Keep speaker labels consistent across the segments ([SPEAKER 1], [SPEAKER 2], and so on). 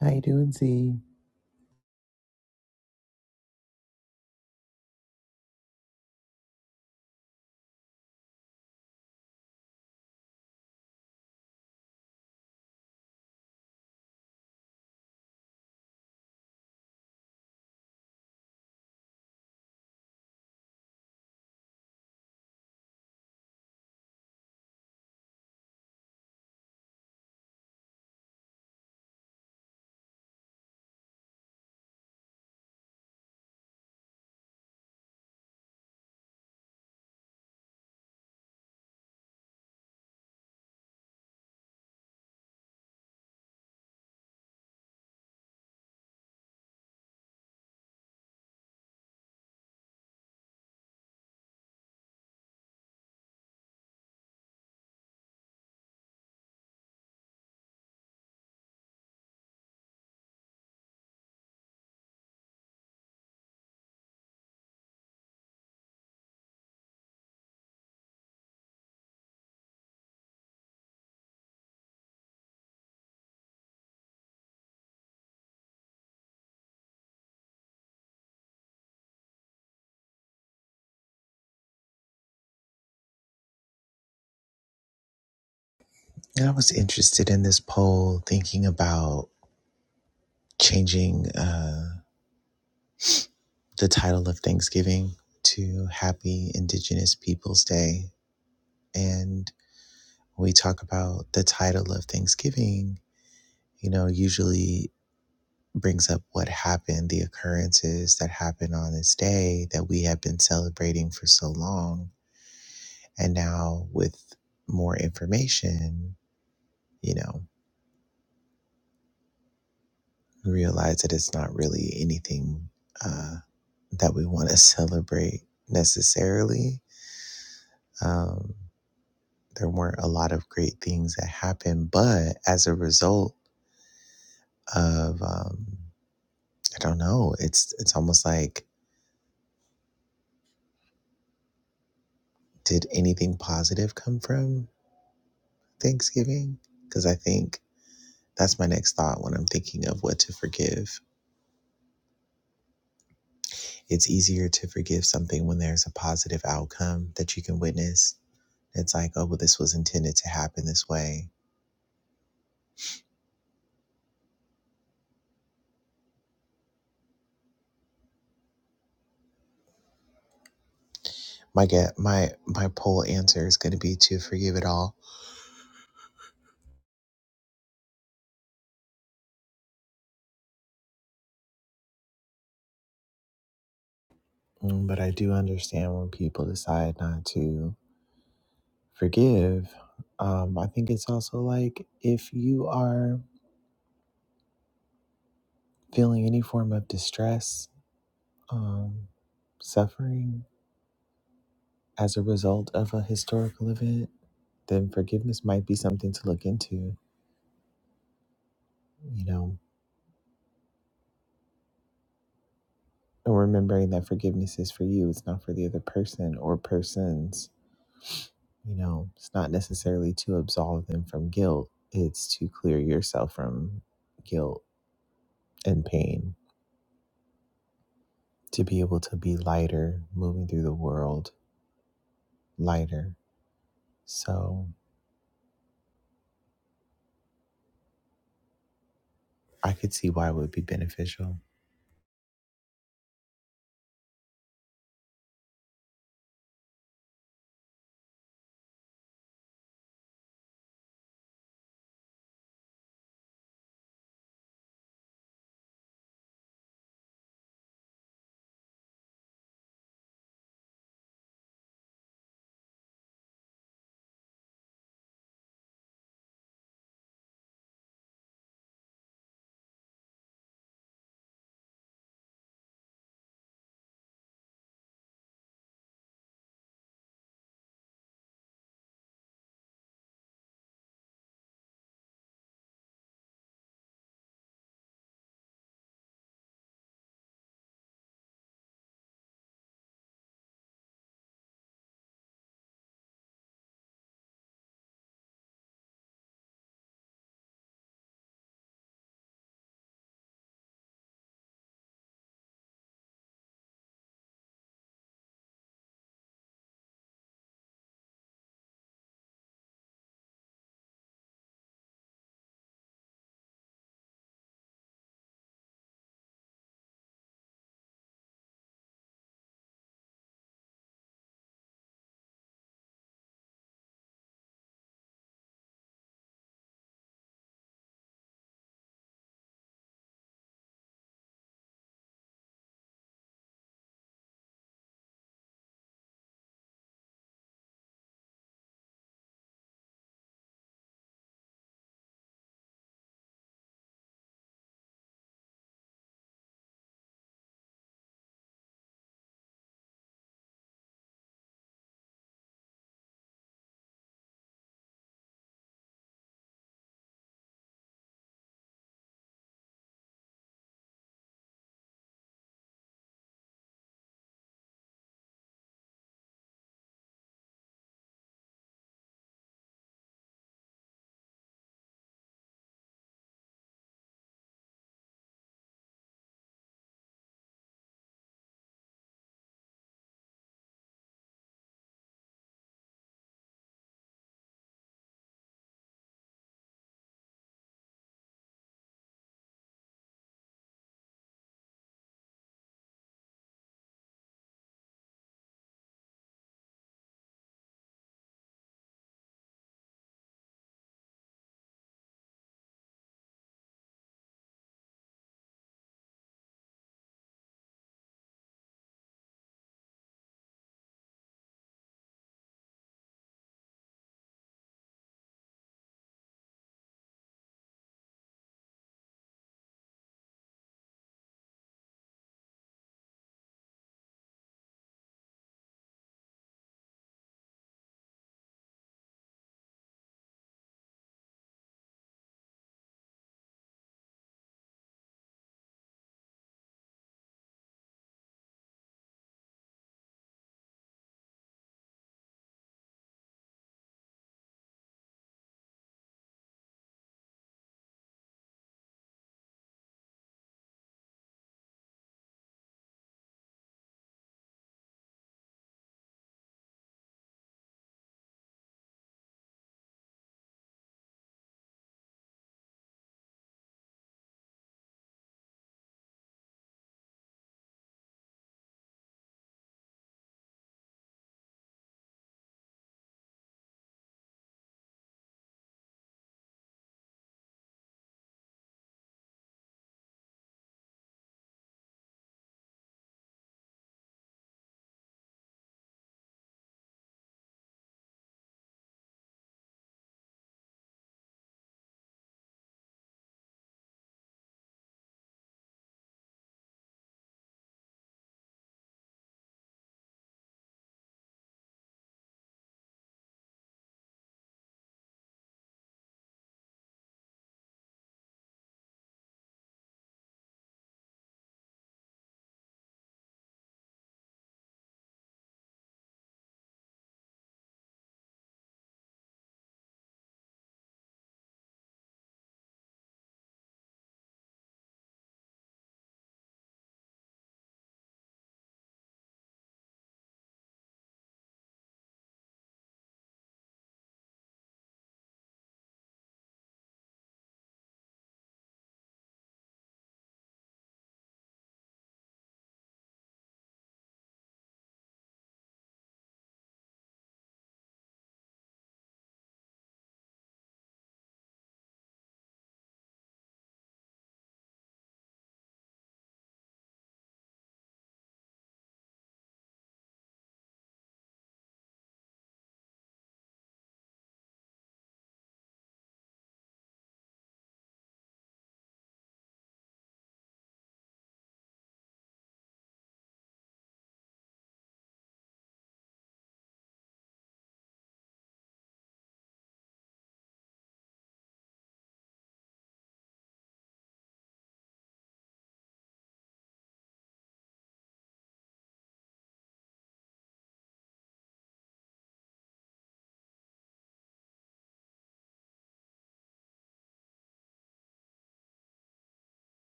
[SPEAKER 1] How you doing, Z? I was interested in this poll, thinking about changing uh, the title of Thanksgiving to Happy Indigenous Peoples Day. And when we talk about the title of Thanksgiving, you know, usually brings up what happened, the occurrences that happened on this day that we have been celebrating for so long. And now, with more information, you know, realize that it's not really anything uh, that we want to celebrate necessarily. Um, there weren't a lot of great things that happened, but as a result of, um, I don't know, it's it's almost like did anything positive come from Thanksgiving because I think that's my next thought when I'm thinking of what to forgive. It's easier to forgive something when there's a positive outcome that you can witness. It's like, oh, well, this was intended to happen this way. My get my my poll answer is going to be to forgive it all. Mm, But I do understand when people decide not to forgive. Um, I think it's also like if you are feeling any form of distress, um, suffering, as a result of a historical event, then forgiveness might be something to look into, you know, and remembering that forgiveness is for you, it's not for the other person or persons. You know, it's not necessarily to absolve them from guilt, it's to clear yourself from guilt and pain, to be able to be lighter moving through the world, lighter. So I could see why it would be beneficial.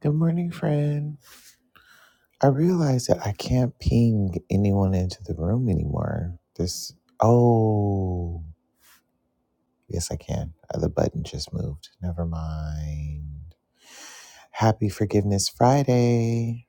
[SPEAKER 1] Good morning, friend. I realize that I can't ping anyone into the room anymore. This, oh, yes, I can. Uh, The button just moved. Never mind. Happy Forgiveness Friday.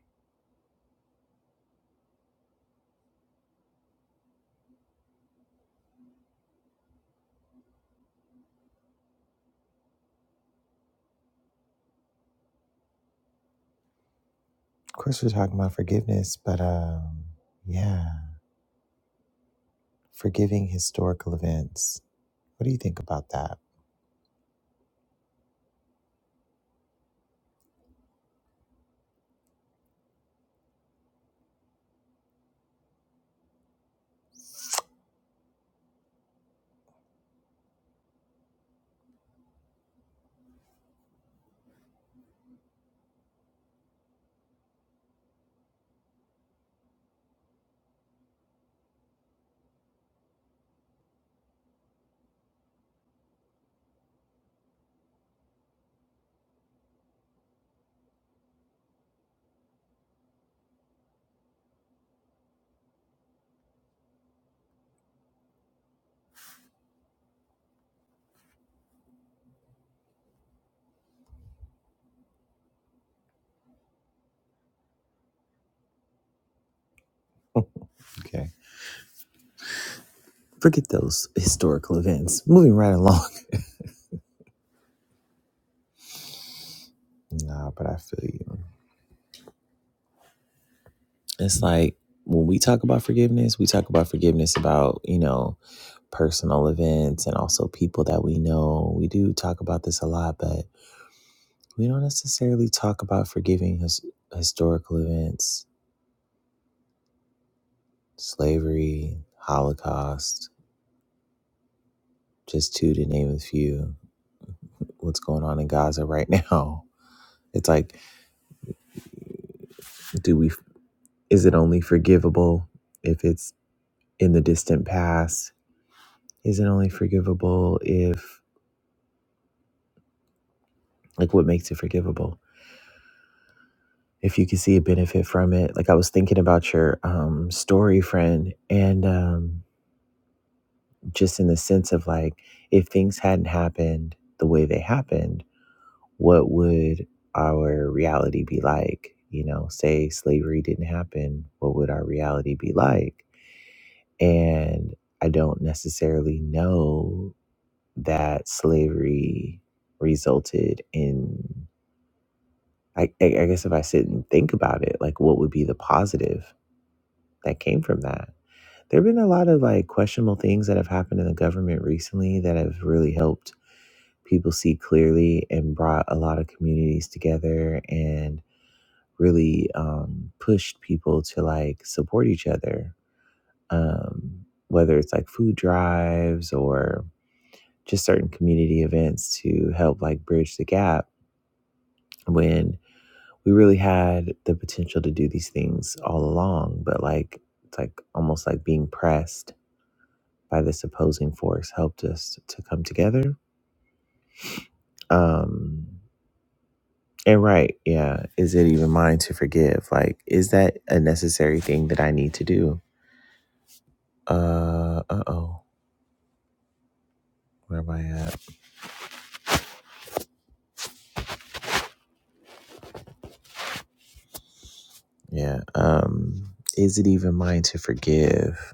[SPEAKER 1] Of course, we're talking about forgiveness, but um, yeah, forgiving historical events. What do you think about that? Okay. Forget those historical events. Moving right along. Nah, but I feel you. It's like when we talk about forgiveness, we talk about forgiveness about, you know, personal events and also people that we know. We do talk about this a lot, but we don't necessarily talk about forgiving his, historical events, slavery, Holocaust, just two to name a few. What's going on in Gaza right now? It's like, do we, is it only forgivable if it's in the distant past? Is it only forgivable if, like, what makes it forgivable? if you could see a benefit from it. Like I was thinking about your um, story, friend, and um, just in the sense of like, if things hadn't happened the way they happened, what would our reality be like? You know, say slavery didn't happen, what would our reality be like? And I don't necessarily know that slavery resulted in. I, I I guess if I sit and think about it, like what would be the positive that came from that? There have been a lot of like questionable things that have happened in the government recently that have really helped people see clearly and brought a lot of communities together and really um, pushed people to like support each other. Um, whether it's like food drives or just certain community events to help like bridge the gap when we really had the potential to do these things all along, but like it's like almost like being pressed by this opposing force helped us to come together. Um, and right, yeah, is it even mine to forgive? Like, is that a necessary thing that I need to do? Uh, uh oh, where am I at? Yeah, um, is it even mine to forgive?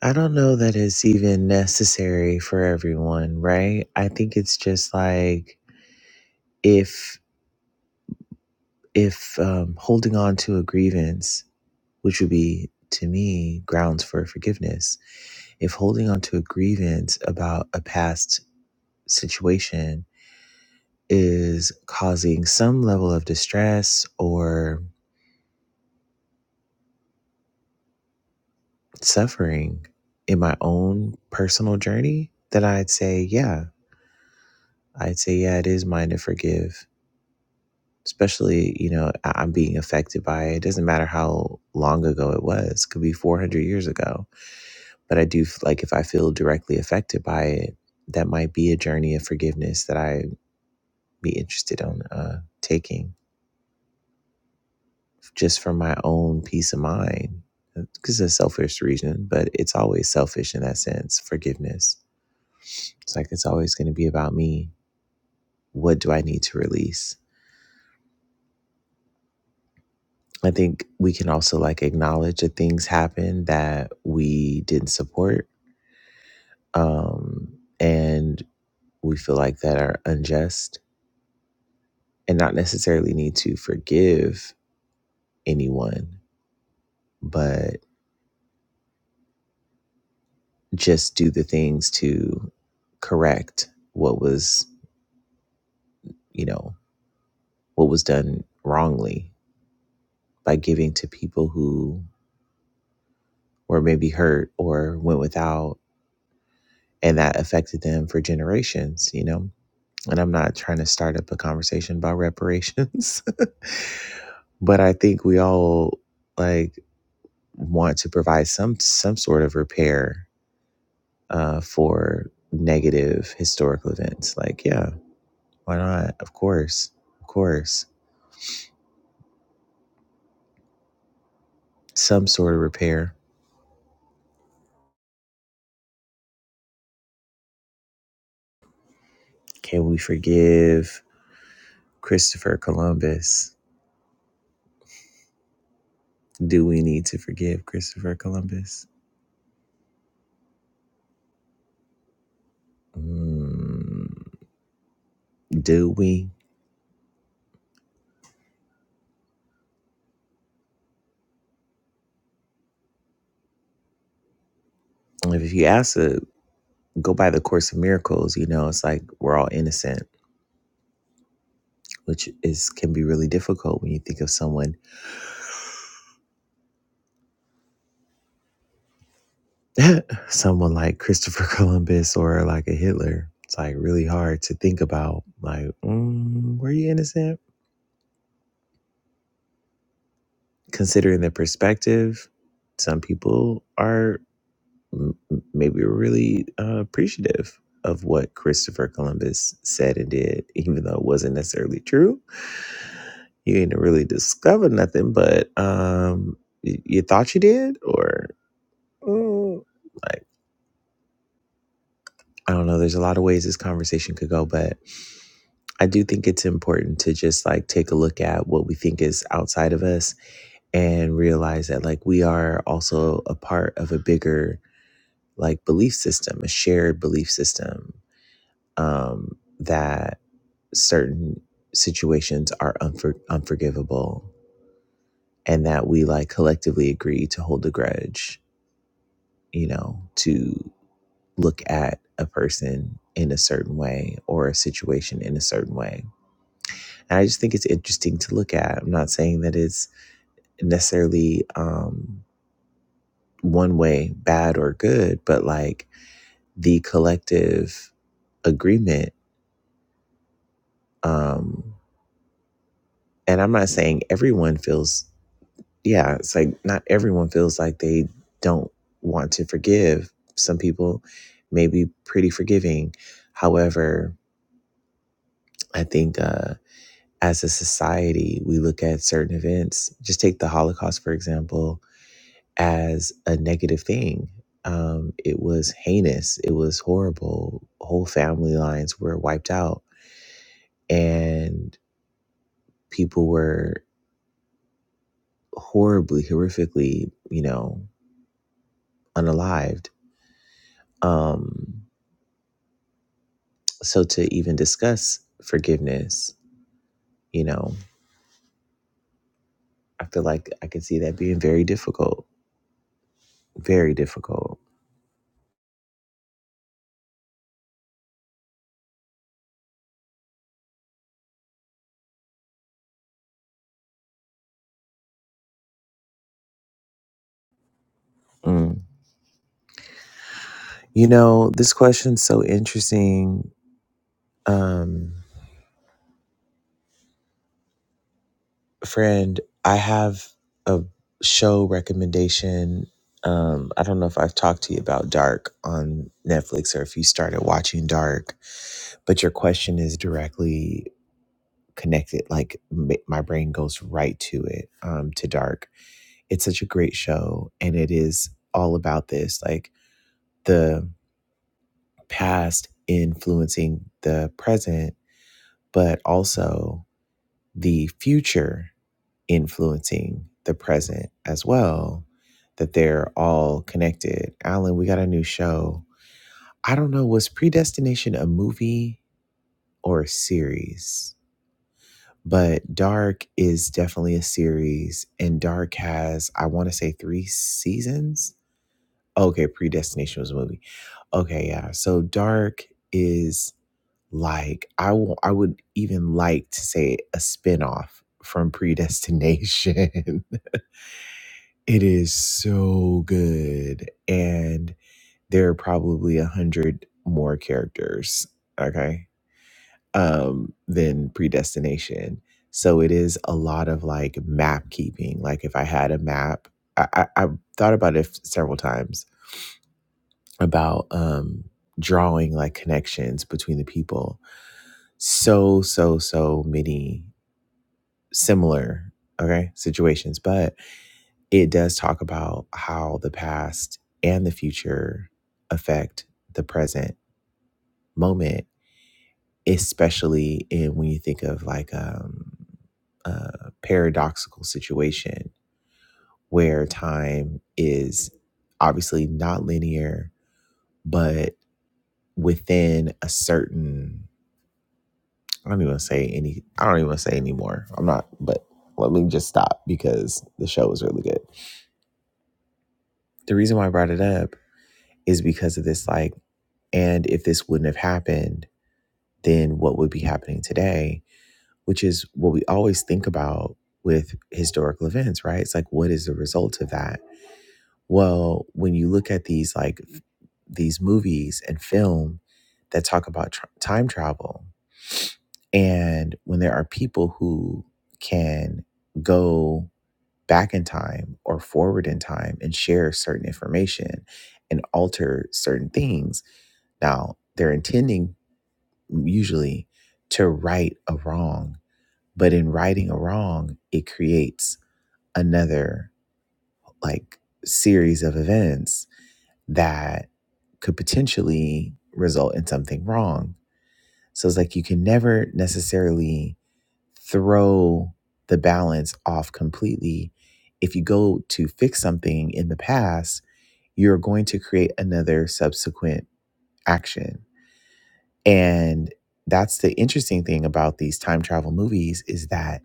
[SPEAKER 1] I don't know that it's even necessary for everyone, right? I think it's just like if if um, holding on to a grievance, which would be to me grounds for forgiveness, if holding on to a grievance about a past situation is causing some level of distress or suffering in my own personal journey, then I'd say, yeah, I'd say, yeah, it is mine to forgive. Especially, you know, I- I'm being affected by it. It doesn't matter how long ago it was, could be 400 years ago. But I do, f- like, if I feel directly affected by it, that might be a journey of forgiveness that I be interested in uh, taking. just for my own peace of mind because it's a selfish reason, but it's always selfish in that sense. Forgiveness. It's like it's always going to be about me. What do I need to release? I think we can also like acknowledge that things happen that we didn't support um, and we feel like that are unjust and not necessarily need to forgive anyone, but just do the things to correct what was, you know, what was done wrongly by giving to people who were maybe hurt or went without and that affected them for generations you know and i'm not trying to start up a conversation about reparations but i think we all like want to provide some some sort of repair uh, for negative historical events like yeah why not of course of course some sort of repair can we forgive christopher columbus Do we need to forgive Christopher Columbus? Mm, do we? If you ask to go by the course of miracles, you know, it's like we're all innocent, which is can be really difficult when you think of someone someone like Christopher Columbus or like a Hitler. It's like really hard to think about like, mm, were you innocent? Considering the perspective, some people are m- maybe were really uh, appreciative of what Christopher Columbus said and did, even though it wasn't necessarily true. You ain't really discovered nothing, but um, y- you thought you did, or mm, like I don't know. There's a lot of ways this conversation could go, but I do think it's important to just like take a look at what we think is outside of us and realize that like we are also a part of a bigger like belief system, a shared belief system um, that certain situations are unfor- unforgivable and that we like collectively agree to hold a grudge, you know, to look at a person in a certain way or a situation in a certain way. And I just think it's interesting to look at. I'm not saying that it's necessarily um, one way bad or good, but like the collective agreement. Um, and I'm not saying everyone feels yeah, it's like not everyone feels like they don't want to forgive. Some people may be pretty forgiving. However, I think uh, as a society, we look at certain events, just take the Holocaust, for example, as a negative thing. Um, it was heinous, it was horrible. Whole family lines were wiped out, and people were horribly, horrifically, you know, unalived. Um, So to even discuss forgiveness, you know, I feel like I can see that being very difficult, very difficult. Mm. You know, this question's so interesting. Um, friend, I have a show recommendation. Um, I don't know if I've talked to you about Dark on Netflix or if you started watching Dark, but your question is directly connected. Like m- my brain goes right to it, um, to Dark it's such a great show and it is all about this like the past influencing the present but also the future influencing the present as well that they're all connected alan we got a new show i don't know was predestination a movie or a series but dark is definitely a series and dark has i want to say three seasons okay predestination was a movie Okay, yeah. So dark is like I will I would even like to say a spinoff from Predestination. it is so good and there are probably a hundred more characters, okay, um, than Predestination. So it is a lot of like map keeping. Like if I had a map, I, I, I thought about it several times about um drawing like connections between the people so so so many similar okay situations but it does talk about how the past and the future affect the present moment especially in when you think of like um a paradoxical situation where time is obviously not linear but within a certain I don't even say any. I don't even wanna say anymore. I'm not. But let me just stop because the show was really good. The reason why I brought it up is because of this. Like, and if this wouldn't have happened, then what would be happening today? Which is what we always think about with historical events, right? It's like, what is the result of that? Well, when you look at these like these movies and film that talk about tr time travel, And when there are people who can go back in time or forward in time and share certain information and alter certain things, now they're intending mm, usually to right a wrong, but in righting a wrong, it creates another like series of events that could potentially result in something wrong. So it's like you can never necessarily throw the balance off completely. If you go to fix something in the past, you're going to create another subsequent action. And that's the interesting thing about these time travel movies is that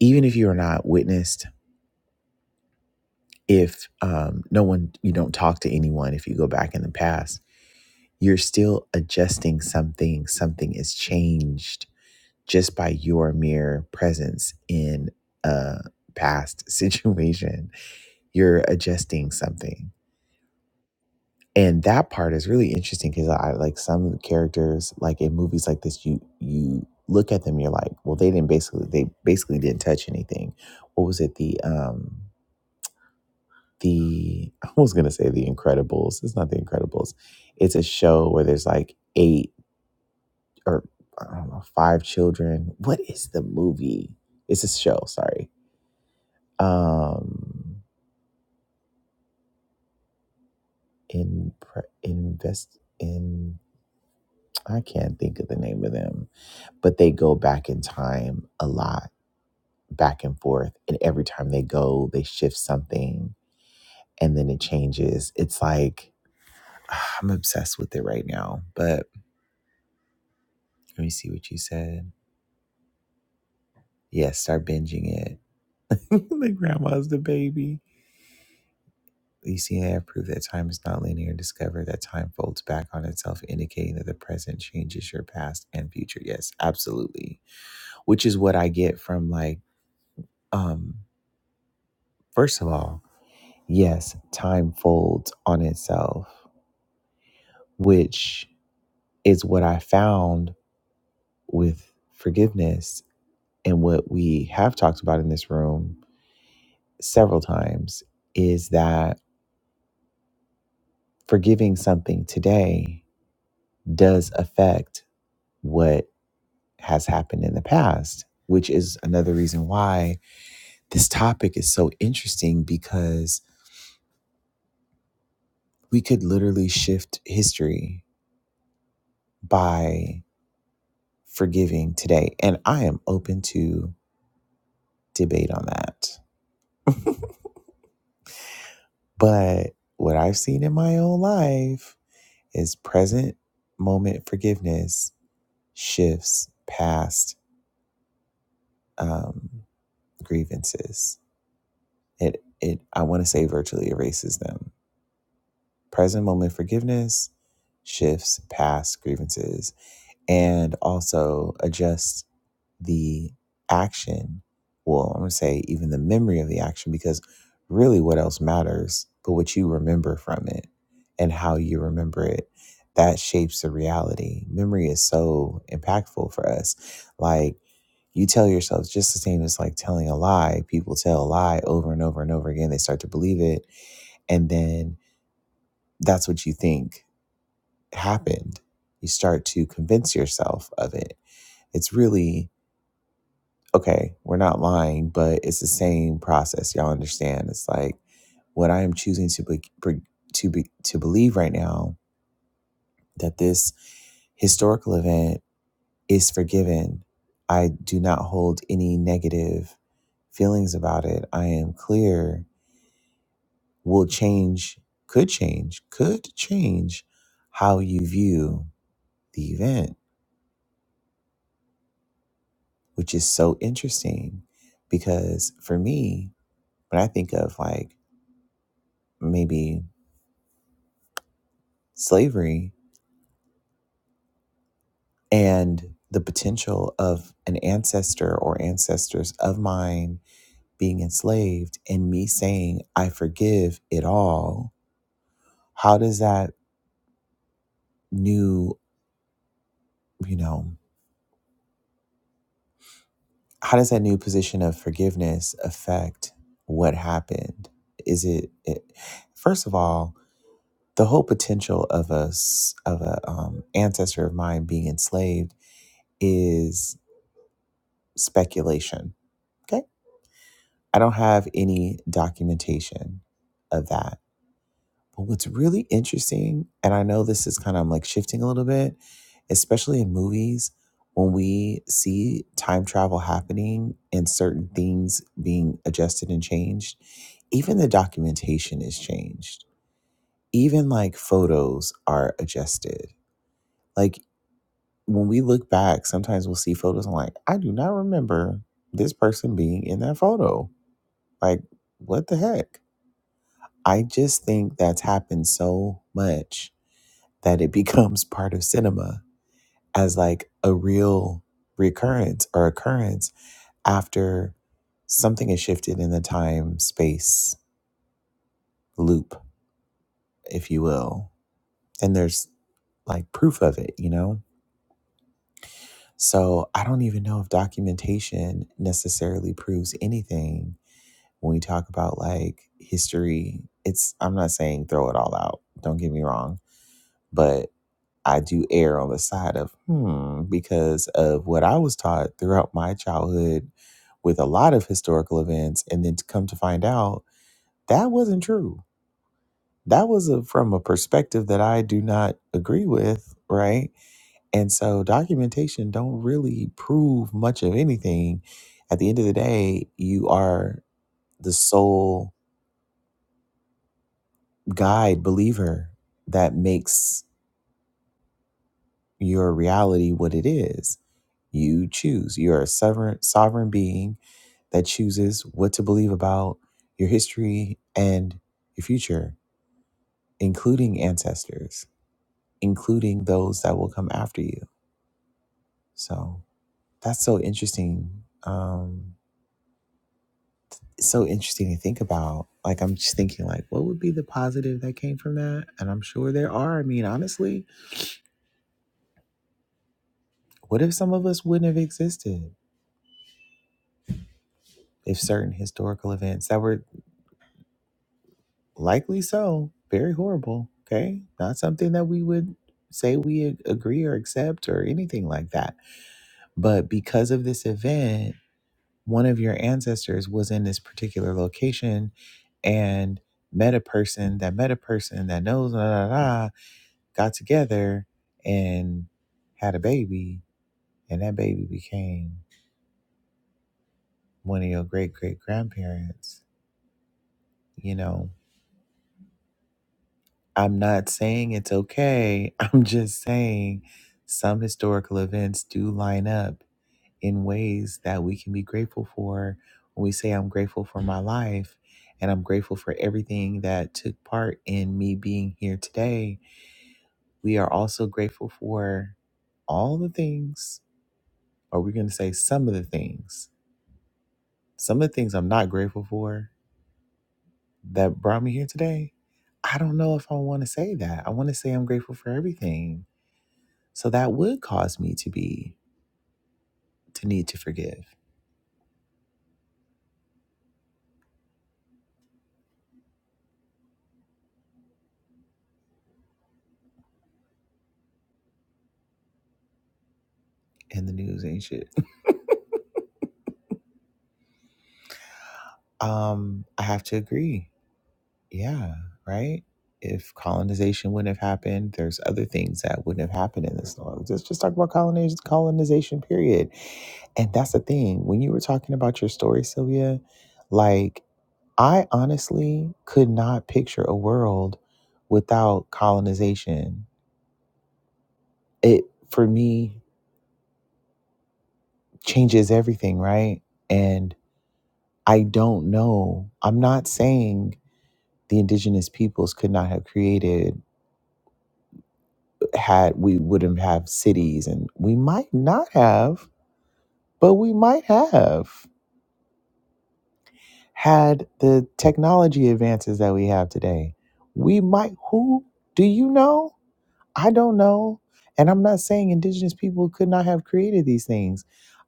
[SPEAKER 1] even if you are not witnessed, if um, no one, you don't talk to anyone, if you go back in the past, you're still adjusting something. Something is changed just by your mere presence in a past situation you're adjusting something and that part is really interesting because i like some characters like in movies like this you you look at them you're like well they didn't basically they basically didn't touch anything what was it the um the i was gonna say the incredibles it's not the incredibles it's a show where there's like eight or i don't know five children what is the movie it's a show sorry um in invest in i can't think of the name of them but they go back in time a lot, back and forth. And every time they go, they shift something and then it changes. It's like, I'm obsessed with it right now. But let me see what you said. Yes, start binging it. the grandma's the baby. You see, I have proved that time is not linear. Discover that time folds back on itself, indicating that the present changes your past and future. Yes, absolutely. Which is what I get from like, um, first of all, Yes, time folds on itself, which is what I found with forgiveness and what we have talked about in this room several times is that forgiving something today does affect what has happened in the past, which is another reason why this topic is so interesting because we could literally shift history by forgiving today. And I am open to debate on that. But what I've seen in my own life is present moment forgiveness shifts past um, grievances. It it I want to say virtually erases them. Present moment forgiveness shifts past grievances and also adjusts the action, well, I'm going to say even the memory of the action, because really what else matters but what you remember from it and how you remember it. That shapes the reality. Memory is so impactful for us. Like you tell yourself, just the same as like telling a lie. People tell a lie over and over and over again. They start to believe it. And then that's what you think happened. You start to convince yourself of it. It's really okay, we're not lying, but it's the same process. Y'all understand? It's like what I am choosing to be, to be to believe right now that this historical event is forgiven. I do not hold any negative feelings about it. I am clear. Will change, could change, could change how you view the event, which is so interesting because for me, when I think of like maybe slavery and the potential of an ancestor or ancestors of mine being enslaved and me saying i forgive it all how does that new you know how does that new position of forgiveness affect what happened is it, it first of all the whole potential of a s- of a um, ancestor of mine being enslaved is speculation okay? I don't have any documentation of that. But what's really interesting, and I know this is kind of I'm like shifting a little bit, especially in movies, when we see time travel happening and certain things being adjusted and changed, even the documentation is changed. Even like photos are adjusted. Like when we look back, sometimes we'll see photos and like, I do not remember this person being in that photo. Like, what the heck? I just think that's happened so much that it becomes part of cinema as like a real recurrence or occurrence after something is shifted in the time space loop, if you will. And there's like proof of it, you know? So I don't even know if documentation necessarily proves anything when we talk about like history. It's, I'm not saying throw it all out, don't get me wrong, but I do err on the side of hmm because of what I was taught throughout my childhood with a lot of historical events, and then to come to find out that wasn't true. That was a, from a perspective that I do not agree with, right? And so documentation don't really prove much of anything. At the end of the day, you are the sole guide believer that makes your reality what it is. You choose. You are a sovereign, sovereign being that chooses what to believe about your history and your future, including ancestors, including those that will come after you. So that's so interesting. Um, it's so interesting to think about. Like I'm just thinking, like, what would be the positive that came from that? And I'm sure there are. I mean, honestly, what if some of us wouldn't have existed? If certain historical events that were likely so very horrible okay not something that we would say we ag- agree or accept or anything like that but because of this event one of your ancestors was in this particular location and met a person that met a person that knows da, da, da, got together and had a baby and that baby became one of your great great grandparents you know I'm not saying it's okay. I'm just saying some historical events do line up in ways that we can be grateful for. When we say, I'm grateful for my life and I'm grateful for everything that took part in me being here today, we are also grateful for all the things, or we're going to say some of the things, some of the things I'm not grateful for that brought me here today. I don't know if I want to say that. I want to say I'm grateful for everything So that would cause me to be to need to forgive and the news ain't shit. Um, I have to agree. Yeah, right? If colonization wouldn't have happened, there's other things that wouldn't have happened in this law. Let's just talk about colonization colonization period. And that's the thing. When you were talking about your story, Sylvia, like I honestly could not picture a world without colonization. It for me changes everything, right? and. I don't know. I'm not saying the indigenous peoples could not have created had we wouldn't have cities and we might not have, but we might have had the technology advances that we have today. We might who do you know? I don't know. And I'm not saying indigenous people could not have created these things.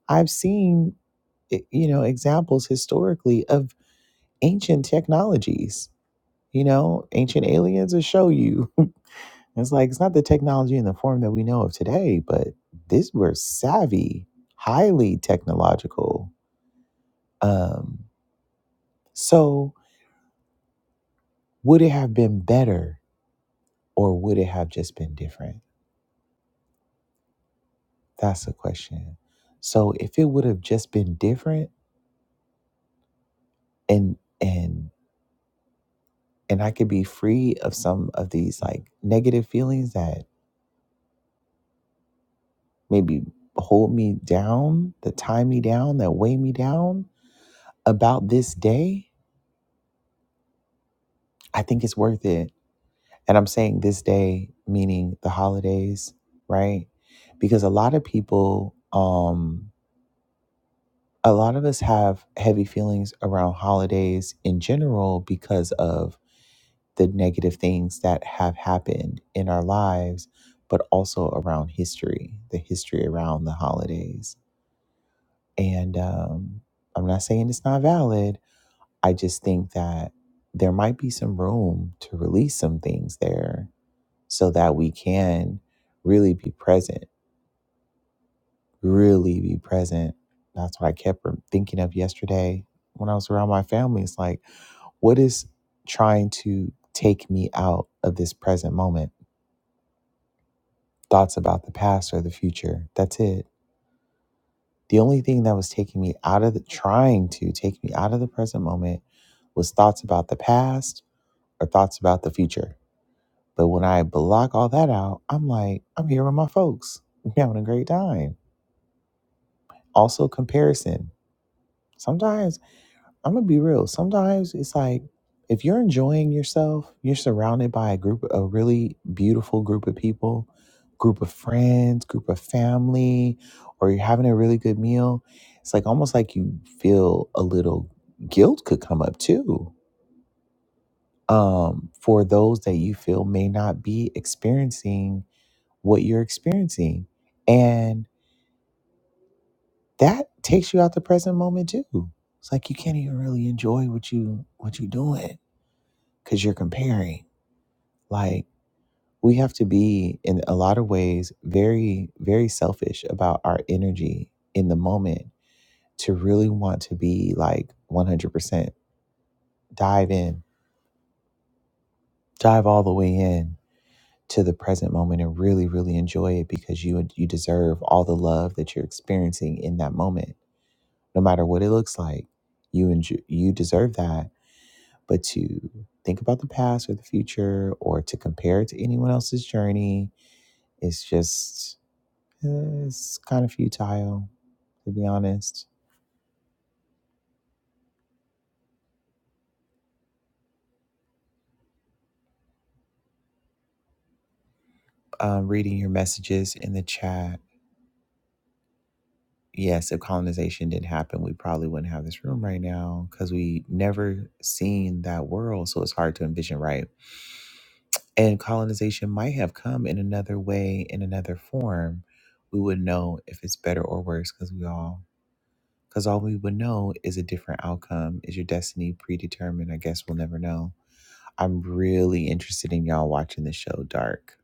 [SPEAKER 1] I've seen i- you know examples historically of ancient technologies You know, Ancient Aliens will show you. it's like it's not the technology in the form that we know of today, but these were savvy, highly technological. Um, so would it have been better or would it have just been different? That's the question. So if it would have just been different and and and I could be free of some of these like negative feelings that maybe hold me down, that tie me down, that weigh me down, about this day, I think it's worth it. And I'm saying this day, meaning the holidays, right? Because a lot of people, um, a lot of us have heavy feelings around holidays in general because of the negative things that have happened in our lives, but also around history, the history around the holidays. And um, I'm not saying it's not valid, I just think that there might be some room to release some things there so that we can really be present, really be present. That's what I kept thinking of yesterday when I was around my family. It's like, what is trying to take me out of this present moment? Thoughts about the past or the future. That's it. The only thing that was taking me out of the trying to take me out of the present moment was thoughts about the past or thoughts about the future But when I block all that out, I'm like, I'm here with my folks. We're having a great time. Also, comparison. Sometimes, I'm going to be real. Sometimes it's like, if you're enjoying yourself, you're surrounded by a group, a really beautiful group of people, group of friends, group of family, or you're having a really good meal. It's like almost like you feel a little guilt could come up too um, for those that you feel may not be experiencing what you're experiencing. And that takes you out the present moment too. It's like you can't even really enjoy what you what you're doing because you're comparing. Like we have to be in a lot of ways very, very selfish about our energy in the moment to really want to be like 100% dive in, dive all the way in to the present moment and really, really enjoy it because you you deserve all the love that you're experiencing in that moment no matter what it looks like. You enjoy, you deserve that. But to think about the past or the future, or to compare it to anyone else's journey, it's just uh, it's kind of futile, to be honest. Um, reading your messages in the chat. Yes, if colonization didn't happen, we probably wouldn't have this room right now because we never seen that world. So it's hard to envision, right? And colonization might have come in another way, in another form. We would know if it's better or worse because we all, because all we would know is a different outcome. Is your destiny predetermined? I guess we'll never know. I'm really interested in y'all watching the show Dark.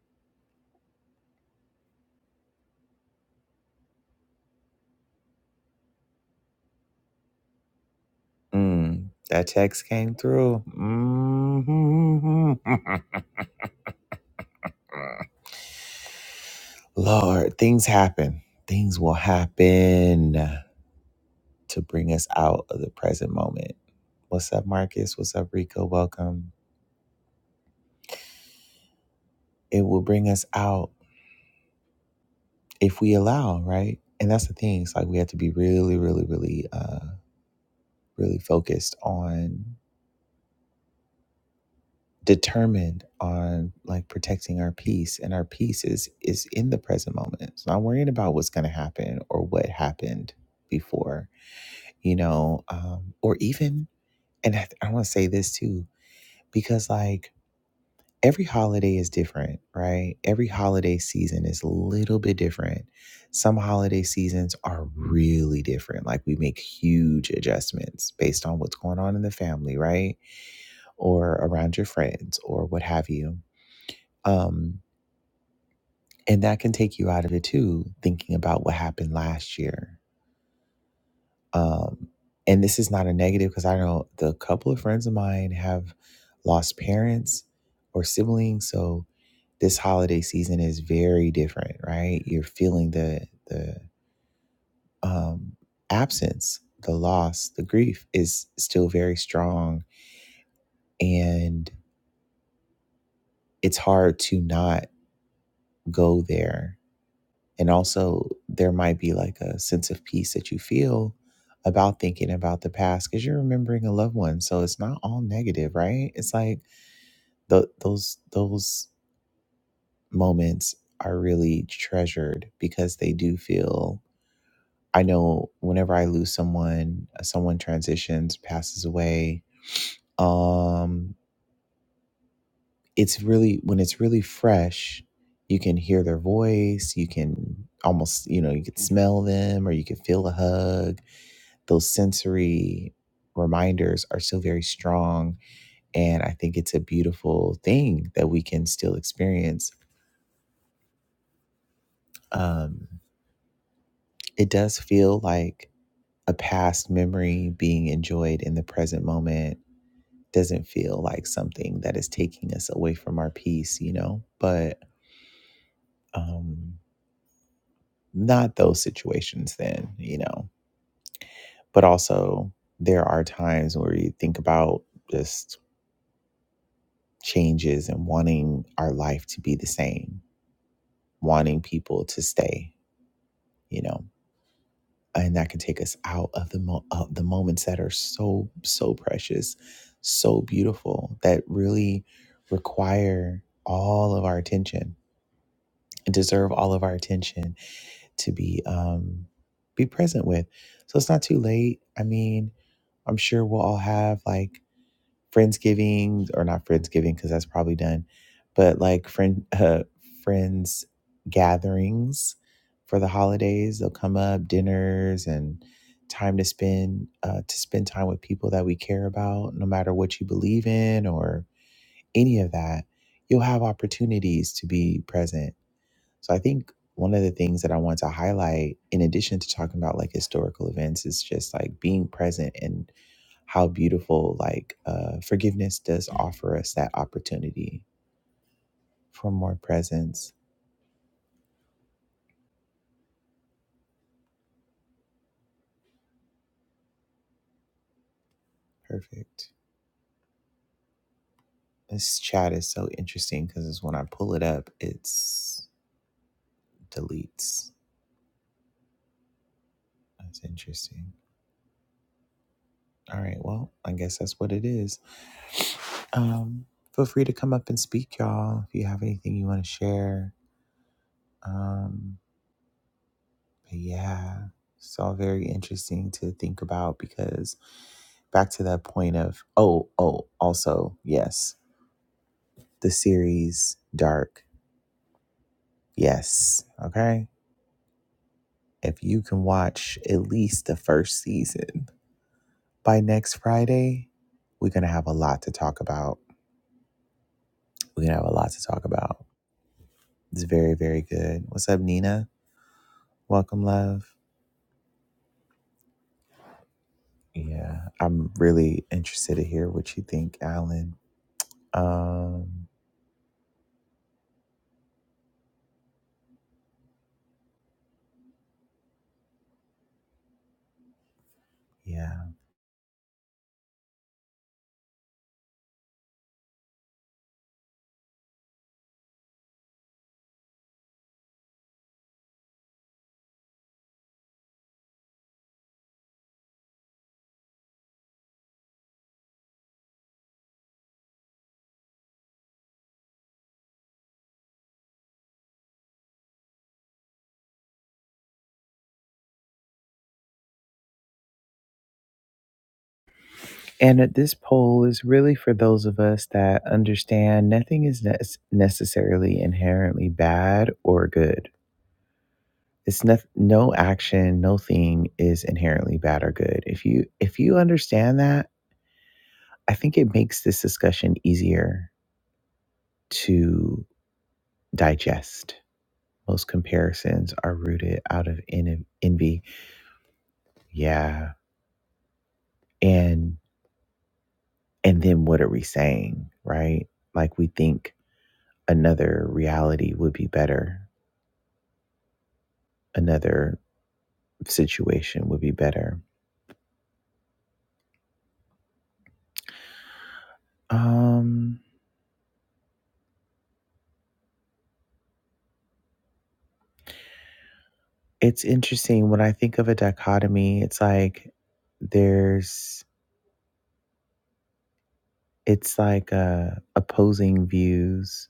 [SPEAKER 1] Mm, that text came through. hmm Lord, things happen. Things will happen to bring us out of the present moment. What's up, Marcus? What's up, Rico? Welcome. it will bring us out if we allow, right? And that's the thing. It's like we have to be really, really, really, uh, really focused on, determined on like protecting our peace. And our peace is is in the present moment. It's not worrying about what's going to happen or what happened before, you know, um, or even. And I, I want to say this too, because like every holiday is different, right? Every holiday season is a little bit different. Some holiday seasons are really different. Like we make huge adjustments based on what's going on in the family, right? Or around your friends or what have you. Um, and that can take you out of it too, thinking about what happened last year. Um, and this is not a negative because I know the couple of friends of mine have lost parents or siblings. So this holiday season is very different, right? You're feeling the the um, absence, the loss, the grief is still very strong, and it's hard to not go there. And also, there might be like a sense of peace that you feel about thinking about the past because you're remembering a loved one. So it's not all negative, right? It's like tho- those those moments are really treasured because they do feel I know whenever I lose someone, uh, someone transitions, passes away, um, it's really when it's really fresh, you can hear their voice, you can almost, you know, you could smell them or you could feel a hug. Those sensory reminders are still very strong. And I think it's a beautiful thing that we can still experience. Um, it does feel like a past memory being enjoyed in the present moment doesn't feel like something that is taking us away from our peace, you know, but um, not those situations then, you know, but also there are times where you think about just changes and wanting our life to be the same, wanting people to stay, you know, and that can take us out of the mo- of the moments that are so so precious, so beautiful that really require all of our attention and deserve all of our attention to be um be present with. So it's not too late. I mean, I'm sure we'll all have like friendsgiving or not friendsgiving because that's probably done, but like friend uh, friends gatherings for the holidays. They'll come up dinners and time to spend uh, to spend time with people that we care about, no matter what you believe in or any of that. You'll have opportunities to be present so I think one of the things that I want to highlight, in addition to talking about like historical events, is just like being present and how beautiful like uh, forgiveness does offer us that opportunity for more presence. Perfect. This chat is so interesting because when I pull it up, it's deletes. That's interesting. All right. Well, I guess that's what it is. Um, feel free to come up and speak, y'all. If you have anything you want to share, um. But yeah, it's all very interesting to think about because back to that point of, oh, oh, also, yes, the series Dark. Yes. Okay. If you can watch at least the first season by next Friday, we're going to have a lot to talk about. We're going to have a lot to talk about. It's very, very good. What's up, Nina? Welcome, love. Yeah. I'm really interested to hear what you think, Alan. Um, yeah. And at this poll is really for those of us that understand nothing is ne- necessarily inherently bad or good. It's no, no action, no thing is inherently bad or good. If you if you understand that, I think it makes this discussion easier to digest. Most comparisons are rooted out of en- envy. Yeah. And and then what are we saying, right? Like we think another reality would be better another situation would be better. Um, it's interesting when I think of a dichotomy. It's like there's it's like uh, opposing views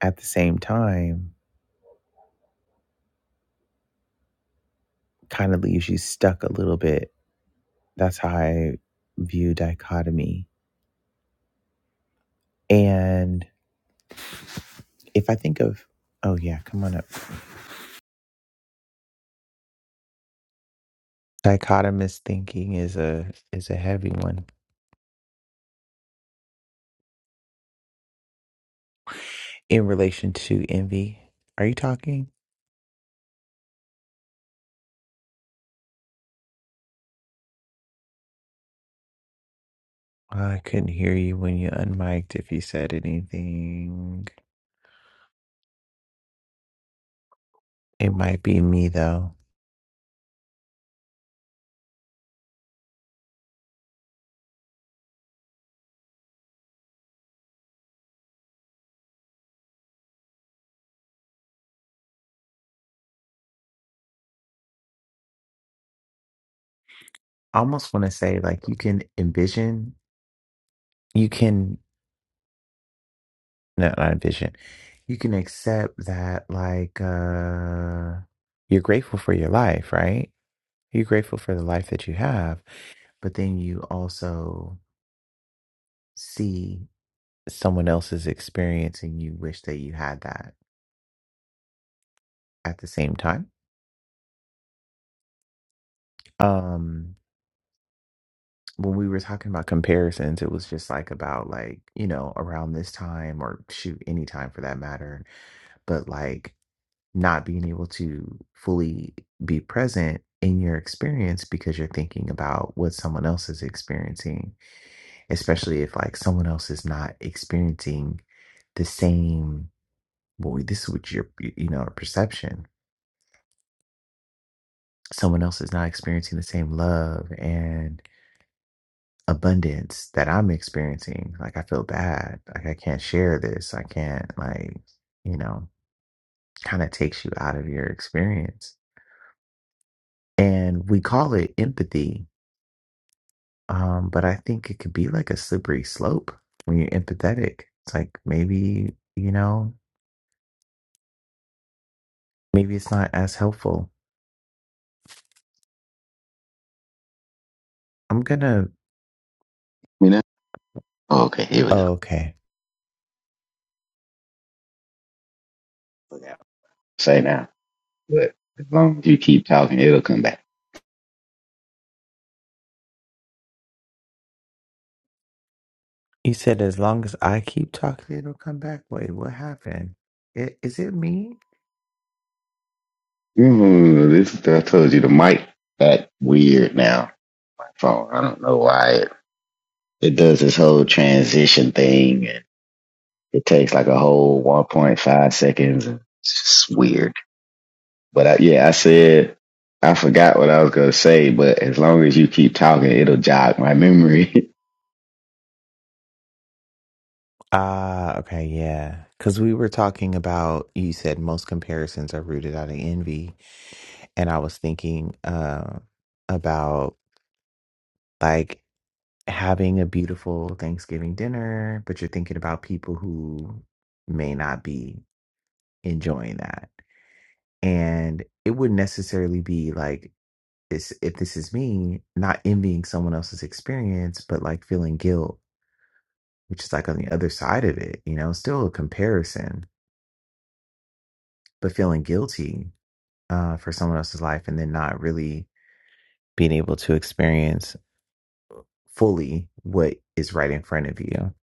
[SPEAKER 1] at the same time. Kind of leaves you stuck a little bit. That's how I view dichotomy. And if I think of oh yeah, come on up. Dichotomous thinking is a is a heavy one in relation to envy. Are you talking? I couldn't hear you when you unmiked if you said anything. It might be me though. I almost want to say like you can envision, you can not, not envision, you can accept that like uh you're grateful for your life, right? You're grateful for the life that you have, but then you also see someone else's experience and you wish that you had that at the same time. Um when we were talking about comparisons, it was just like about like, you know, around this time or shoot, any time for that matter, but like not being able to fully be present in your experience because you're thinking about what someone else is experiencing, especially if like someone else is not experiencing the same, boy, this is what your, you know, perception. Someone else is not experiencing the same love and. abundance that I'm experiencing. Like I feel bad. Like I can't share this. I can't like, you know, kind of takes you out of your experience. And we call it empathy. Um, but I think it could be like a slippery slope when you're empathetic. It's like maybe, you know, maybe it's not as helpful. I'm gonna
[SPEAKER 2] Me now? Oh, okay, here we go.
[SPEAKER 1] oh, okay.
[SPEAKER 2] Look out. Say now. But as long as you keep talking, it'll come back.
[SPEAKER 1] You said as long as I keep talking, it'll come back. Wait, what happened? I- Is it me?
[SPEAKER 2] Mm, this is, I told you the mic that weird now. Phone. I don't know why it, it does this whole transition thing and it takes like a whole 1.5 seconds. and It's just weird. But I, yeah, I said I forgot what I was gonna say, but as long as you keep talking, it'll jog my memory.
[SPEAKER 1] Ah, okay, yeah. Because we were talking about, you said most comparisons are rooted out of envy. And I was thinking uh, about like having a beautiful Thanksgiving dinner, but you're thinking about people who may not be enjoying that. And it wouldn't necessarily be like this, if this is me, not envying someone else's experience, but like feeling guilt, which is like on the other side of it, you know, still a comparison, but feeling guilty uh, for someone else's life and then not really being able to experience fully what is right in front of you.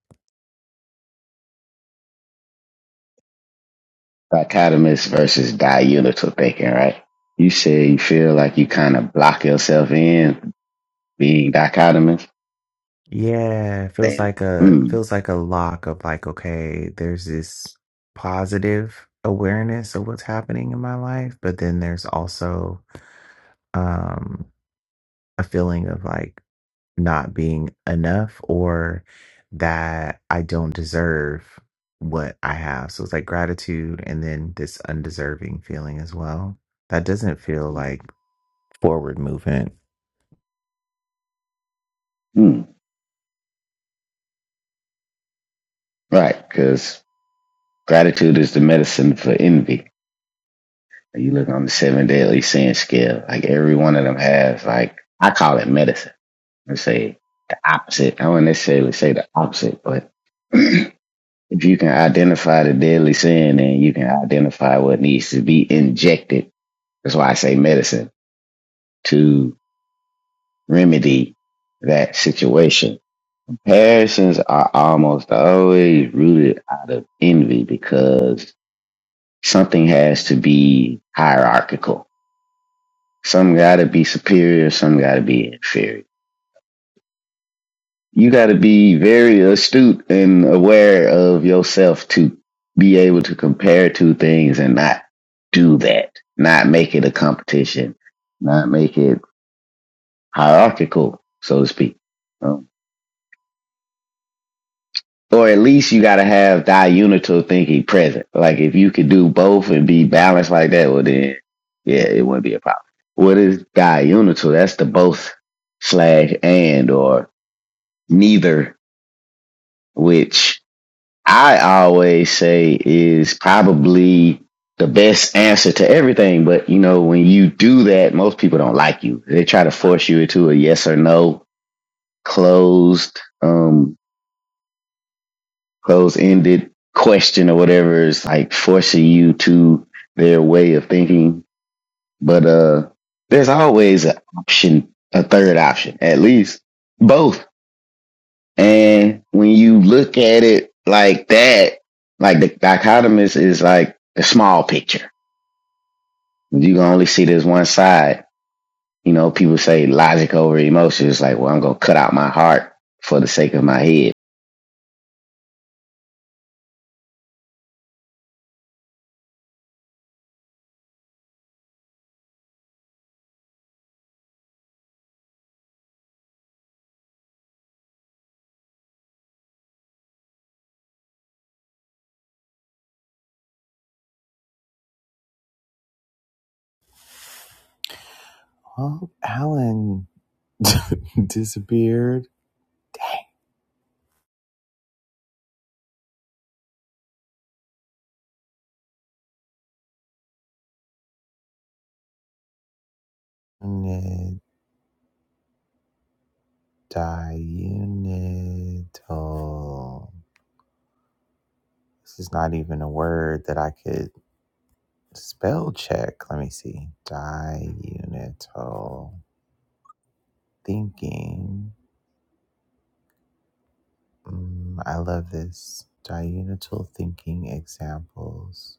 [SPEAKER 2] dichotomous versus diunital thinking, right? You say you feel like you kind of block yourself in being dichotomous.
[SPEAKER 1] Yeah, it feels
[SPEAKER 2] Then,
[SPEAKER 1] like a
[SPEAKER 2] hmm,
[SPEAKER 1] feels like a lock of like, okay, there's this positive awareness of what's happening in my life, but then there's also um a feeling of like not being enough or that I don't deserve what I have. So it's like gratitude and then this undeserving feeling as well. That doesn't feel like forward movement.
[SPEAKER 2] hmm, right? Because gratitude is the medicine for envy. You look on the seven deadly sin scale, like every one of them has, like I call it medicine. I say the opposite. I wouldn't necessarily say the opposite, but if you can identify the deadly sin, then you can identify what needs to be injected. That's why I say medicine to remedy that situation. Comparisons are almost always rooted out of envy because something has to be hierarchical. Some gotta be superior, some gotta be inferior. You gotta be very astute and aware of yourself to be able to compare two things and not do that, not make it a competition, not make it hierarchical, so to speak. Um, or at least you gotta have diunital thinking present. Like if you could do both and be balanced like that, well then yeah, it wouldn't be a problem. What is diunital? That's the both slash and or neither, which I always say is probably the best answer to everything. But you know, when you do that, most people don't like you. They try to force you into a yes or no closed um closed ended question or whatever is like forcing you to their way of thinking. But uh there's always an option, a third option, at least both. And when you look at it like that, like the dichotomous is like the small picture. You can only see this one side. You know, people say logic over emotion. It's like, well, I'm gonna cut out my heart for the sake of my head.
[SPEAKER 1] Well, Alan disappeared. Diunital. This is not even a word that I could spell check. Let me see. Diunital thinking. Mm, I love this. Diunital thinking examples.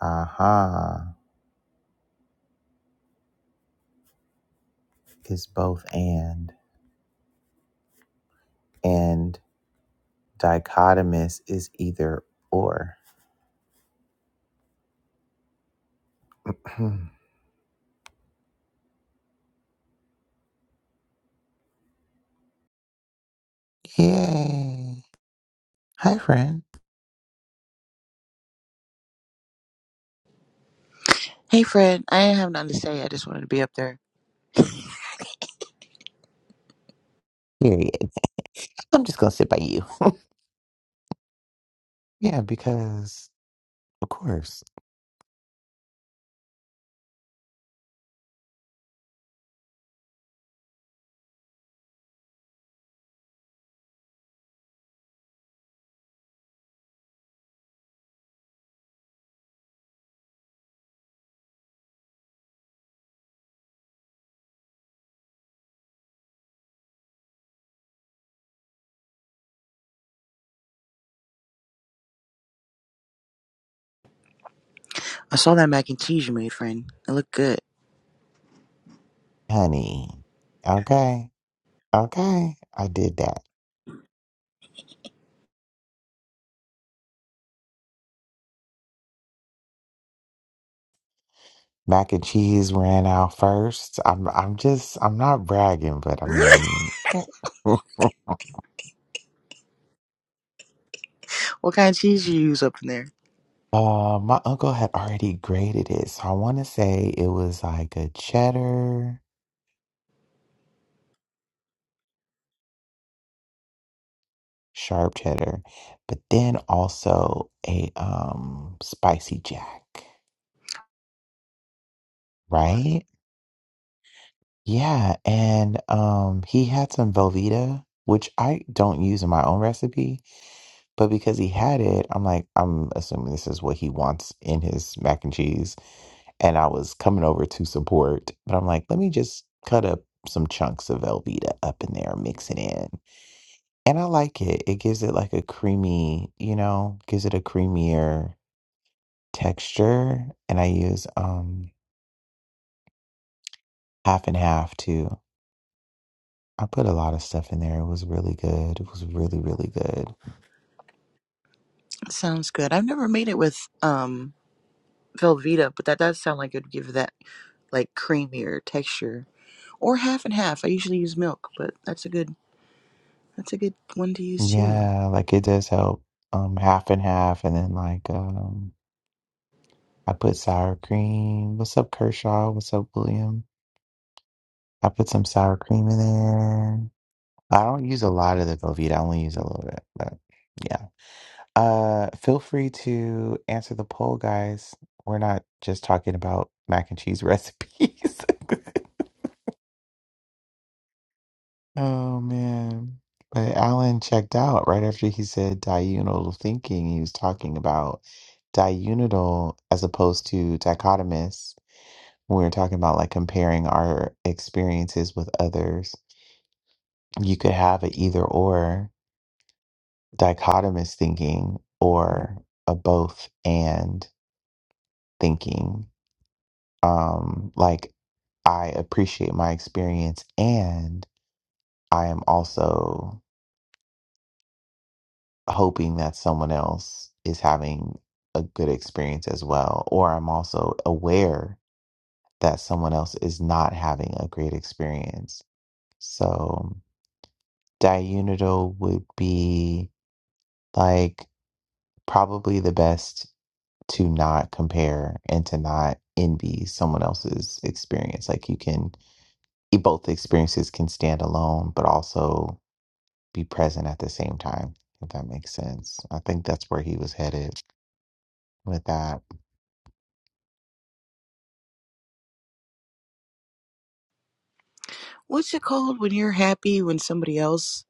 [SPEAKER 1] Aha is both and, and dichotomous is either or. Yay. Hi, friend.
[SPEAKER 3] Hey, Fred. I didn't have nothing to say. I just wanted to be up there.
[SPEAKER 1] Period. I'm just going to sit by you. Yeah, because Of course.
[SPEAKER 3] I saw that mac and cheese you made, friend. It looked good.
[SPEAKER 1] Honey. Okay. Okay. I did that. Mac and cheese ran out first. I'm I'm just I'm not bragging, but I mean uh
[SPEAKER 3] what kind of cheese you use up in there?
[SPEAKER 1] my uncle had already graded it. So I wanna say it was like a cheddar, sharp cheddar, but then also a um spicy jack, right? Yeah, and um he had some Velveeta, which I don't use in my own recipe But because he had it, I'm like, I'm assuming this is what he wants in his mac and cheese. And I was coming over to support, but I'm like, let me just cut up some chunks of Velveeta up in there, mix it in. And I like it. It gives it like a creamy, you know, gives it a creamier texture. And I use um half and half too. I put a lot of stuff in there. It was really good. It was really, really good.
[SPEAKER 3] It Sounds good. I've never made it with um Velveeta, but that does sound like it would give that like creamier texture. Or half and half. I usually use milk, but that's a good that's a good one to use too.
[SPEAKER 1] Yeah, like it does help. Um, half and half, and then like um, I put sour cream. What's up, Kershaw? What's up, William? I put some sour cream in there. I don't use a lot of the Velveeta. I only use a little bit, but yeah. Uh, feel free to answer the poll, guys. We're not just talking about mac and cheese recipes. Oh man. But Alan checked out right after he said diurnal thinking. He was talking about diurnal as opposed to dichotomous. When we were talking about like comparing our experiences with others, you could have an either or dichotomous thinking or a both and thinking. Um, like I appreciate my experience and I am also hoping that someone else is having a good experience as well. Or I'm also aware that someone else is not having a great experience. So, diunital would be like probably the best to not compare and to not envy someone else's experience. Like, you can, e, both experiences can stand alone, but also be present at the same time, if that makes sense. I think that's where he was headed with that.
[SPEAKER 3] What's it called when you're happy when somebody else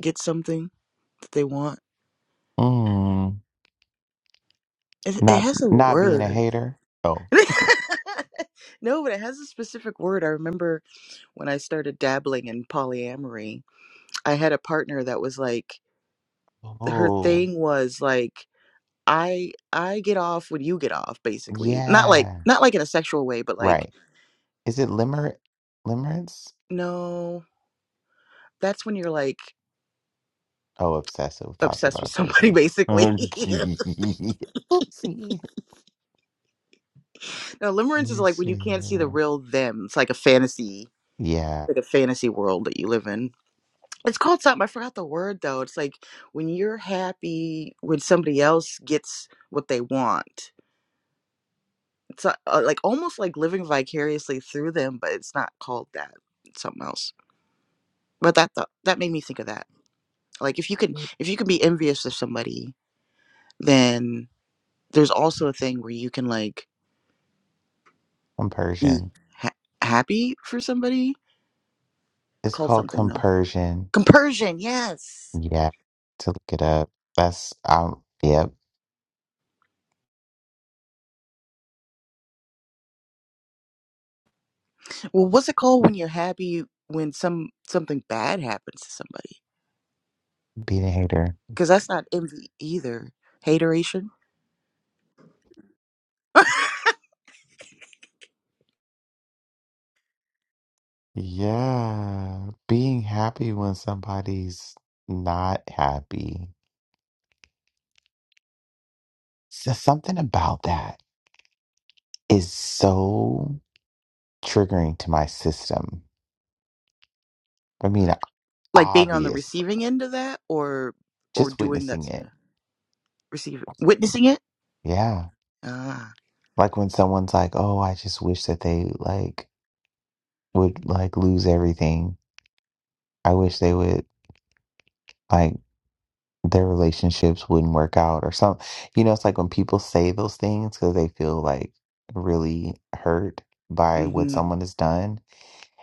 [SPEAKER 3] gets something that they want?
[SPEAKER 1] Mm,
[SPEAKER 3] It, it
[SPEAKER 1] not
[SPEAKER 3] has a
[SPEAKER 1] not being a
[SPEAKER 3] word.
[SPEAKER 1] hater. Oh,
[SPEAKER 3] no, but it has a specific word. I remember when I started dabbling in polyamory, I had a partner that was like her
[SPEAKER 1] oh,
[SPEAKER 3] thing was like I I get off when you get off basically. Not like
[SPEAKER 1] yeah,
[SPEAKER 3] not like in a sexual way, but like
[SPEAKER 1] right. Is it limer limerence?
[SPEAKER 3] no, that's when you're like
[SPEAKER 1] Oh, obsessive thoughts
[SPEAKER 3] obsessed
[SPEAKER 1] about a
[SPEAKER 3] with somebody
[SPEAKER 1] person.
[SPEAKER 3] basically.
[SPEAKER 1] Okay. Oopsie.
[SPEAKER 3] no,
[SPEAKER 1] Let
[SPEAKER 3] limerence is
[SPEAKER 1] me
[SPEAKER 3] like when you can't
[SPEAKER 1] see.
[SPEAKER 3] see the real them. It's like a fantasy,
[SPEAKER 1] Yeah,
[SPEAKER 3] like a fantasy world that you live in. It's called something. I forgot the word though. It's like when you're happy when somebody else gets what they want It's uh, uh, like almost like living vicariously through them, but it's not called that. It's something else. But that thought that made me think of that. Like if you can if you can be envious of somebody, then there's also a thing where you can like be
[SPEAKER 1] compersion.
[SPEAKER 3] ha- happy for somebody. It's
[SPEAKER 1] It's
[SPEAKER 3] called
[SPEAKER 1] called
[SPEAKER 3] something though.
[SPEAKER 1] compersion.
[SPEAKER 3] Compersion, yes.
[SPEAKER 1] Yeah, to look it up. That's um. Yep,
[SPEAKER 3] Well, what's it called when you're happy when some something bad happens to somebody?
[SPEAKER 1] being a hater.
[SPEAKER 3] Because that's not envy either. Hateration,
[SPEAKER 1] Yeah, being happy when somebody's not happy. So something about that is so triggering to my system. I mean,
[SPEAKER 3] like being on the
[SPEAKER 1] obvious,
[SPEAKER 3] receiving end of that, or or
[SPEAKER 1] just
[SPEAKER 3] doing that.
[SPEAKER 1] witnessing it.
[SPEAKER 3] receive witnessing it
[SPEAKER 1] Yeah.
[SPEAKER 3] ah
[SPEAKER 1] Like when someone's like, "Oh, I just wish that they like would like lose everything. I wish they would like their relationships wouldn't work out or some." You know, it's like when people say those things cuz they feel like really hurt by what
[SPEAKER 3] hmm
[SPEAKER 1] someone has done,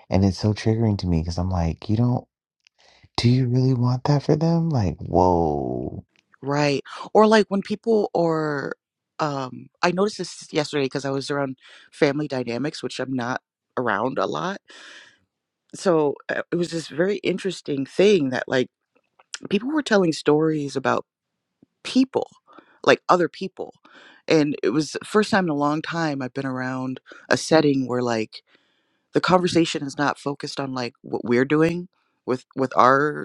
[SPEAKER 1] and it's so triggering to me cuz I'm like, "You don't Do you really want that for them? Like, whoa.
[SPEAKER 3] right or like when people are um i noticed this yesterday because i was around family dynamics which i'm not around a lot so uh, it was this very interesting thing that like people were telling stories about people like other people and it was the first time in a long time i've been around a setting where like the conversation is not focused on like what we're doing with with our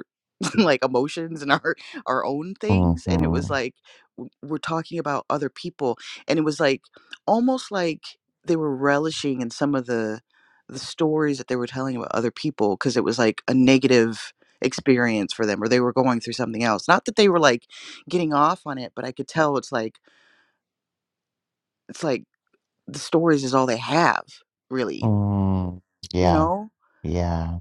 [SPEAKER 3] like emotions and our our own things and it
[SPEAKER 1] Mm-hmm.
[SPEAKER 3] was like w- we're talking about other people and it was like almost like they were relishing in some of the the stories that they were telling about other people because it was like a negative experience for them or they were going through something else not that they were like getting off on it but i could tell it's like it's like the stories is all they have really
[SPEAKER 1] Mm.
[SPEAKER 3] you
[SPEAKER 1] Yeah.
[SPEAKER 3] know
[SPEAKER 1] Yeah.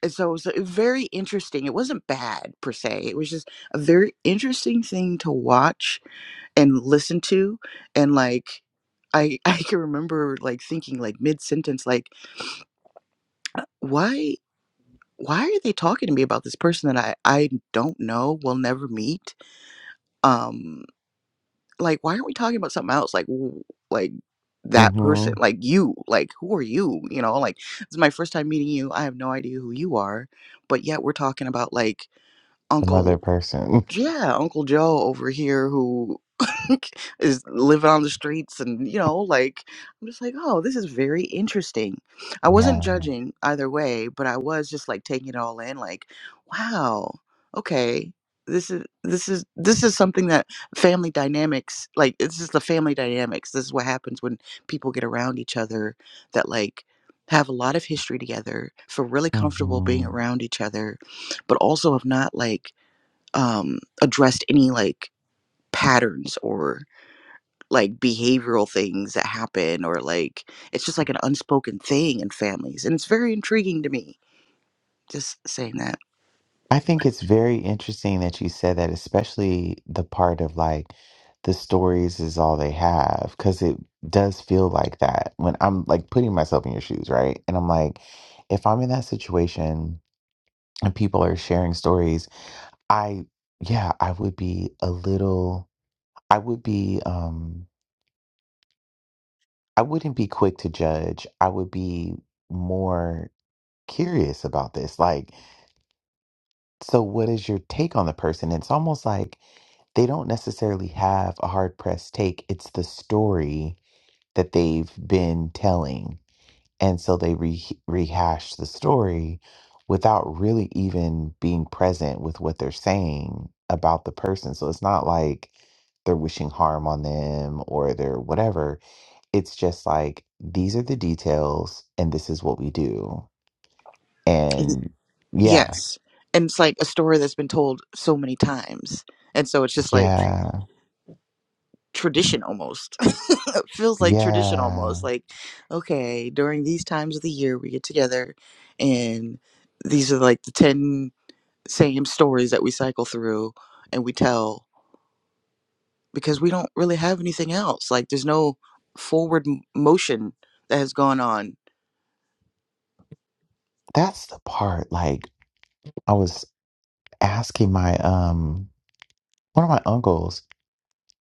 [SPEAKER 3] and so it was uh, very interesting it wasn't bad per se it was just a very interesting thing to watch and listen to and like i i can remember like thinking like mid sentence like why why are they talking to me about this person that i i don't know will never meet um like why aren't we talking about something else like w- like that person
[SPEAKER 1] Mm-hmm.
[SPEAKER 3] like you like who are you you know like this is my first time meeting you i have no idea who you are but yet we're talking about like
[SPEAKER 1] Some
[SPEAKER 3] uncle
[SPEAKER 1] other person.
[SPEAKER 3] yeah, Uncle Joe over here who is living on the streets and you know, like I'm just like, oh, this is very interesting. I wasn't
[SPEAKER 1] Yeah.
[SPEAKER 3] judging either way, but I was just like taking it all in, like, wow, okay. This is this is this is something that family dynamics like this is the family dynamics. This is what happens when people get around each other that like have a lot of history together, feel really comfortable being
[SPEAKER 1] Mm-hmm.
[SPEAKER 3] around each other, but also have not like um, addressed any like patterns or like behavioral things that happen or like it's just like an unspoken thing in families and it's very intriguing to me just saying that
[SPEAKER 1] I think it's very interesting that you said that, especially the part of like the stories is all they have, because it does feel like that when I'm like putting myself in your shoes, right? And I'm like, if I'm in that situation and people are sharing stories, I, yeah, I would be a little. I would be um I wouldn't be quick to judge. I would be more curious about this. Like, so what is your take on the person? It's almost like they don't necessarily have a hard pressed take. It's the story that they've been telling. And so they re rehash the story without really even being present with what they're saying about the person. So it's not like they're wishing harm on them or they're whatever it's just like these are the details and this is what we do
[SPEAKER 3] Mhm.
[SPEAKER 1] and yeah
[SPEAKER 3] yes and it's like a story that's been told so many times and so it's just like
[SPEAKER 1] yeah
[SPEAKER 3] tradition almost it feels like tradition
[SPEAKER 1] yeah
[SPEAKER 3] almost like okay during these times of the year we get together and these are like the 10 same stories that we cycle through and we tell because we don't really have anything else. Like there's no forward m- motion that has gone on.
[SPEAKER 1] that's the part like i was asking my um one of my uncles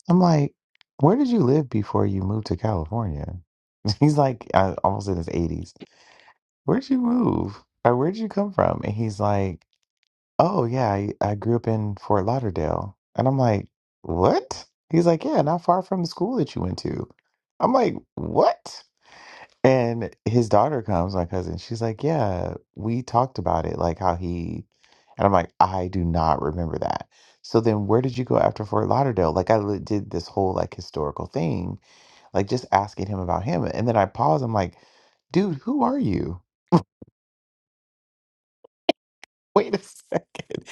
[SPEAKER 1] i'm like where did you live before you moved to california he's like uh, almost in his 80s where'd you move or where'd you come from and he's like oh yeah, I, I grew up in Fort Lauderdale. And I'm like, what? He's like, yeah, not far from the school that you went to. I'm like, what? And his daughter comes, my cousin. She's like, yeah, we talked about it, like how he. And I'm like, I do not remember that. So then, where did you go after Fort Lauderdale? Like, I li- did this whole like historical thing, like just asking him about him. And then I pause. I'm like, dude, who are you? Wait a second.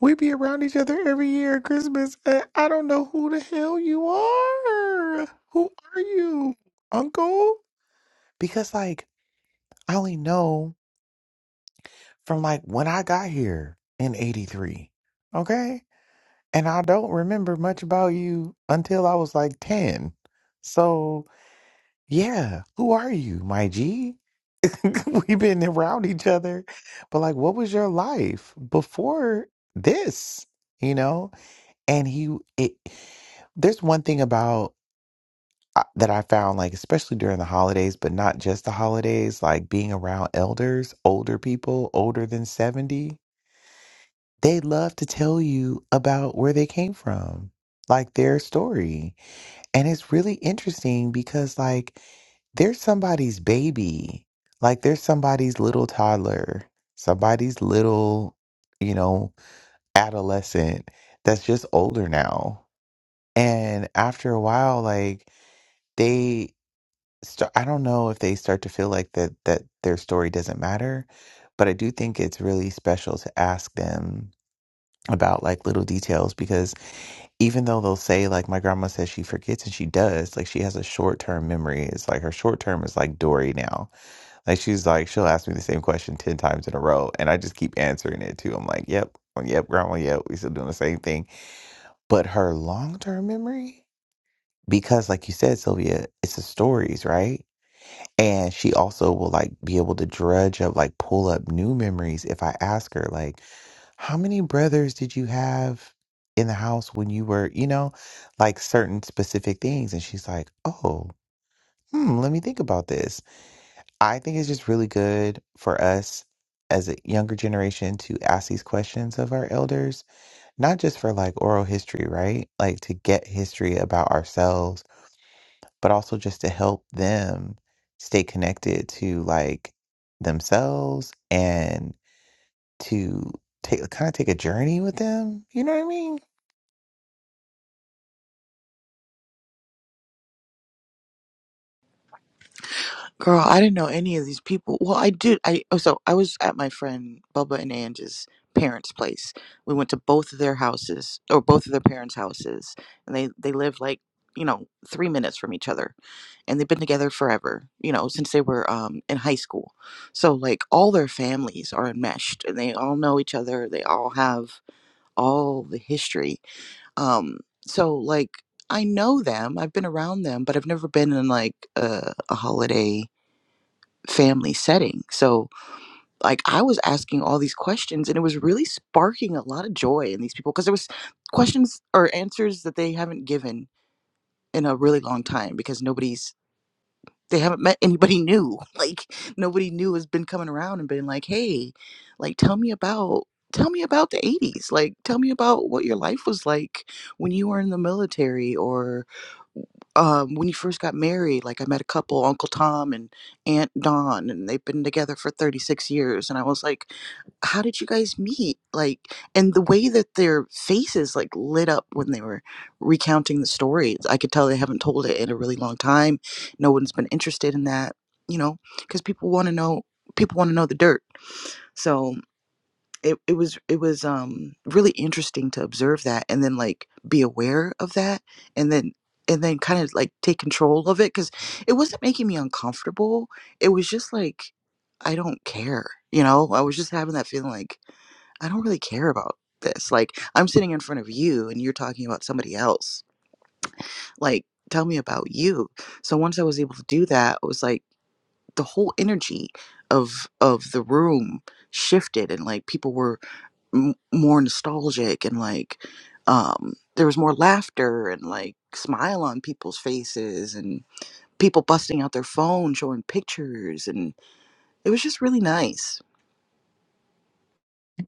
[SPEAKER 1] We be around each other every year at Christmas. And I don't know who the hell you are. Who are you, Uncle? Because like I only know from like when I got here in '83. Okay, and I don't remember much about you until I was like ten. So yeah, who are you, my G? We've been around each other, but like, what was your life before this? You know, and he it there's one thing about uh, that I found like especially during the holidays but not just the holidays like being around elders older people older than 70 they love to tell you about where they came from like their story and it's really interesting because like they're somebody's baby like they're somebody's little toddler somebody's little you know adolescent that's just older now And after a while, like they start, I don't know if they start to feel like that that their story doesn't matter, but I do think it's really special to ask them about like little details because even though they'll say like my grandma says she forgets and she does, like she has a short-term memory. It's like her short term is like Dory now. Like she's like she'll ask me the same question 10 times in a row and I just keep answering it too. I'm like, "Yep, yep, grandma, yep, we still doing the same thing." But her long-term memory because like you said sylvia it's the stories right and she also will like be able to drudge up like pull up new memories if i ask her like how many brothers did you have in the house when you were you know like certain specific things and she's like oh hmm let me think about this i think it's just really good for us as a younger generation to ask these questions of our elders not just for like oral history right like to get history about ourselves but also just to help them stay connected to like themselves and to take kind of take a journey with them. You know what I mean?
[SPEAKER 3] Girl, I didn't know any of these people. Well, I did. I oh, so I was at my friend Bubba and Angie's parents' place. We went to both of their houses or both of their parents' houses, and they they live like you know three minutes from each other, and they've been together forever. You know since they were um in high school. So like all their families are enmeshed, and they all know each other. They all have all the history Um, so like I know them, I've been around them, but I've never been in like a, a holiday family setting. So like I was asking all these questions and it was really sparking a lot of joy in these people because there was questions or answers that they haven't given in a really long time because nobody's they haven't met anybody new. Like nobody new has been coming around and been like, "Hey, like tell me about tell me about the 80s. Like tell me about what your life was like when you were in the military or um, when you first got married. Like I met a couple, Uncle Tom and Aunt Dawn, and they've been together for 36 years. And I was like, how did you guys meet? Like, and the way that their faces like lit up when they were recounting the stories, I could tell they haven't told it in a really long time no one's been interested in that, you know, because people want to know people want to know the dirt. So it, it was it was um really interesting to observe that and then like be aware of that and then and then kind of like take control of it because it wasn't making me uncomfortable. It was just like I don't care, you know. I was just having that feeling like I don't really care about this. Like I'm sitting in front of you and you're talking about somebody else. Like tell me about you. So once I was able to do that, I was like the whole energy of of the room shifted and like people were m- more nostalgic and like um there was more laughter and like smile on people's faces and people busting out their phone showing pictures and it was just really nice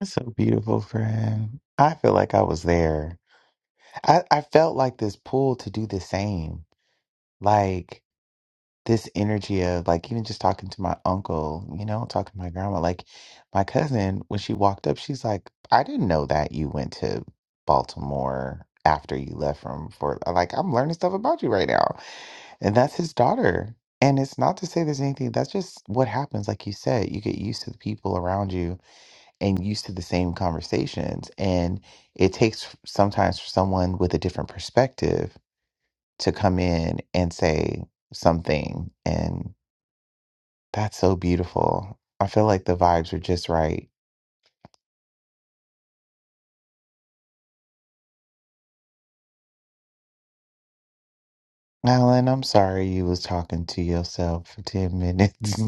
[SPEAKER 1] That's so beautiful, friend. I feel like I was there. I, I felt like this pull to do the same. Like this energy of like even just talking to my uncle, you know, talking to my grandma. Like my cousin, when she walked up, she's like, I didn't know that you went to Baltimore after you left from Fort. Like, I'm learning stuff about you right now. And that's his daughter. And it's not to say there's anything, that's just what happens. Like you said, you get used to the people around you and used to the same conversations. And it takes f- sometimes for someone with a different perspective to come in and say something. That's so beautiful. I feel like the vibes are just right. Alan, I'm sorry you was talking to yourself for 10 minutes.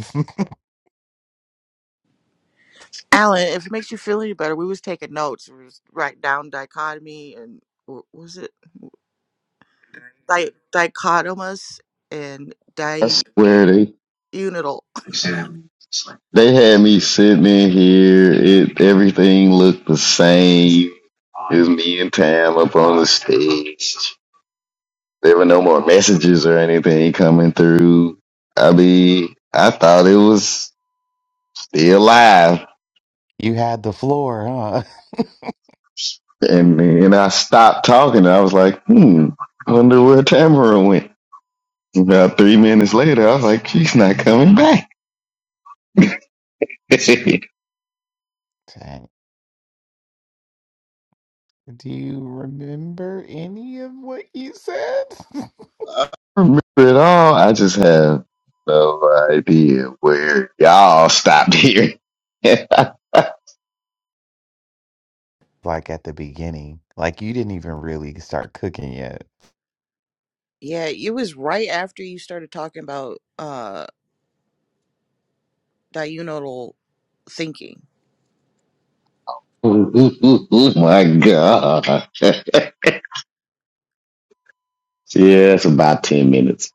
[SPEAKER 3] alan if it makes you feel any better we was taking notes we was write down dichotomy and what was it Di- dichotomous and
[SPEAKER 2] That's where they
[SPEAKER 3] diunital
[SPEAKER 2] say They had me sitting in here. It everything looked the same. It was me and Tam up on the stage. There were no more messages or anything coming through. I mean, I thought it was still live,
[SPEAKER 1] you had the floor, huh?
[SPEAKER 2] and and I stopped talking. I was like, hmm, I wonder where Tamara went. About three minutes later, I was like, she's not coming back.
[SPEAKER 1] Dang. Do you remember any of what you said?
[SPEAKER 2] I don't remember it all. I just have no idea where y'all stopped here. oh
[SPEAKER 1] like at the beginning, like you didn't even really start cooking yet.
[SPEAKER 3] yeah it was right after you started talking about uh, diurnal thinking
[SPEAKER 2] my god. yeah, it's about 10 minutes.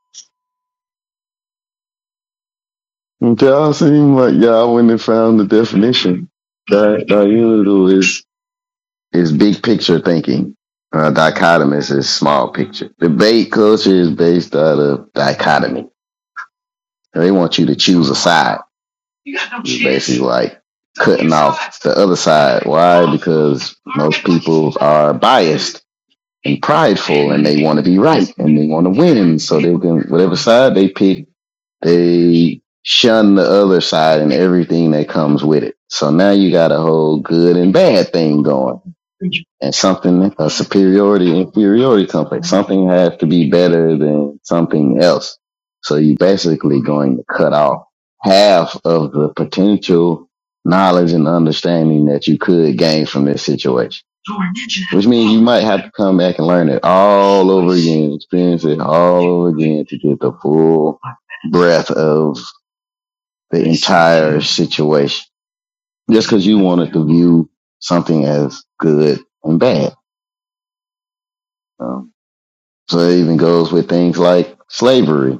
[SPEAKER 2] Y'all seem like y'all went and found the definition. Di- Diurnal is, is big picture thinking. Uh, dichotomous is small picture. Debate culture is based out of dichotomy. They want you to choose a side. It's basically like cutting off the other side. Why? Because most people are biased and prideful, and they want to be right and they want to win. And So they can whatever side they pick, they shun the other side and everything that comes with it. So now you got a whole good and bad thing going. and something a superiority inferiority complex. Something has to be better than something else. So you're basically going to cut off half of the potential knowledge and understanding that you could gain from this situation. Which means you might have to come back and learn it all over again, experience it all over again to get the full breadth of the entire situation. Just because you wanted to view something as good and bad. Um, So it even goes with things like slavery.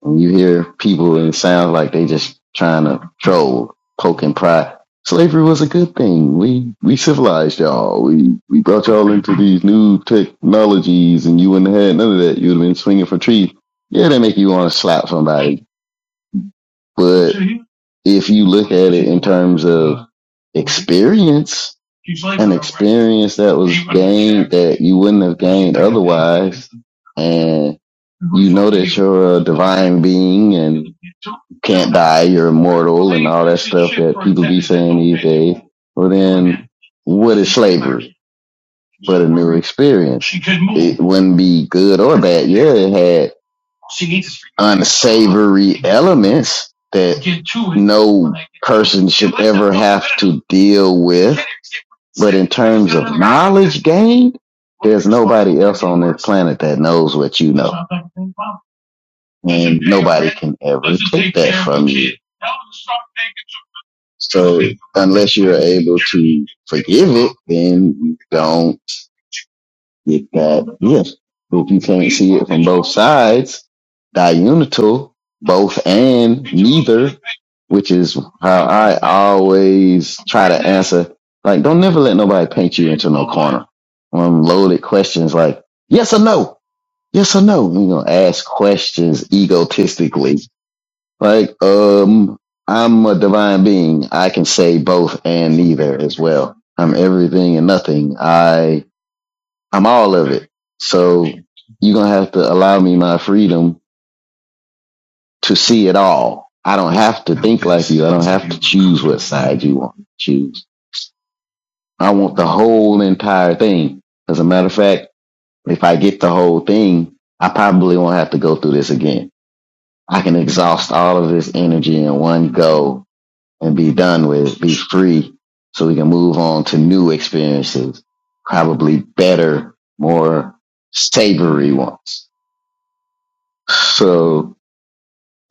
[SPEAKER 2] When you hear people and it sounds like they just trying to troll, poke and pry. Slavery was a good thing. We we civilized y'all. We we brought y'all into these new technologies, and you wouldn't have had none of that. You'd have been swinging for trees. Yeah, they make you want to slap somebody but if you look at it in terms of experience, an experience that was gained that you wouldn't have gained otherwise, and you know that you're a divine being and can't die, you're immortal, and all that stuff that people be saying these days. Well, then, what is slavery but a new experience? It wouldn't be good or bad. Yeah, it had unsavory elements that no person should ever have to deal with. But in terms of knowledge gained, there's nobody else on this planet that knows what you know. And nobody can ever take that from you. So unless you're able to forgive it, then you don't With that, yes. If you can't see it from both sides, diunital, both and neither, which is how I always try to answer. Like, don't never let nobody paint you into no corner. Um, loaded questions like yes or no, yes or no. You know, ask questions egotistically. Like, um, I'm a divine being. I can say both and neither as well. I'm everything and nothing. I I'm all of it. So you're gonna have to allow me my freedom to see it all. I don't have to think like you. I don't have to choose what side you want to choose. I want the whole entire thing. As a matter of fact, if I get the whole thing, I probably won't have to go through this again. I can exhaust all of this energy in one go and be done with it, be free so we can move on to new experiences, probably better, more savory ones. So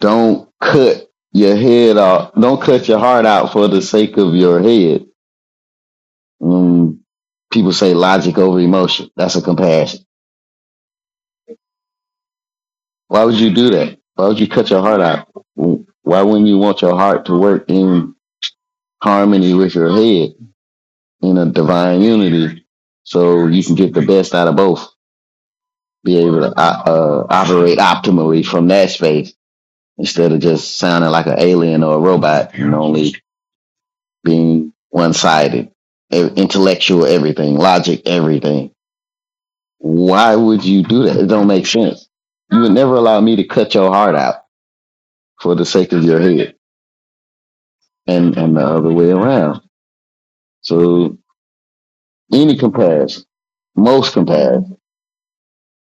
[SPEAKER 2] don't cut your head off. Don't cut your heart out for the sake of your head. Mm, people say logic over emotion. That's a compassion. Why would you do that? Why would you cut your heart out? Why wouldn't you want your heart to work in harmony with your head in a divine unity so you can get the best out of both? Be able to uh, uh, operate optimally from that space instead of just sounding like an alien or a robot and only being one sided, intellectual, everything, logic, everything. Why would you do that? It don't make sense. You would never allow me to cut your heart out for the sake of your head and, and the other way around. So any comparison, most comparison,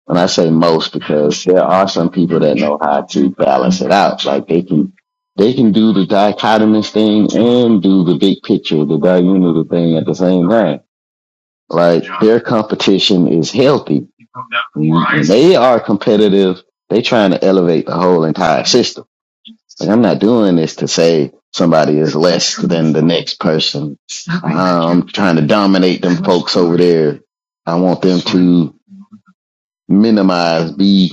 [SPEAKER 2] and I say most because there are some people that know how to balance it out. Like they can, they can do the dichotomous thing and do the big picture, the diurnal thing at the same time Like their competition is healthy. They are competitive. They trying to elevate the whole entire system. Like I'm not doing this to say somebody is less than the next person. I'm trying to dominate them folks over there. I want them to minimize, be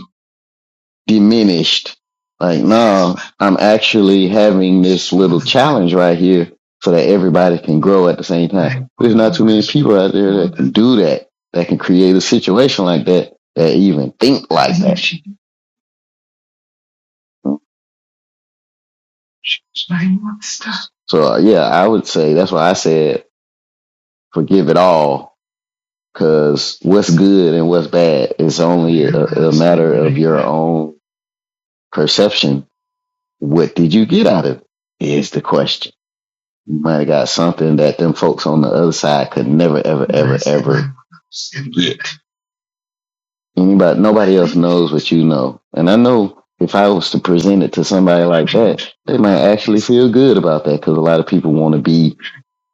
[SPEAKER 2] diminished. Like, no, I'm actually having this little challenge right here so that everybody can grow at the same time. There's not too many people out there that can do that, that can create a situation like that, that even think like that. So, uh, yeah, I would say that's why I said forgive it all because what's good and what's bad is only a, a matter of your own perception. What did you get out of it is the question. You might have got something that them folks on the other side could never, ever, ever, ever. Anybody, nobody else knows what you know. And I know if I was to present it to somebody like that, they might actually feel good about that because a lot of people want to be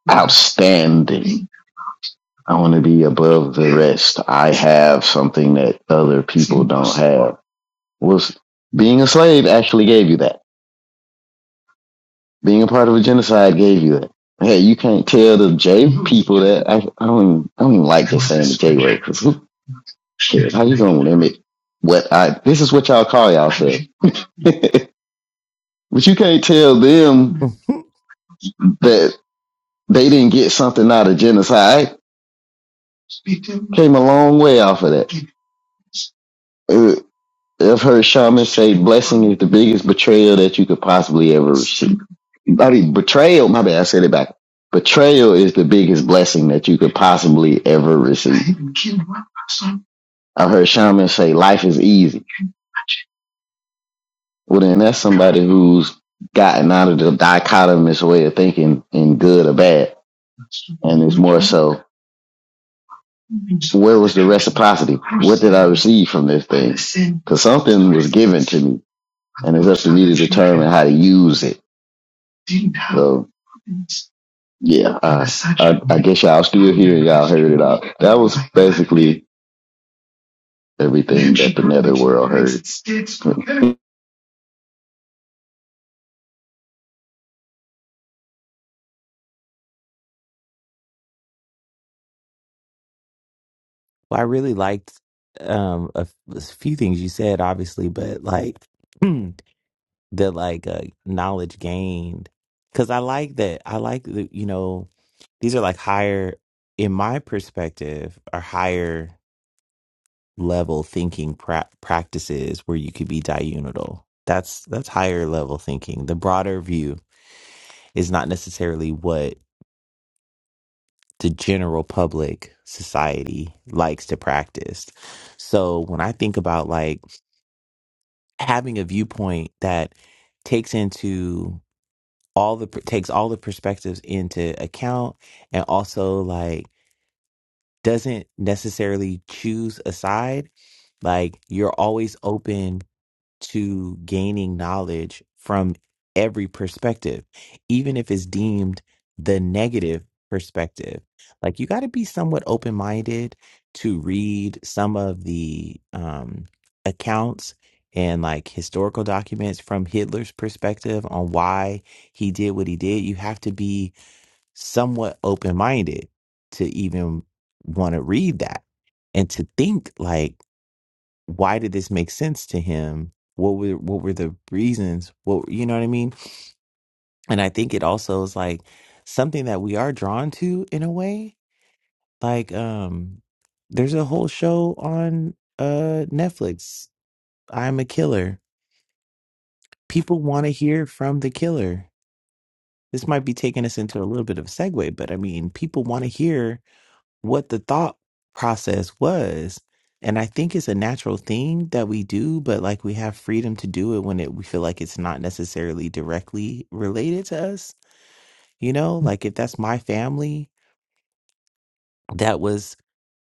[SPEAKER 2] outstanding. I want to be above the rest. I have something that other people don't have. Was being a slave actually gave you that? Being a part of a genocide gave you that. Hey, you can't tell the J people that. I, I don't. Even, I don't even like just saying the J word because who, Shit, how you gonna limit what I? This is what y'all call you y'allself. but you can't tell them
[SPEAKER 1] well,
[SPEAKER 2] that they didn't get something out of genocide. I came a long way off of that. Uh, I've heard shamans say blessing is the biggest betrayal that you could possibly ever receive. I mean, betrayal. My bad. I said it back. Betrayal is the biggest blessing that you could possibly ever receive. I've heard shamans say life is easy. Well, then that's somebody who's gotten out of the dichotomous way of thinking in good or bad, and it's more so where was the reciprocity? What did I receive from this thing? Because something was given to me, and it's up to me to determine how to use it. So yeah, uh, I, I guess y'all still here. and Y'all heard it out. That was basically everything that the netherworld heard.
[SPEAKER 1] I really liked um a, f- a few things you said, obviously, but like the like uh, knowledge gained because I like that. I like the you know. these are like higher in my perspective are higher level thinking pra- practices where you could be diurnal that's that's higher level thinking the broader view is not necessarily what the general public society likes to practice so when i think about like having a viewpoint that takes into all the takes all the perspectives into account and also like doesn't necessarily choose a side. Like you're always open to gaining knowledge from every perspective, even if it's deemed the negative perspective. Like you got to be somewhat open minded to read some of the um, accounts and like historical documents from Hitler's perspective on why he did what he did. You have to be somewhat open minded to even want to read that and to think like why did this make sense to him what were what were the reasons what you know what i mean and i think it also is like something that we are drawn to in a way like um there's a whole show on uh netflix i'm a killer people want to hear from the killer this might be taking us into a little bit of a segue but i mean people want to hear what the thought process was. And I think it's a natural thing that we do, but like we have freedom to do it when it, we feel like it's not necessarily directly related to us. You know, like if that's my family that was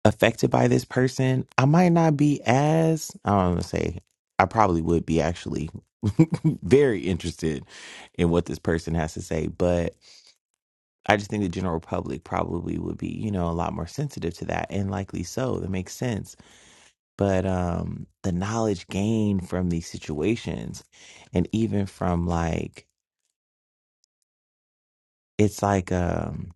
[SPEAKER 1] affected by this person, I might not be as, I don't want to say, I probably would be actually very interested in what this person has to say. But I just think the general public probably would be, you know, a lot more sensitive to that and likely so. That makes sense but um the knowledge gained from these situations and even from like it's like um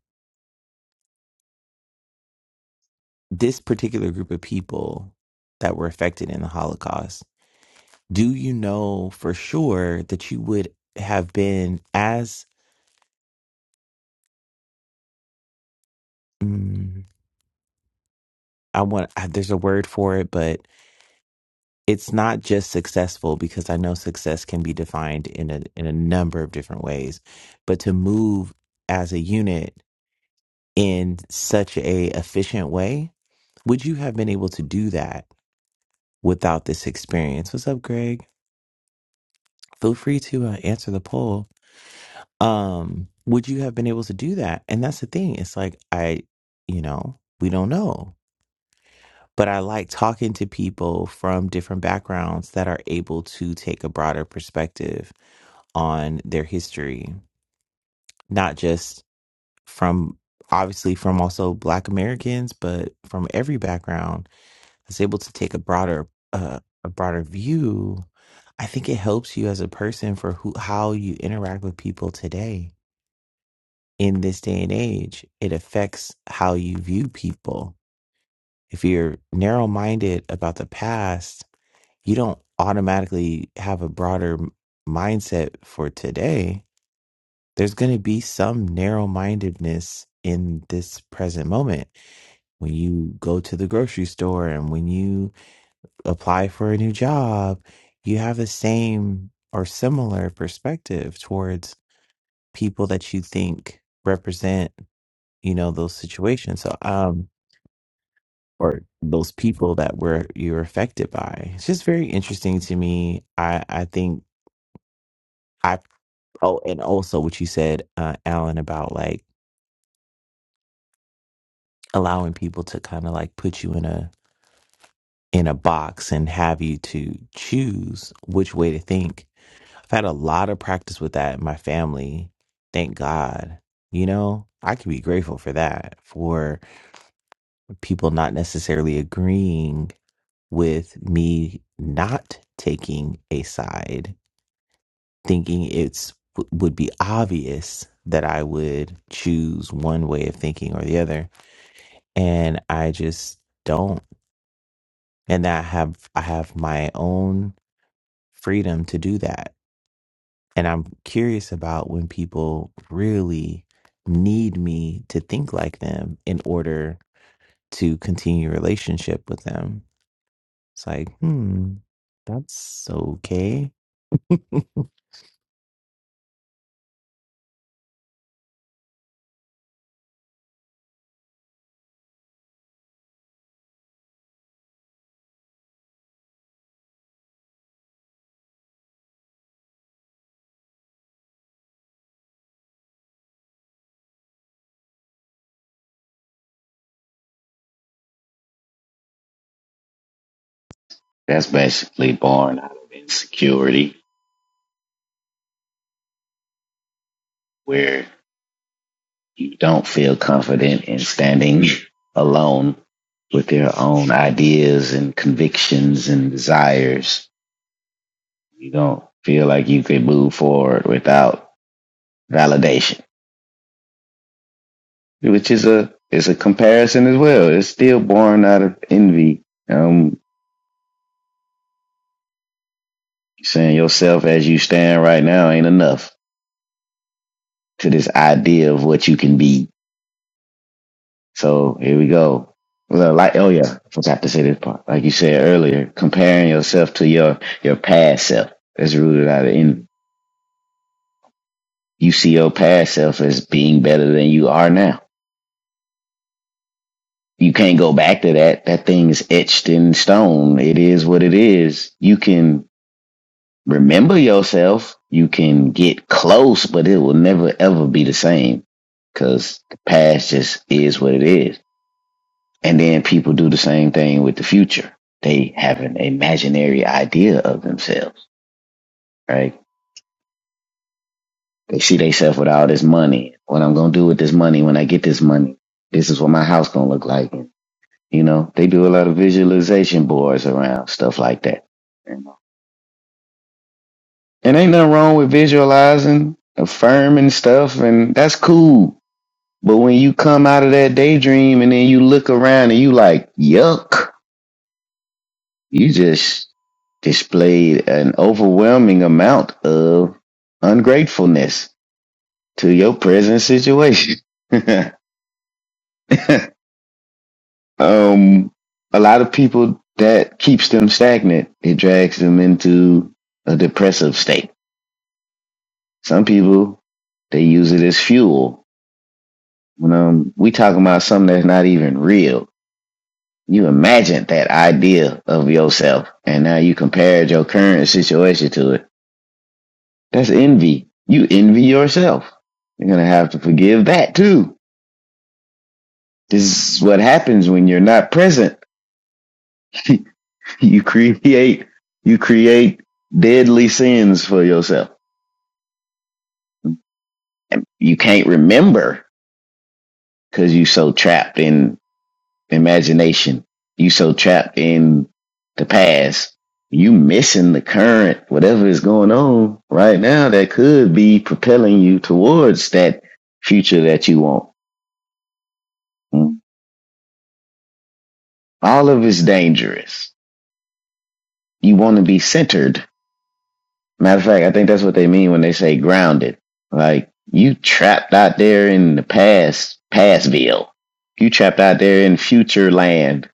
[SPEAKER 1] this particular group of people that were affected in the holocaust do you know for sure that you would have been as mm, i want I, there's a word for it but it's not just successful because i know success can be defined in a in a number of different ways but to move as a unit in such a efficient way Would you have been able to do that without this experience? What's up, Greg? Feel free to uh, answer the poll. Um, would you have been able to do that? And that's the thing. It's like, I, you know, we don't know. But I like talking to people from different backgrounds that are able to take a broader perspective on their history, not just from obviously from also Black Americans, but from every background is able to take a broader uh, a broader view, I think it helps you as a person for who how you interact with people today in this day and age. It affects how you view people. If you're narrow minded about the past, you don't automatically have a broader m- mindset for today. There's going to be some narrow mindedness in this present moment when you go to the grocery store and when you apply for a new job, you have the same or similar perspective towards people that you think represent, you know, those situations. So, um, or those people that were you're affected by. It's just very interesting to me. I I think I oh, and also what you said, uh, Alan, about like allowing people to kind of like put you in a in a box and have you to choose which way to think I've had a lot of practice with that in my family. Thank God. You know, I can be grateful for that, for people not necessarily agreeing with me not taking a side, thinking it's w- would be obvious that I would choose one way of thinking or the other, and I just don't. And that I have I have my own freedom to do that And I'm curious about when people really need me to think like them in order to continue a relationship with them. It's like, hmm, that's okay. well,
[SPEAKER 2] That's basically born out of insecurity, where. you don't feel confident in standing alone with your own ideas and convictions and desires. You don't feel like you can move forward without validation, which is a is a comparison as well. It's still born out of envy. Um, saying yourself as you stand right now ain't enough to this idea of what you can be So here we go. Well, Like oh yeah, I forgot to say this part. Like you said earlier, comparing yourself to your your past self is rooted out of in you see your past self as being better than you are now. You can't go back to that. That thing is etched in stone. It is what it is. You can remember yourself. You can get close, but it will never ever be the same because the past just is what it is And then people do the same thing with the future. They have an imaginary idea of themselves, right? They see themselves with all this money. What I'm gonna do with this money when I get this money. This is what my house gonna look like. And, you know, they do a lot of visualization boards around stuff like that. And ain't nothing wrong with visualizing, affirming stuff, and that's cool. But when you come out of that daydream and then you look around and you like, yuck You just displayed an overwhelming amount of ungratefulness to your present situation. um, a lot of people that keeps them stagnant. It drags them into a depressive state. Some people they use it as fuel. When um, we talking about something that's not even real. You imagine that idea of yourself, and now you compared your current situation to it That's envy. You envy yourself. You're going to have to forgive that too. This is what happens when you're not present. you create, you create deadly sins for yourself. And you can't remember because you are so trapped in imagination. You so trapped in the past. You missing the current, whatever is going on right now that could be propelling you towards that future that you want. All of it's dangerous. You want to be centered. Matter of fact, I think that's what they mean when they say grounded. Like you trapped out there in the past, pastville. You trapped out there in future land,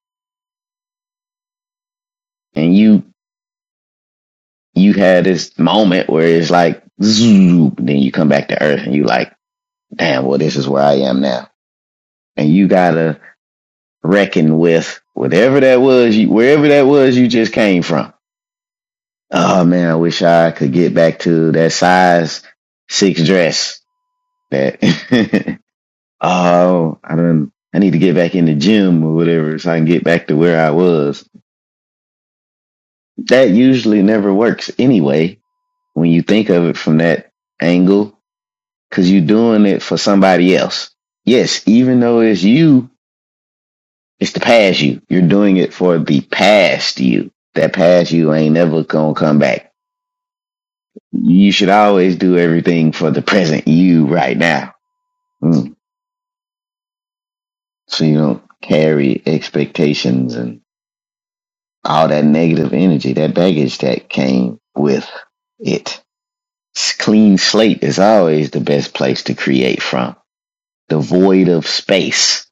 [SPEAKER 2] and you you had this moment where it's like zoom. Then you come back to earth, and you like, damn, well, this is where I am now. And you gotta reckon with whatever that was, you, wherever that was you just came from. Oh man, I wish I could get back to that size six dress. That oh, I don't. I need to get back in the gym or whatever so I can get back to where I was. That usually never works anyway when you think of it from that angle because you're doing it for somebody else. Yes, even though it's you, it's the past you. You're doing it for the past you. That past you ain't never gonna come back You should always do everything for the present you right now. Mm. So you don't carry expectations and all that negative energy, that baggage that came with it. Clean slate is always the best place to create from. The void of space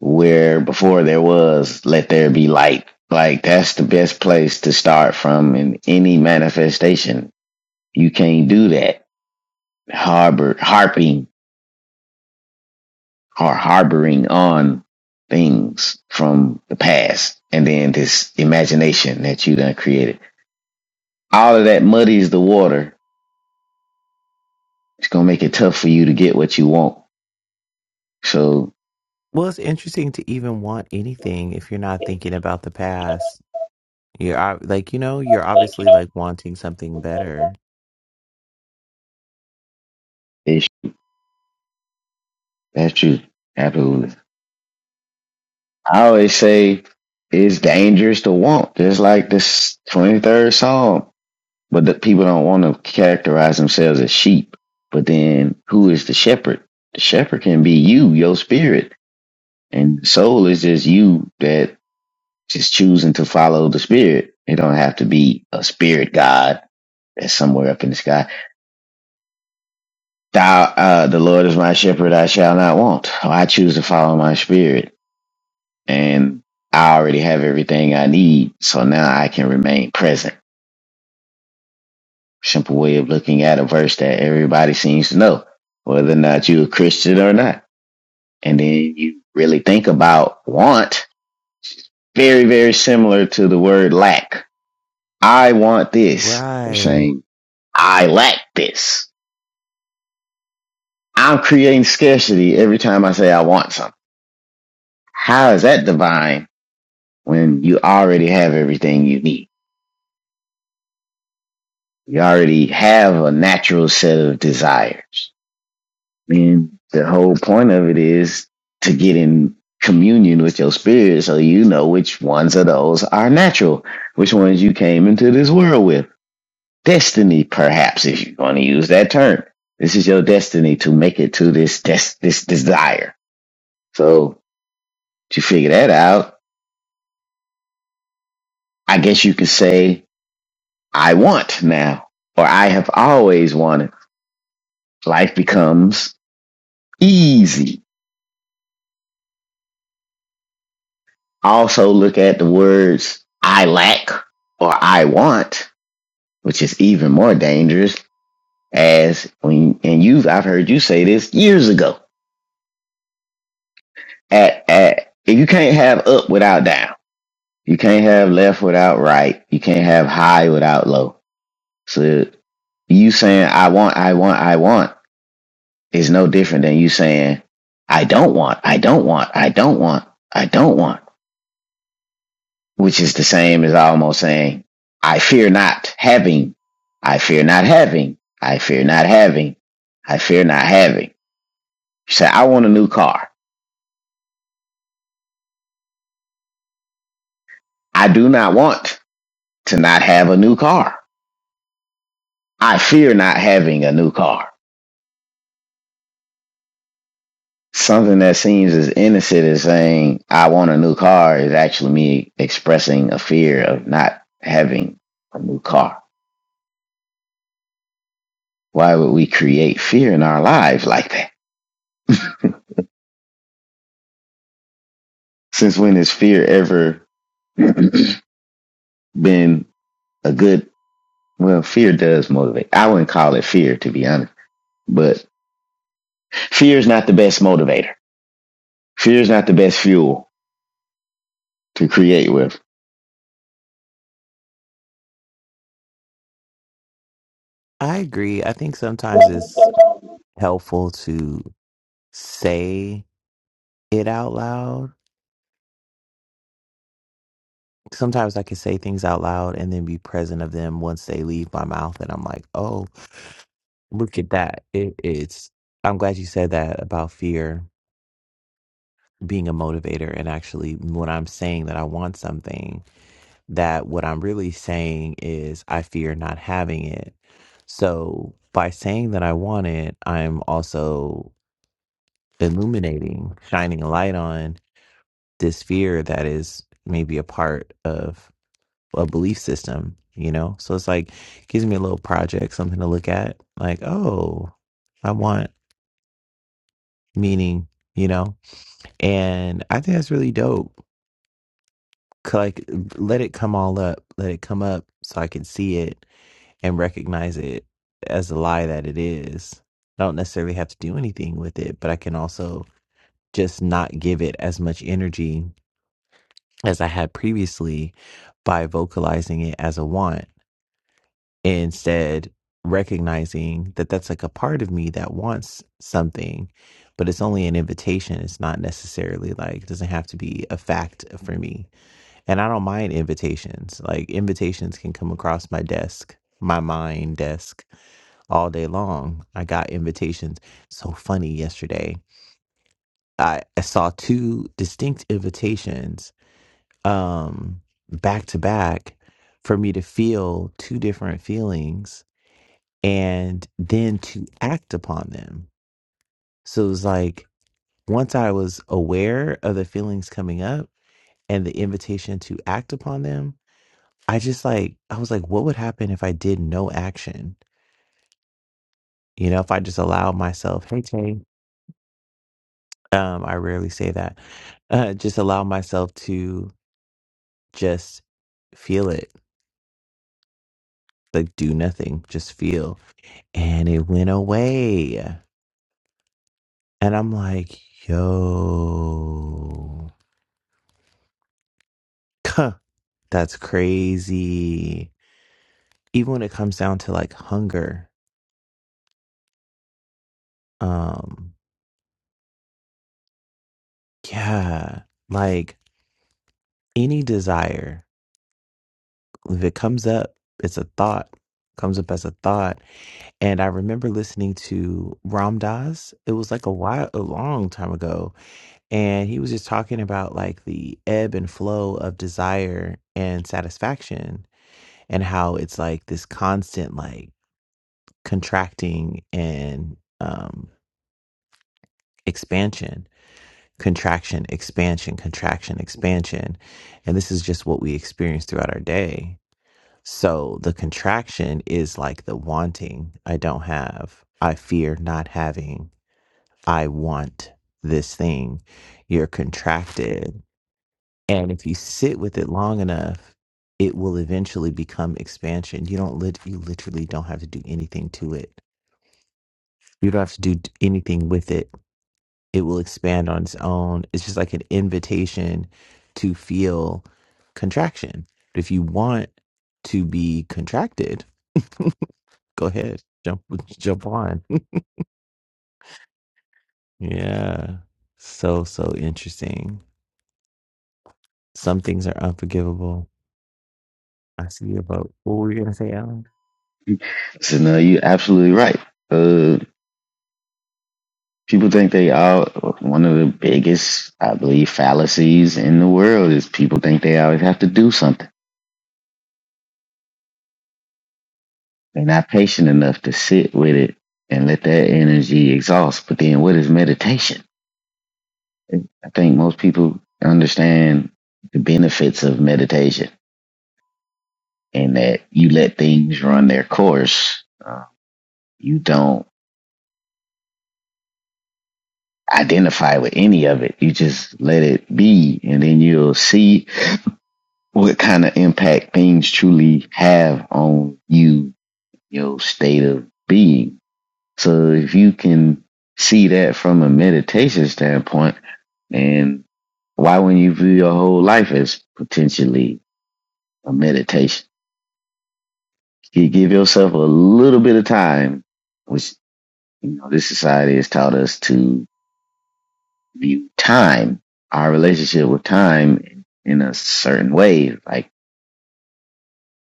[SPEAKER 2] where before there was, let there be light. Like that's the best place to start from in any manifestation. You can't do that. Harbor, harping are harboring on things from the past and then this imagination that you done created. All of that muddies the water. It's gonna make it tough for you to get what you want. So
[SPEAKER 1] it's interesting to even want anything if you're not thinking about the past. You're ob- like, you know, you're obviously like wanting something better.
[SPEAKER 2] it's that's true. Absolutely. I always say it's dangerous to want, just like this twenty third Psalm. But the people don't want to characterize themselves as sheep. But then who is the shepherd? The shepherd can be you, your spirit. And the soul is just you that Just choosing to follow the spirit. It don't have to be a spirit God that's somewhere up in the sky. Thou, uh, the Lord is my shepherd; I shall not want. Oh, I choose to follow my spirit, and I already have everything I need. So now I can remain present. Simple way of looking at a verse that everybody seems to know, whether or not you're a Christian or not. And then you really think about want. Very, very similar to the word lack. I want this. You're
[SPEAKER 1] Right.
[SPEAKER 2] saying I lack this. I'm creating scarcity every time I say I want something. How is that divine when you already have everything you need? You already have a natural set of desires. I mean, the whole point of it is to get in communion with your spirit so you know which ones of those are natural, which ones you came into this world with. Destiny, perhaps, if you're going to use that term. This is your destiny to make it to this des- this desire. So To figure that out, I guess you could say, I want now, or I have always wanted. Life becomes easy. Also, look at the words I lack or I want, which is even more dangerous. As when, and you've, I've heard you say this years ago. At, at, if you can't have up without down, you can't have left without right, you can't have high without low. So, you saying, I want, I want, I want is no different than you saying, I don't want, I don't want, I don't want, I don't want, which is the same as almost saying, I fear not having, I fear not having, I fear not having, I fear not having. You say, I want a new car. I do not want to not have a new car. I fear not having a new car. Something that seems as innocent as saying, I want a new car is actually me expressing a fear of not having a new car Why would we create fear in our lives like that? Since when has fear ever been a good? Well, fear does motivate. I wouldn't call it fear, to be honest, but fear is not the best motivator. Fear is not the best fuel to create with.
[SPEAKER 1] I agree. I think sometimes it's helpful to say it out loud sometimes I can say things out loud and then be present of them once they leave my mouth. And I'm like, oh, look at that. It, it's, I'm glad you said that about fear being a motivator. And actually, when I'm saying that I want something, that what I'm really saying is I fear not having it. So by saying that I want it, I'm also illuminating, shining a light on this fear that is maybe a part of a belief system, you know? So it's like gives me a little project, something to look at. Like, oh, I want meaning, you know? And I think that's really dope. 'Cause, Like, let it come all up, let it come up so I can see it and recognize it as a lie that it is. I don't necessarily have to do anything with it, but I can also just not give it as much energy as I had previously by vocalizing it as a want instead recognizing that that's like a part of me that wants something but it's only an invitation it's not necessarily like it doesn't have to be a fact for me and i don't mind invitations like invitations can come across my desk my mind desk all day long i got invitations so funny yesterday i, I saw two distinct invitations um back to back for me to feel two different feelings and then to act upon them. So it was like once I was aware of the feelings coming up and the invitation to act upon them, I just like, I was like, what would happen if I did no action? You know, if I just allowed myself, hey, Tay, um, I rarely say that, uh, just allow myself to just feel it, like do nothing, just feel. And it went away. And I'm like, yo. Huh, that's crazy. Even when it comes down to like hunger, um, yeah, like any desire, if it comes up, it's a thought, comes up as a thought. And I remember listening to Ram Dass. It was like a while, a long time ago, and he was just talking about like the ebb and flow of desire and satisfaction, and how it's like this constant like contracting and um expansion, contraction, expansion, contraction, expansion. And this is just what we experience throughout our day. So the contraction is like the wanting. I don't have. I fear not having. I want this thing. You're contracted. And if you sit with it long enough, it will eventually become expansion. You don't lit you literally don't have to do anything to it. You don't have to do t- anything with it it will expand on its own. It's just like an invitation to feel contraction. But if you want to be contracted, go ahead, jump jump on. Yeah. So so interesting. Some things are unforgivable. I see your vote. What were you gonna say, Alan?
[SPEAKER 2] So, no, you're absolutely right. Uh, people think they all, one of the biggest, I believe, fallacies in the world is people think they always have to do something They're not patient enough to sit with it and let that energy exhaust. But then, what is meditation? I think most people understand the benefits of meditation and that you let things run their course. Uh, you don't identify with any of it. You just let it be, and then you'll see what kind of impact things truly have on you, your state of being So if you can see that from a meditation standpoint, and why wouldn't you view your whole life as potentially a meditation? You give yourself a little bit of time, which you know this society has taught us to view time, our relationship with time in a certain way, like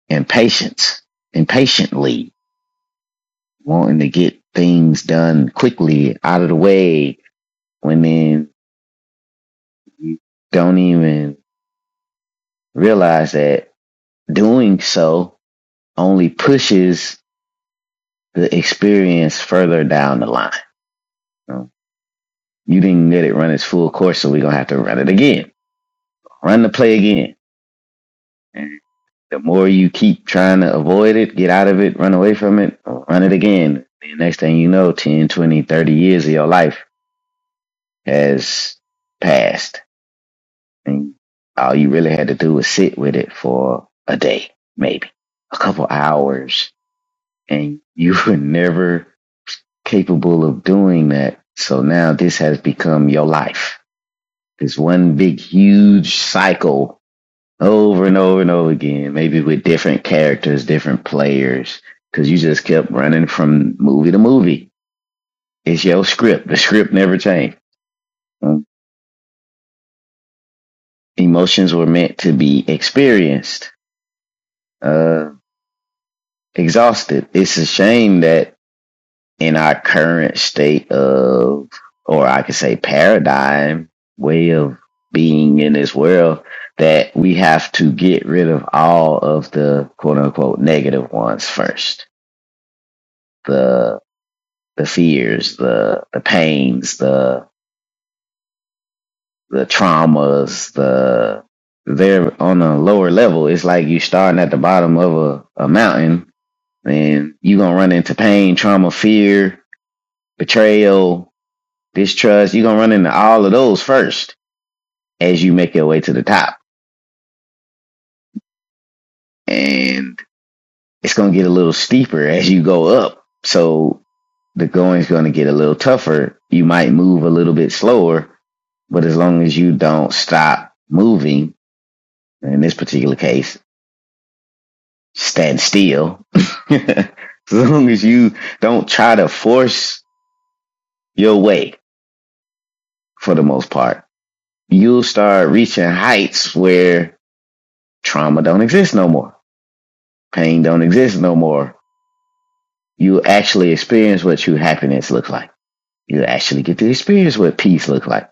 [SPEAKER 2] impatience, impatiently, wanting to get things done quickly out of the way when then you don't even realize that doing so only pushes the experience further down the line. You, know, you didn't let it run its full course, so we're gonna have to run it again. Run the play again. And the more you keep trying to avoid it, get out of it, run away from it, run it again. The next thing you know, 10, 20, 30 years of your life has passed. And all you really had to do was sit with it for a day, maybe a couple hours, and you were never capable of doing that. So now this has become your life. This one big, huge cycle over and over and over again, maybe with different characters, different players, because you just kept running from movie to movie. It's your script. The script never changed. Um, Emotions were meant to be experienced, uh, exhausted. It's a shame that in our current state of, or I could say paradigm way of being in this world, that we have to get rid of all of the quote unquote negative ones first. The, the fears, the, the pains, the, the traumas, the, they're on a lower level. It's like you starting at the bottom of a, a mountain and you gonna run into pain, trauma, fear, betrayal, distrust. You're gonna run into all of those first as you make your way to the top, and it's gonna get a little steeper as you go up. So the going's gonna get a little tougher. You might move a little bit slower, but as long as you don't stop moving, in this particular case, stand still. as long as you don't try to force your way, for the most part, you'll start reaching heights where trauma don't exist no more pain don't exist no more you actually experience what true happiness looks like. You actually get to experience what peace looks like.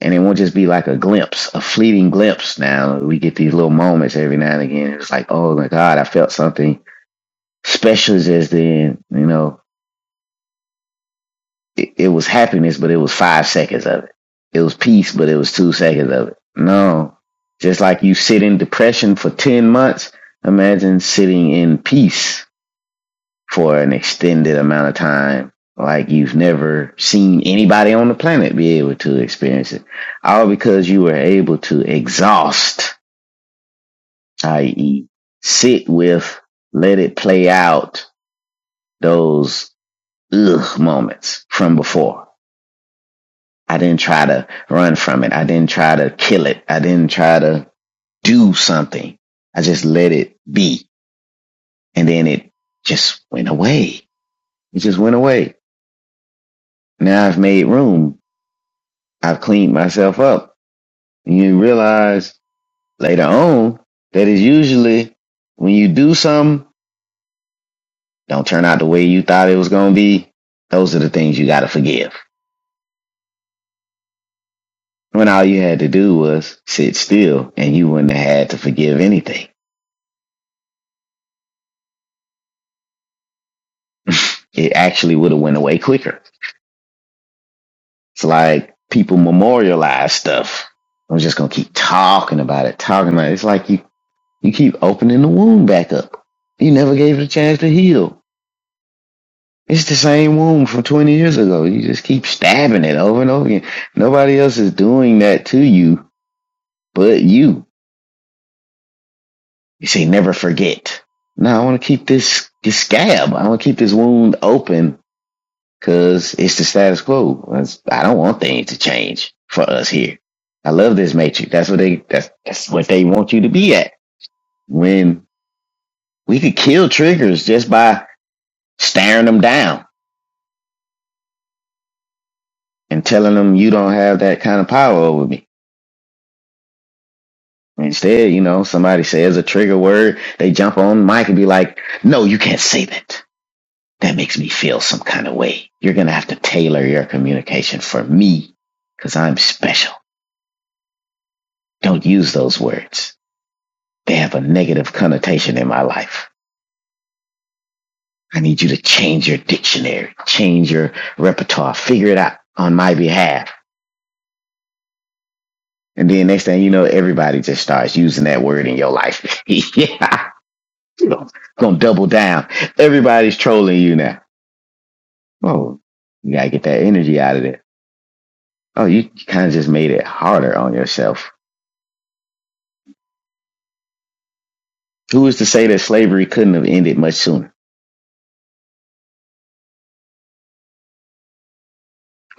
[SPEAKER 2] And it won't just be like a glimpse, a fleeting glimpse. Now we get these little moments every now and again. It's like, oh my God, I felt something special just then. You know, it, it was happiness, but it was five seconds of it. It was peace, but it was two seconds of it. No. Just like you sit in depression for 10 months, imagine sitting in peace for an extended amount of time like you've never seen anybody on the planet be able to experience it. All because you were able to exhaust, i.e., sit with, let it play out those ugh moments from before. I didn't try to run from it. I didn't try to kill it. I didn't try to do something. I just let it be. And then it just went away. It just went away. Now I've made room I've cleaned myself up. And you realize later on that it's usually when you do something, don't turn out the way you thought it was going to be. Those are the things you got to forgive. When all you had to do was sit still and you wouldn't have had to forgive anything. It actually would have went away quicker. It's like people memorialize stuff. I'm just going to keep talking about it, talking about it. It's like you, you keep opening the wound back up. You never gave it a chance to heal. It's the same wound from 20 years ago. You just keep stabbing it over and over again. Nobody else is doing that to you but you. You say, never forget. No, I want to keep this, this scab. I want to keep this wound open because it's the status quo. I don't want things to change for us here. I love this matrix. That's what they, that's, that's what they want you to be at. When we could kill triggers just by staring them down and telling them you don't have that kind of power over me Instead, you know, somebody says a trigger word, they jump on mic and be like, no, you can't say that. That makes me feel some kind of way. You're going to have to tailor your communication for me because I'm special. Don't use those words. They have a negative connotation in my life. I need you to change your dictionary, change your repertoire, figure it out on my behalf. And then next thing you know, everybody just starts using that word in your life. yeah. You're going to double down. Everybody's trolling you now Oh, you gotta get that energy out of it. Oh, you kind of just made it harder on yourself. Who is to say that slavery couldn't have ended much sooner?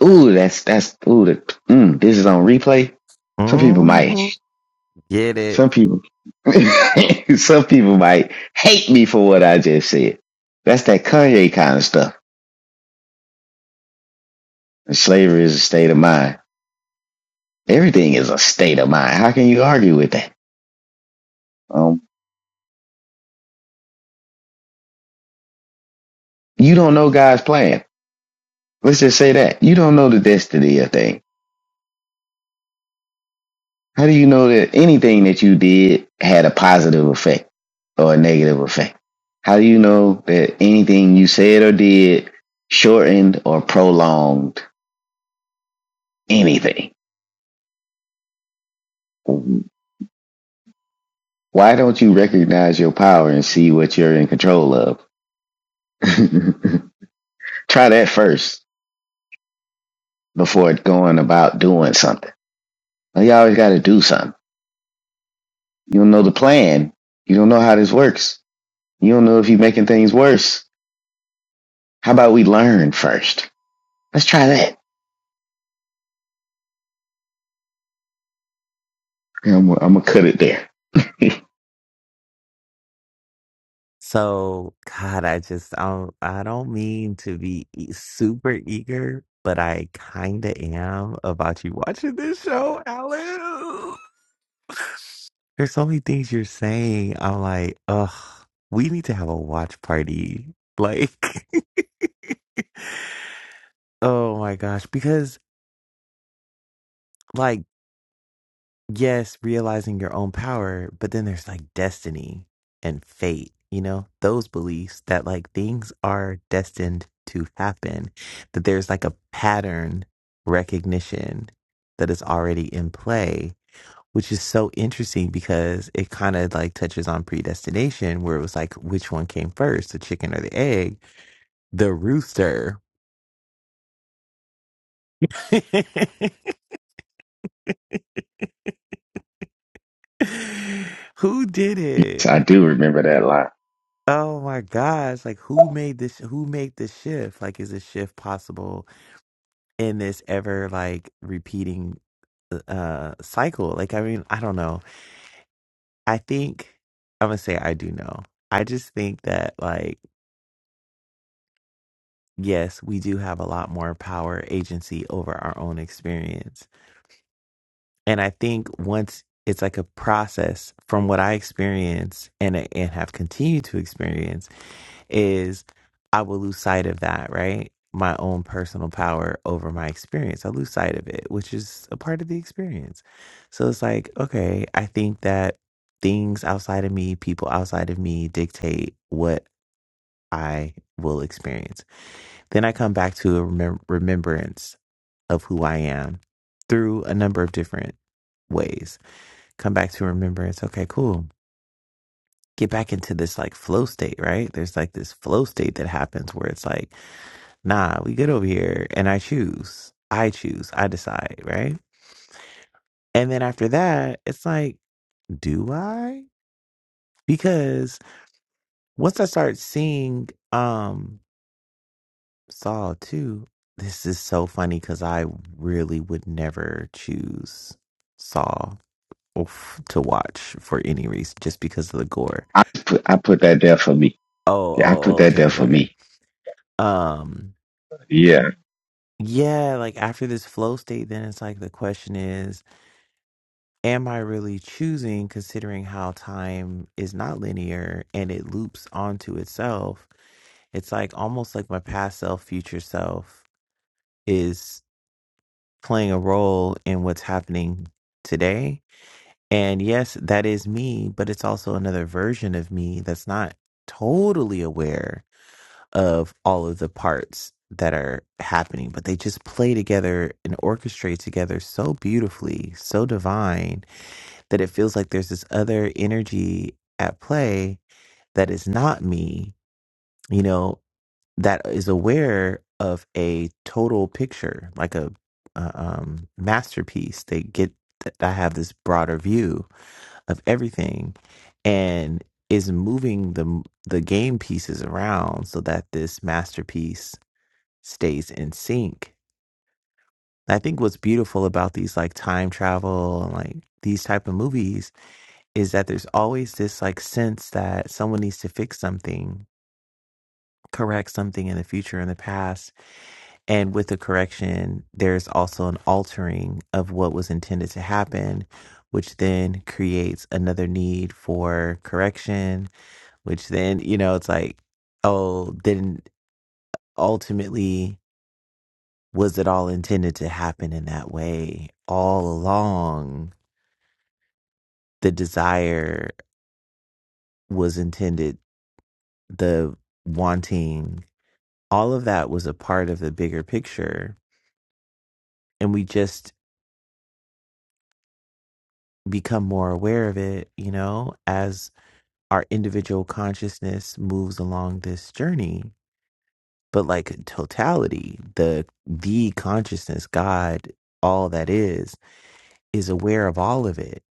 [SPEAKER 2] Ooh, that's that's ooh. The, mm, this is on replay. Some people might.
[SPEAKER 1] hmm Get it.
[SPEAKER 2] Some people. some people might hate me for what I just said. That's that Kanye kind of stuff. And slavery is a state of mind. Everything is a state of mind. How can you argue with that? Um, you don't know God's plan. Let's just say that you don't know the destiny of things How do you know that anything that you did had a positive effect or a negative effect? How do you know that anything you said or did shortened or prolonged anything? Why don't you recognize your power and see what you're in control of? Try that first before going about doing something. Well, You always got to do something. You don't know the plan. You don't know how this works. You don't know if you're making things worse. How about we learn first? Let's try that. I'm, gonna cut it there. yes,
[SPEAKER 1] So, God, I just I don't, I don't mean to be e- super eager, but I kind of am about you watching this show, Alan. There's so many things you're saying. I'm like, ugh, we need to have a watch party. Like, oh my gosh, because. like. yes, realizing your own power, but then there's like destiny and fate, you know, those beliefs that like things are destined to happen, that there's like a pattern recognition that is already in play, which is so interesting because it kind of like touches on predestination, where it was like, which one came first, the chicken or the egg? The rooster. Who did it?
[SPEAKER 2] I do remember that line.
[SPEAKER 1] Oh my gosh, like who made this who made this shift? Like is this shift possible in this ever like repeating uh uh, cycle? Like I mean, I don't know. I think I'm gonna say I do know. I just think that like yes, we do have a lot more power agency over our own experience. And I think once it's like a process from what I experienced and and have continued to experience is I will lose sight of that, right? My own personal power over my experience. I lose sight of it, which is a part of the experience. So it's like, okay, I think that things outside of me, people outside of me dictate what I will experience. Then I come back to a remem- remembrance of who I am through a number of different ways. Come back to remembrance. Okay, cool. Get back into this like flow state, right? There's like this flow state that happens where it's like, nah, we good over here and I choose. I choose. I decide, right? And then after that, it's like, do I? Because once I start seeing um Saw 2, this is so funny because I really would never choose Saw oof, to watch for any reason just because of the gore.
[SPEAKER 2] I put I put that there for me.
[SPEAKER 1] Oh,
[SPEAKER 2] Yeah, I
[SPEAKER 1] oh,
[SPEAKER 2] put
[SPEAKER 1] oh,
[SPEAKER 2] that
[SPEAKER 1] okay,
[SPEAKER 2] there
[SPEAKER 1] okay,
[SPEAKER 2] for
[SPEAKER 1] okay.
[SPEAKER 2] me.
[SPEAKER 1] Um,
[SPEAKER 2] Yeah,
[SPEAKER 1] yeah, like after this flow state, then it's like the question is am I really choosing considering how time is not linear and it loops onto itself? It's like almost like my past self, future self is playing a role in what's happening today. And yes, that is me, but it's also another version of me that's not totally aware of all of the parts that are happening, but they just play together and orchestrate together so beautifully, so divine that it feels like there's this other energy at play that is not me, you know, that is aware of a total picture, like a uh, um, masterpiece. They get that I have this broader view of everything, and is moving the the game pieces around so that this masterpiece stays in sync. I think what's beautiful about these like time travel and like these type of movies is that there's always this like sense that someone needs to fix something, correct something in the future, in the past. And with the correction, there's also an altering of what was intended to happen, which then creates another need for correction, which then, you know, it's like, oh, then ultimately, was it all intended to happen in that way? All along, the desire was intended, the wanting all of that was a part of the bigger picture and we just become more aware of it you know as our individual consciousness moves along this journey but like totality the the consciousness god all that is is aware of all of it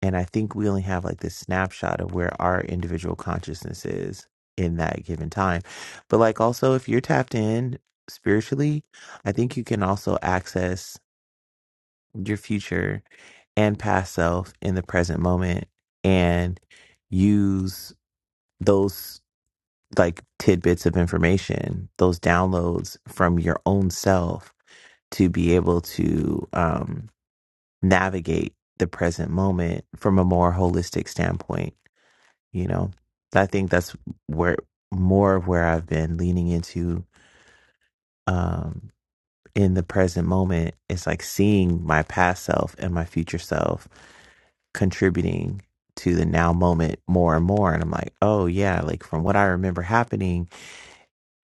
[SPEAKER 1] and i think we only have like this snapshot of where our individual consciousness is in that given time but like also if you're tapped in spiritually i think you can also access your future and past self in the present moment and use those like tidbits of information, those downloads from your own self to be able to um, navigate the present moment from a more holistic standpoint. You know, I think that's where more of where I've been leaning into um, in the present moment is like seeing my past self and my future self contributing to the now moment more and more and I'm like, "Oh yeah, like from what I remember happening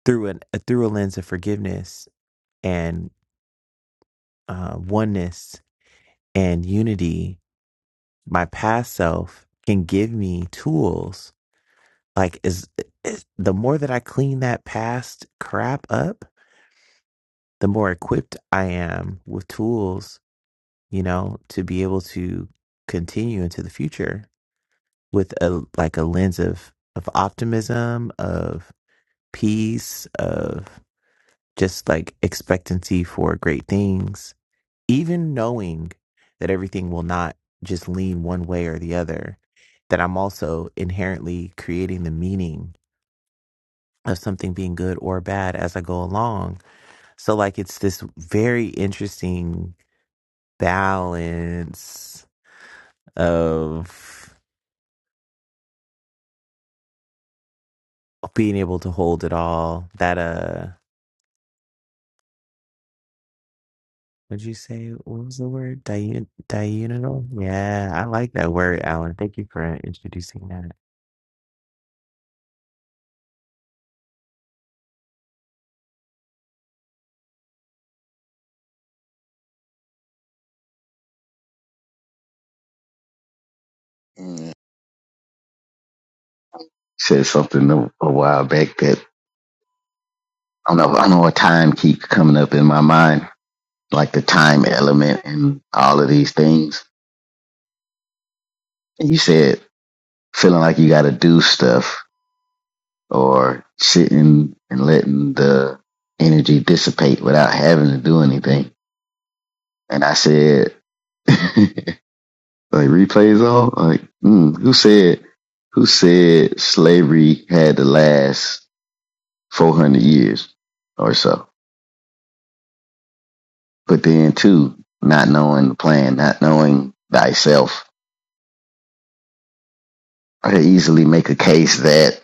[SPEAKER 1] through an uh, through a lens of forgiveness and uh oneness and unity, my past self can give me tools like is, is the more that I clean that past crap up, the more equipped I am with tools, you know, to be able to continue into the future with a like a lens of of optimism, of peace, of just like expectancy for great things, even knowing that everything will not just lean one way or the other, that I'm also inherently creating the meaning of something being good or bad as I go along. So, like, it's this very interesting balance of being able to hold it all that uh Would you say what was the word? Diun diurnal? Yeah, I like that word, Alan. Thank you for introducing that.
[SPEAKER 2] Mm. said something a, a while back that I don't know. I don't know what time keeps coming up in my mind, like the time element and all of these things. And you said feeling like you got to do stuff or sitting and letting the energy dissipate without having to do anything. And I said. Like replays on? Like, mm, who said who said slavery had to last four hundred years or so? But then too, not knowing the plan, not knowing thyself, I could easily make a case that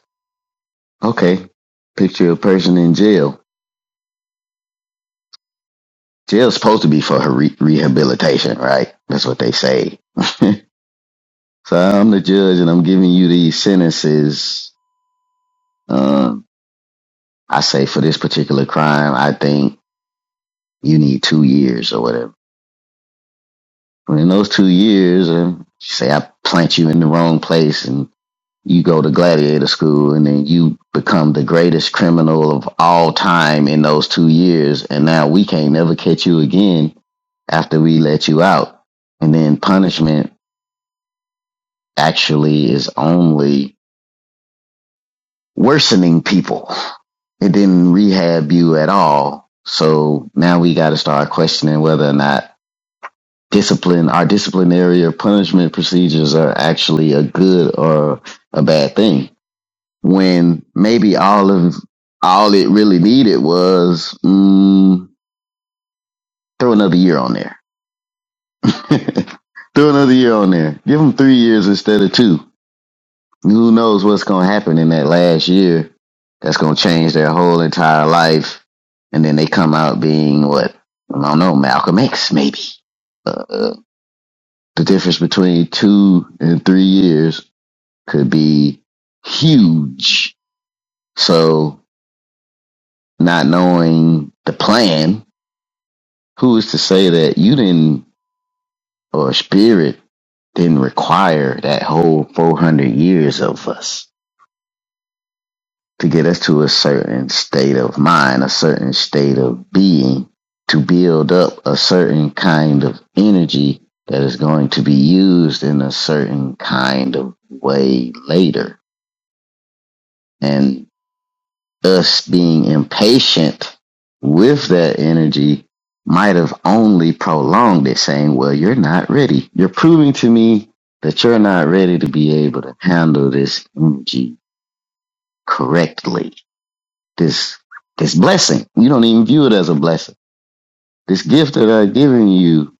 [SPEAKER 2] okay, picture a person in jail. Jail's supposed to be for her re- rehabilitation, right? That's what they say. so I'm the judge, and I'm giving you these sentences. Um, I say for this particular crime, I think You need two years or whatever. But in those two years, and say I plant you in the wrong place and you go to gladiator school and then you become the greatest criminal of all time in those two years. And now we can't never catch you again after we let you out. And then punishment actually is only worsening people. It didn't rehab you at all. So now we got to start questioning whether or not discipline our disciplinary or punishment procedures are actually a good or a bad thing when maybe all of all it really needed was mm, throw another year on there throw another year on there give them three years instead of two who knows what's going to happen in that last year that's going to change their whole entire life and then they come out being what i don't know malcolm x maybe uh, the difference between two and three years could be huge. So not knowing the plan, who is to say that you didn't or spirit didn't require that whole 400 years of us to get us to a certain state of mind, a certain state of being to build up a certain kind of energy that is going to be used in a certain kind of way later. And us being impatient with that energy might have only prolonged it, saying, Well, you're not ready. You're proving to me that you're not ready to be able to handle this energy correctly. This this blessing. You don't even view it as a blessing. This gift that I've given you,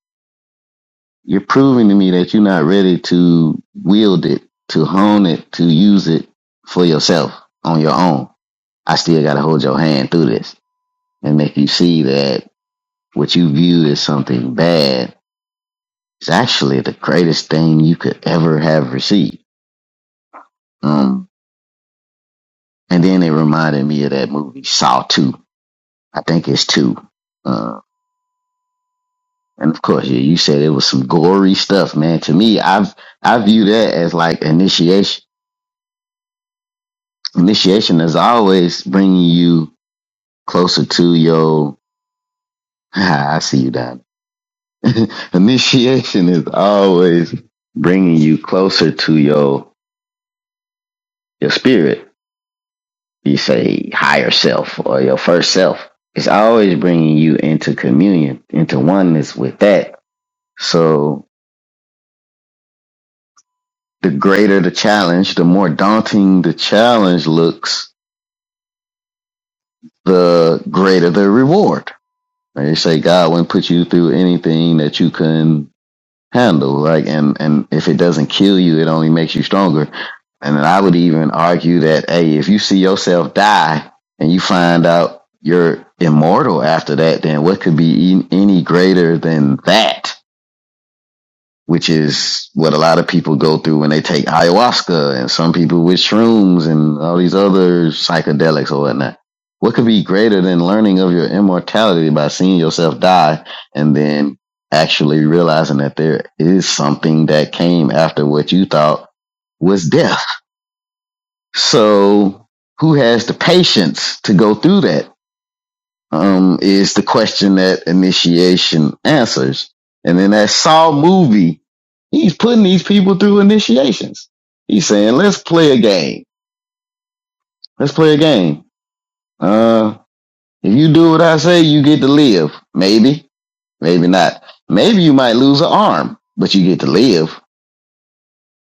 [SPEAKER 2] you're proving to me that you're not ready to wield it, to hone it, to use it for yourself on your own. I still gotta hold your hand through this and make you see that what you view as something bad is actually the greatest thing you could ever have received. Um, and then it reminded me of that movie Saw Two. I think it's two. Uh, and of course, yeah, you said it was some gory stuff, man. To me, I've I view that as like initiation. Initiation is always bringing you closer to your. I see you, Don. initiation is always bringing you closer to your your spirit you say higher self or your first self. It's always bringing you into communion, into oneness with that. So the greater the challenge, the more daunting the challenge looks, the greater the reward. And you say God wouldn't put you through anything that you couldn't handle like and and if it doesn't kill you it only makes you stronger and i would even argue that hey if you see yourself die and you find out you're immortal after that then what could be e- any greater than that which is what a lot of people go through when they take ayahuasca and some people with shrooms and all these other psychedelics or whatnot. What could be greater than learning of your immortality by seeing yourself die and then actually realizing that there is something that came after what you thought was death? So, who has the patience to go through that? um, is the question that initiation answers. And in that Saw movie, he's putting these people through initiations. He's saying, let's play a game. Let's play a game. Uh, if you do what I say, you get to live. Maybe, maybe not. Maybe you might lose an arm, but you get to live.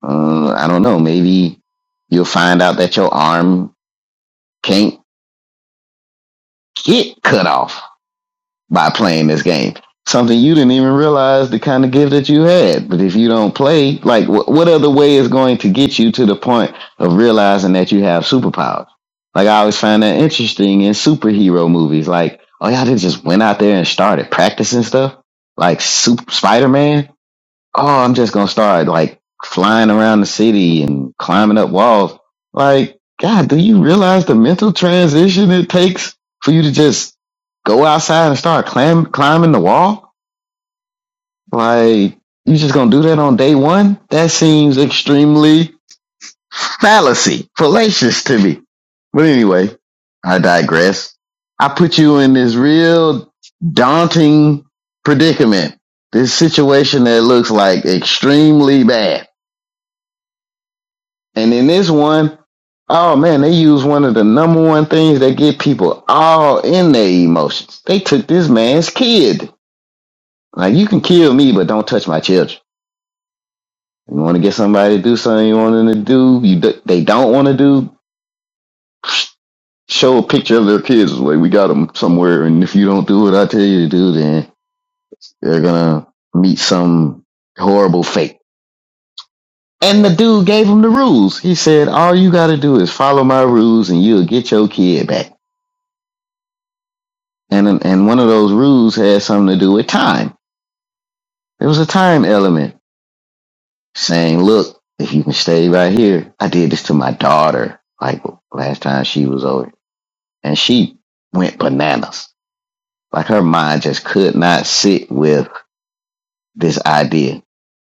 [SPEAKER 2] Uh, I don't know. Maybe you'll find out that your arm can't get cut off by playing this game. Something you didn't even realize the kind of gift that you had. But if you don't play, like wh- what other way is going to get you to the point of realizing that you have superpowers? Like I always find that interesting in superhero movies. Like, oh yeah, they just went out there and started practicing stuff. Like Super Spider Man oh, I'm just gonna start like flying around the city and climbing up walls. Like, God, do you realize the mental transition it takes for you to just go outside and start climb, climbing the wall? Like, you just gonna do that on day one? That seems extremely fallacy, fallacious to me. But anyway, I digress. I put you in this real daunting predicament, this situation that looks like extremely bad And in this one, oh man, they use one of the number one things that get people all in their emotions. They took this man's kid. Like you can kill me, but don't touch my children. You want to get somebody to do something you want them to do. You do, they don't want to do. Show a picture of their kids. Like we got them somewhere, and if you don't do what I tell you to do, then they're gonna meet some horrible fate. And the dude gave him the rules. He said, "All you got to do is follow my rules, and you'll get your kid back." And and one of those rules had something to do with time. There was a time element saying, "Look, if you can stay right here, I did this to my daughter. Like last time she was over, and she went bananas. Like her mind just could not sit with this idea.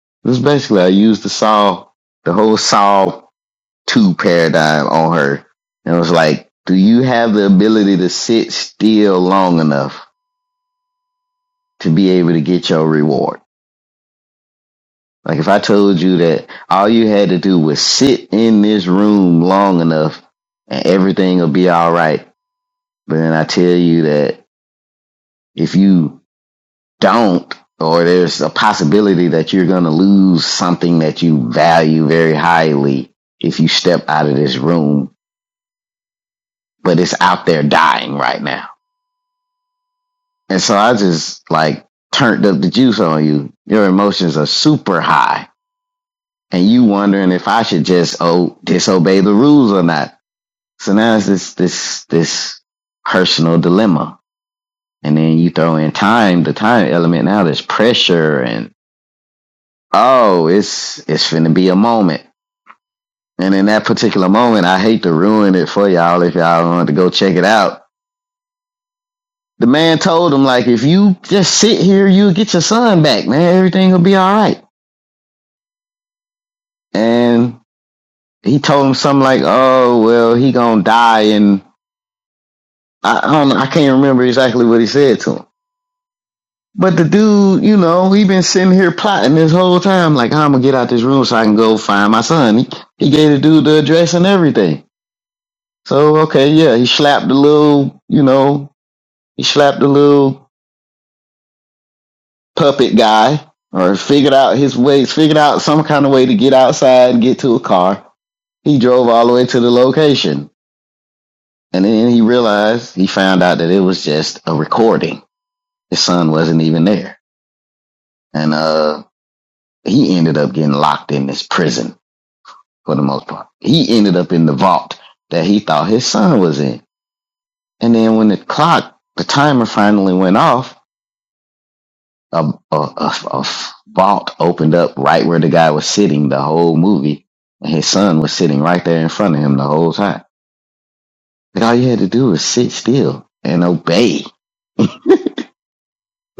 [SPEAKER 2] It was basically I used the saw, the whole saw two paradigm on her, and it was like, do you have the ability to sit still long enough to be able to get your reward? Like if I told you that all you had to do was sit in this room long enough and everything will be all right. But then I tell you that if you don't, or there's a possibility that you're going to lose something that you value very highly if you step out of this room, but it's out there dying right now. And so I just like turned up the juice on you. Your emotions are super high and you wondering if I should just, oh, disobey the rules or not So now it's this this this personal dilemma. And then you throw in time, the time element now there's pressure and oh, it's it's finna be a moment. And in that particular moment, I hate to ruin it for y'all if y'all wanted to go check it out. The man told him like if you just sit here, you'll get your son back, man. Everything will be all right. And he told him something like, Oh, well, he gonna die and I, I don't know, I can't remember exactly what he said to him But the dude, you know, he been sitting here plotting this whole time, like how I'm gonna get out this room so I can go find my son. He, he gave the dude the address and everything. So okay, yeah, he slapped the little, you know, he slapped the little puppet guy, or figured out his ways, figured out some kind of way to get outside and get to a car. He drove all the way to the location, and then he realized he found out that it was just a recording. His son wasn't even there, and uh, he ended up getting locked in this prison for the most part. He ended up in the vault that he thought his son was in. And then when the clock, the timer finally went off, a, a, a, a vault opened up right where the guy was sitting the whole movie. And his son was sitting right there in front of him the whole time. Like all you had to do was sit still and obey. That's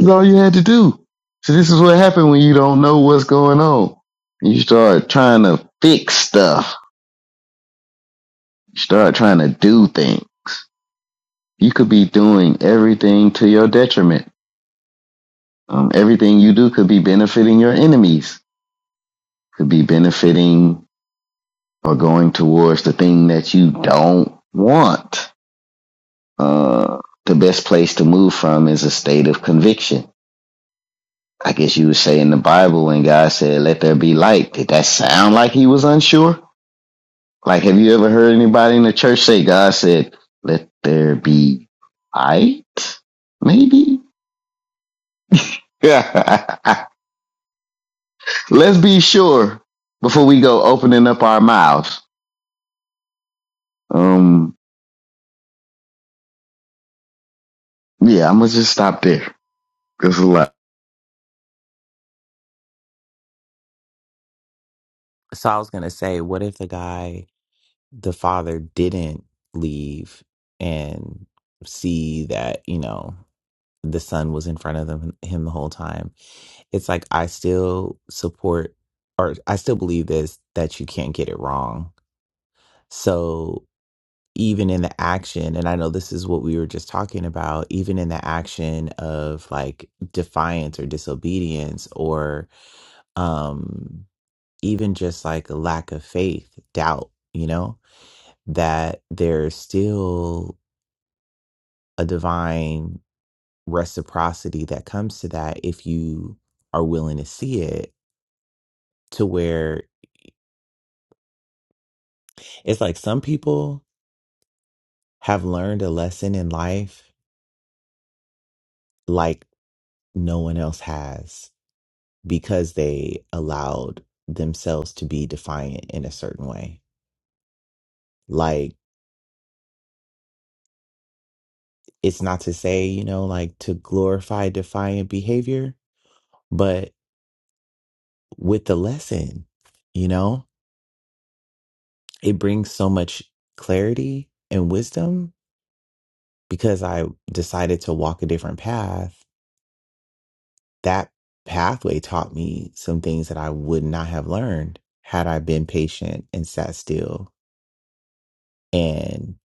[SPEAKER 2] all you had to do. So this is what happened when you don't know what's going on. You start trying to fix stuff. You start trying to do things. you could be doing everything to your detriment. Um, everything you do could be benefiting your enemies, could be benefiting or going towards the thing that you don't want. Uh, the best place to move from is a state of conviction. I guess you would say in the Bible when God said, let there be light, did that sound like he was unsure? Like, have you ever heard anybody in the church say, God said, let there be light? Maybe? I Let's be sure before we go opening up our mouths. Um, yeah, I'm gonna just stop there. It's a lot.
[SPEAKER 1] So I was gonna say, what if the guy, the father, didn't leave and see that, you know, the son was in front of them, him the whole time? It's like I still support or I still believe this that you can't get it wrong. So even in the action, and I know this is what we were just talking about, even in the action of like defiance or disobedience or um even just like a lack of faith, doubt, you know, that there's still a divine reciprocity that comes to that if you are willing to see it to where it's like some people have learned a lesson in life like no one else has because they allowed themselves to be defiant in a certain way. Like, it's not to say, you know, like to glorify defiant behavior, but with the lesson, you know, it brings so much clarity and wisdom because I decided to walk a different path. That pathway taught me some things that I would not have learned had I been patient and sat still. And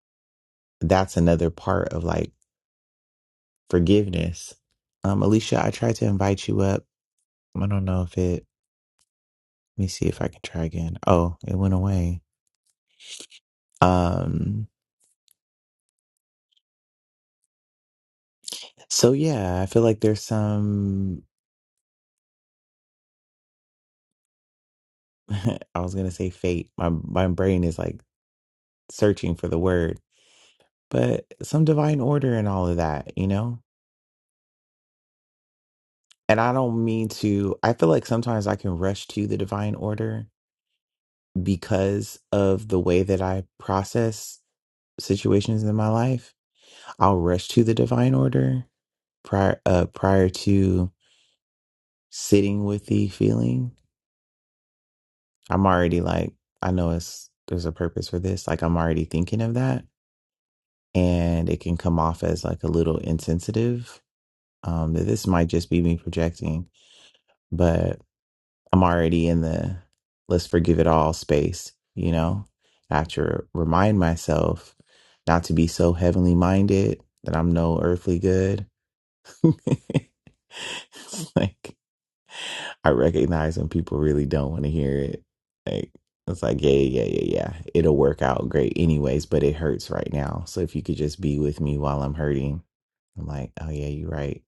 [SPEAKER 1] that's another part of like forgiveness. Um, Alicia, I tried to invite you up. I don't know if it. Let me see if I can try again. Oh, it went away. Um, so yeah, I feel like there's some. I was gonna say fate. My my brain is like searching for the word, but some divine order and all of that, you know. And I don't mean to. I feel like sometimes I can rush to the divine order because of the way that I process situations in my life. I'll rush to the divine order prior uh prior to sitting with the feeling i'm already like i know it's there's a purpose for this like i'm already thinking of that and it can come off as like a little insensitive um that this might just be me projecting but i'm already in the let's forgive it all space you know i have to remind myself not to be so heavenly minded that i'm no earthly good It's like I recognize when people really don't want to hear it. Like it's like, yeah, yeah, yeah, yeah. It'll work out great anyways, but it hurts right now. So if you could just be with me while I'm hurting, I'm like, oh yeah, you're right.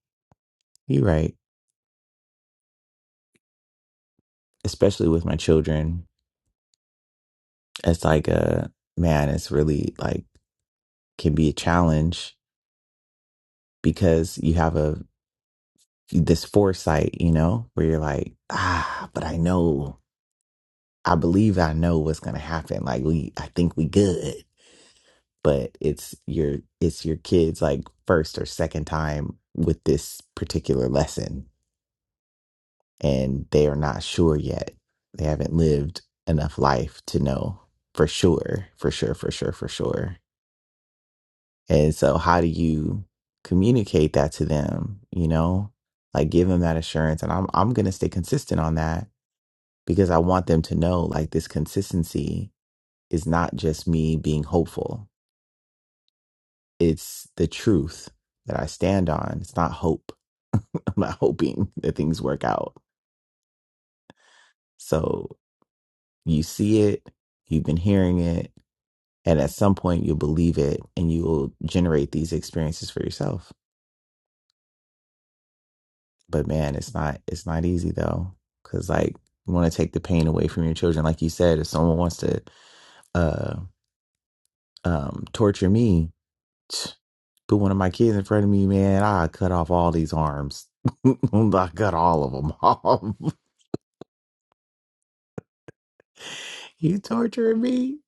[SPEAKER 1] You're right. Especially with my children. It's like a man, it's really like can be a challenge because you have a this foresight, you know, where you're like, ah, but I know I believe I know what's gonna happen. Like we I think we good but it's your it's your kids like first or second time with this particular lesson and they are not sure yet they haven't lived enough life to know for sure for sure for sure for sure and so how do you communicate that to them you know like give them that assurance and i'm i'm going to stay consistent on that because i want them to know like this consistency is not just me being hopeful It's the truth that I stand on. It's not hope. I'm not hoping that things work out. So you see it, you've been hearing it, and at some point you'll believe it and you will generate these experiences for yourself. But man, it's not it's not easy though. Cause like you want to take the pain away from your children. Like you said, if someone wants to uh um torture me, put one of my kids in front of me, man, I cut off all these arms. I cut all of them off. You torturing me?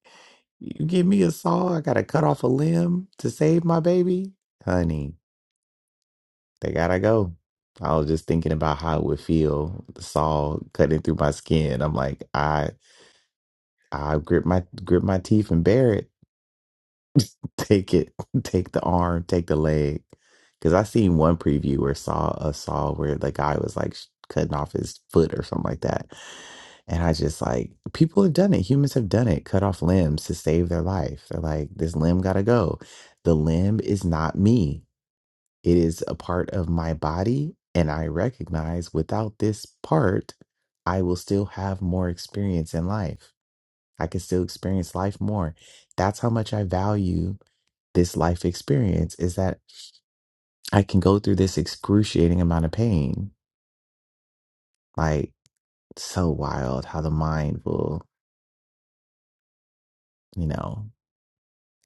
[SPEAKER 1] You give me a saw, I gotta cut off a limb to save my baby? Honey, they gotta go. I was just thinking about how it would feel, the saw cutting through my skin. I'm like, I I grip my grip my teeth and bear it. Take it, take the arm, take the leg. Because I seen one preview or saw a saw where the guy was like sh- cutting off his foot or something like that. And I just like, people have done it. Humans have done it. Cut off limbs to save their life. They're like, this limb got to go. The limb is not me, it is a part of my body. And I recognize without this part, I will still have more experience in life. I can still experience life more. That's how much I value this life experience is that I can go through this excruciating amount of pain. Like, so wild how the mind will, you know,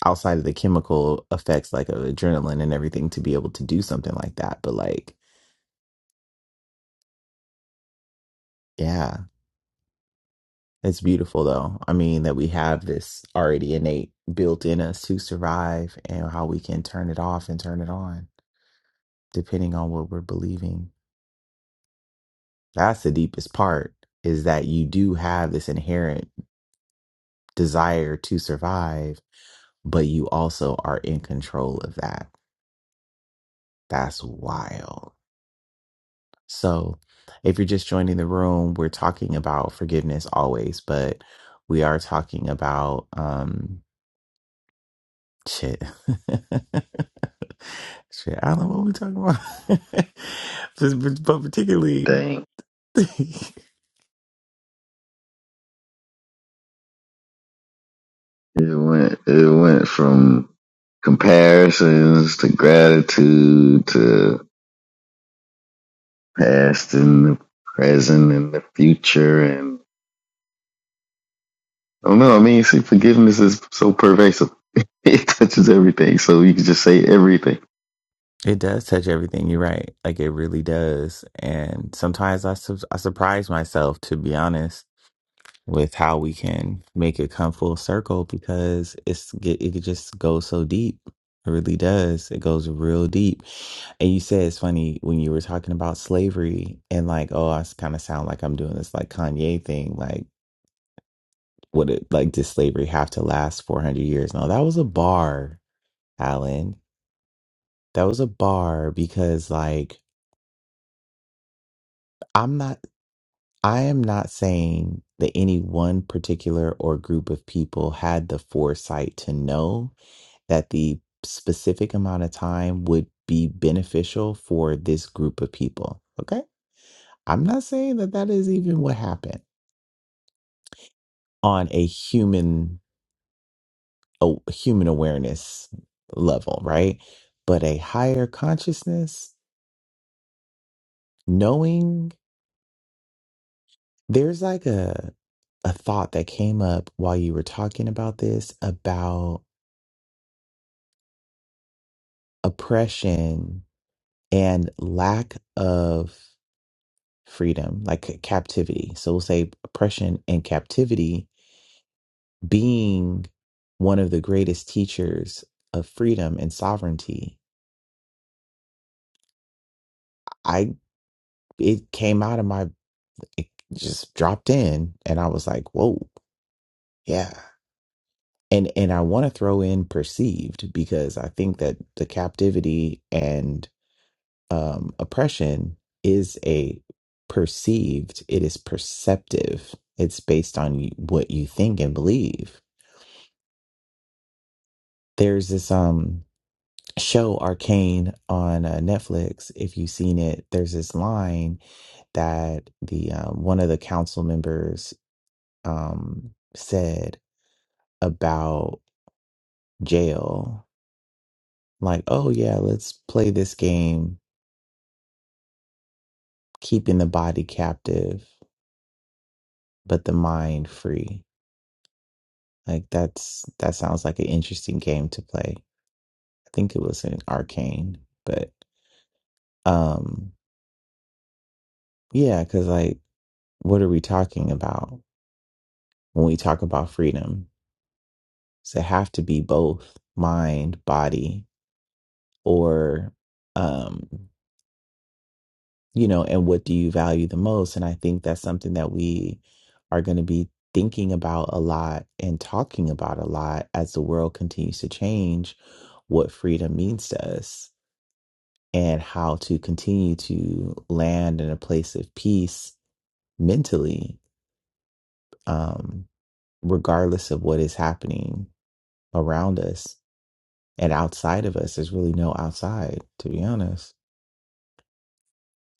[SPEAKER 1] outside of the chemical effects like of adrenaline and everything to be able to do something like that. But, like, yeah, it's beautiful though. I mean, that we have this already innate built in us to survive and how we can turn it off and turn it on depending on what we're believing. That's the deepest part is that you do have this inherent. desire to survive, but you also are in control of that. That's wild. So, if you're just joining the room, we're talking about forgiveness always, but we are talking about um shit. shit, I don't know what we're talking about. but, but but particularly
[SPEAKER 2] Dang,
[SPEAKER 1] it
[SPEAKER 2] it went it went from comparisons to gratitude to past and the present and the future and I don't know. I mean, see, forgiveness is so pervasive; it touches everything. So you can just say everything.
[SPEAKER 1] does touch everything. You're right. Like it really does. And sometimes I su- I surprise myself to be honest with how we can make it come full circle because it's it, it could just go so deep. It really does. It goes real deep. And you said it's funny when you were talking about slavery and like, oh, I kind of sound like I'm doing this like Kanye thing. Like, would it like did slavery have to last 400 years? No, that was a bar, Alan. That was a bar because like I'm not I am not saying that any one particular or group of people had the foresight to know that the specific amount of time would be beneficial for this group of people. Okay. I'm not saying that that is even what happened on a human, a human awareness level, right? But a higher consciousness, knowing there's like a, a thought that came up while you were talking about this about oppression and lack of freedom, like captivity. So we'll say oppression and captivity being one of the greatest teachers of freedom and sovereignty. I it came out of my it just dropped in and I was like, whoa, yeah. And and I want to throw in perceived because I think that the captivity and um oppression is a perceived, it is perceptive. It's based on y- what you think and believe there's this um show arcane on uh, netflix if you've seen it there's this line that the um, one of the council members um said about jail like oh yeah let's play this game keeping the body captive but the mind free like that's that sounds like an interesting game to play i think it was in arcane but um yeah because like what are we talking about when we talk about freedom. So it have to be both mind, body, or um, you know, and what do you value the most? And I think that's something that we are going to be thinking about a lot and talking about a lot as the world continues to change what freedom means to us and how to continue to land in a place of peace mentally um regardless of what is happening around us And outside of us, there's really no outside, to be honest.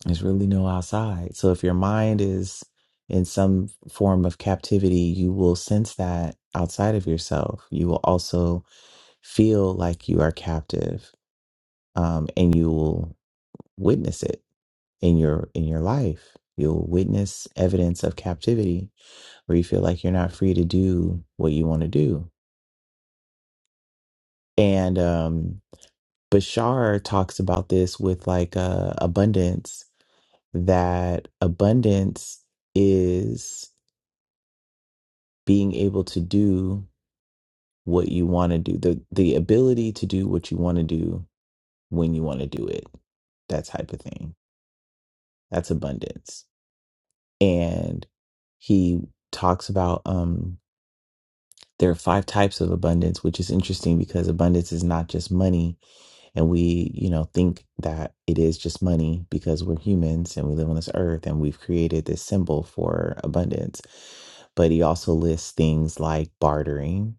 [SPEAKER 1] There's really no outside. So if your mind is in some form of captivity, you will sense that outside of yourself. You will also feel like you are captive, um, and you will witness it in your in your life. You'll witness evidence of captivity where you feel like you're not free to do what you want to do. And um, Bashar talks about this with like uh, abundance that abundance is being able to do what you want to do the the ability to do what you want to do when you want to do it that type of thing that's abundance and he talks about um there are five types of abundance which is interesting because abundance is not just money and we you know think that it is just money because we're humans and we live on this earth and we've created this symbol for abundance but he also lists things like bartering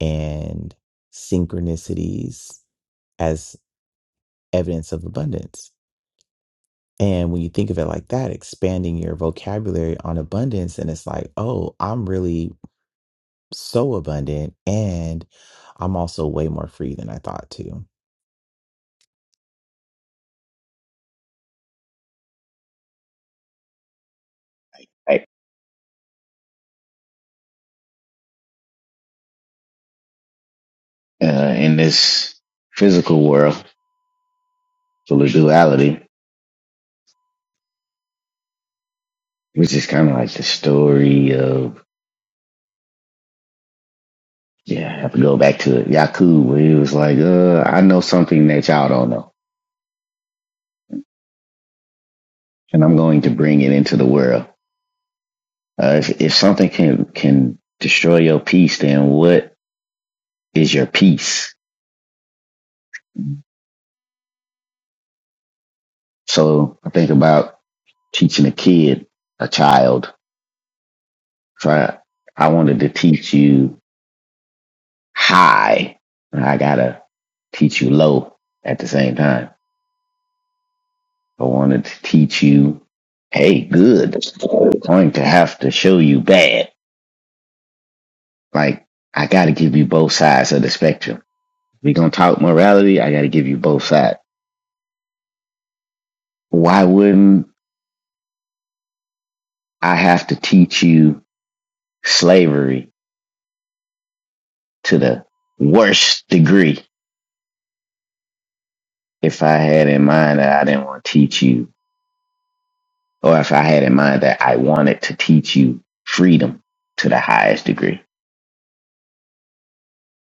[SPEAKER 1] and synchronicities as evidence of abundance and when you think of it like that expanding your vocabulary on abundance and it's like oh i'm really so abundant and i'm also way more free than i thought to
[SPEAKER 2] Right. Uh, in this physical world full of duality, which is kind of like the story of Yeah, I have to go back to Yakub where he was like, uh, I know something that y'all don't know, and I'm going to bring it into the world. Uh, if, if something can, can destroy your peace, then what is your peace? So I think about teaching a kid, a child. So I, I wanted to teach you high, and I gotta teach you low at the same time. I wanted to teach you, hey, good. I'm going to have to show you bad Like, I got to give you both sides of the spectrum. We're going to talk morality. I got to give you both sides. Why wouldn't I have to teach you slavery to the worst degree if I had in mind that I didn't want to teach you, or if I had in mind that I wanted to teach you freedom to the highest degree?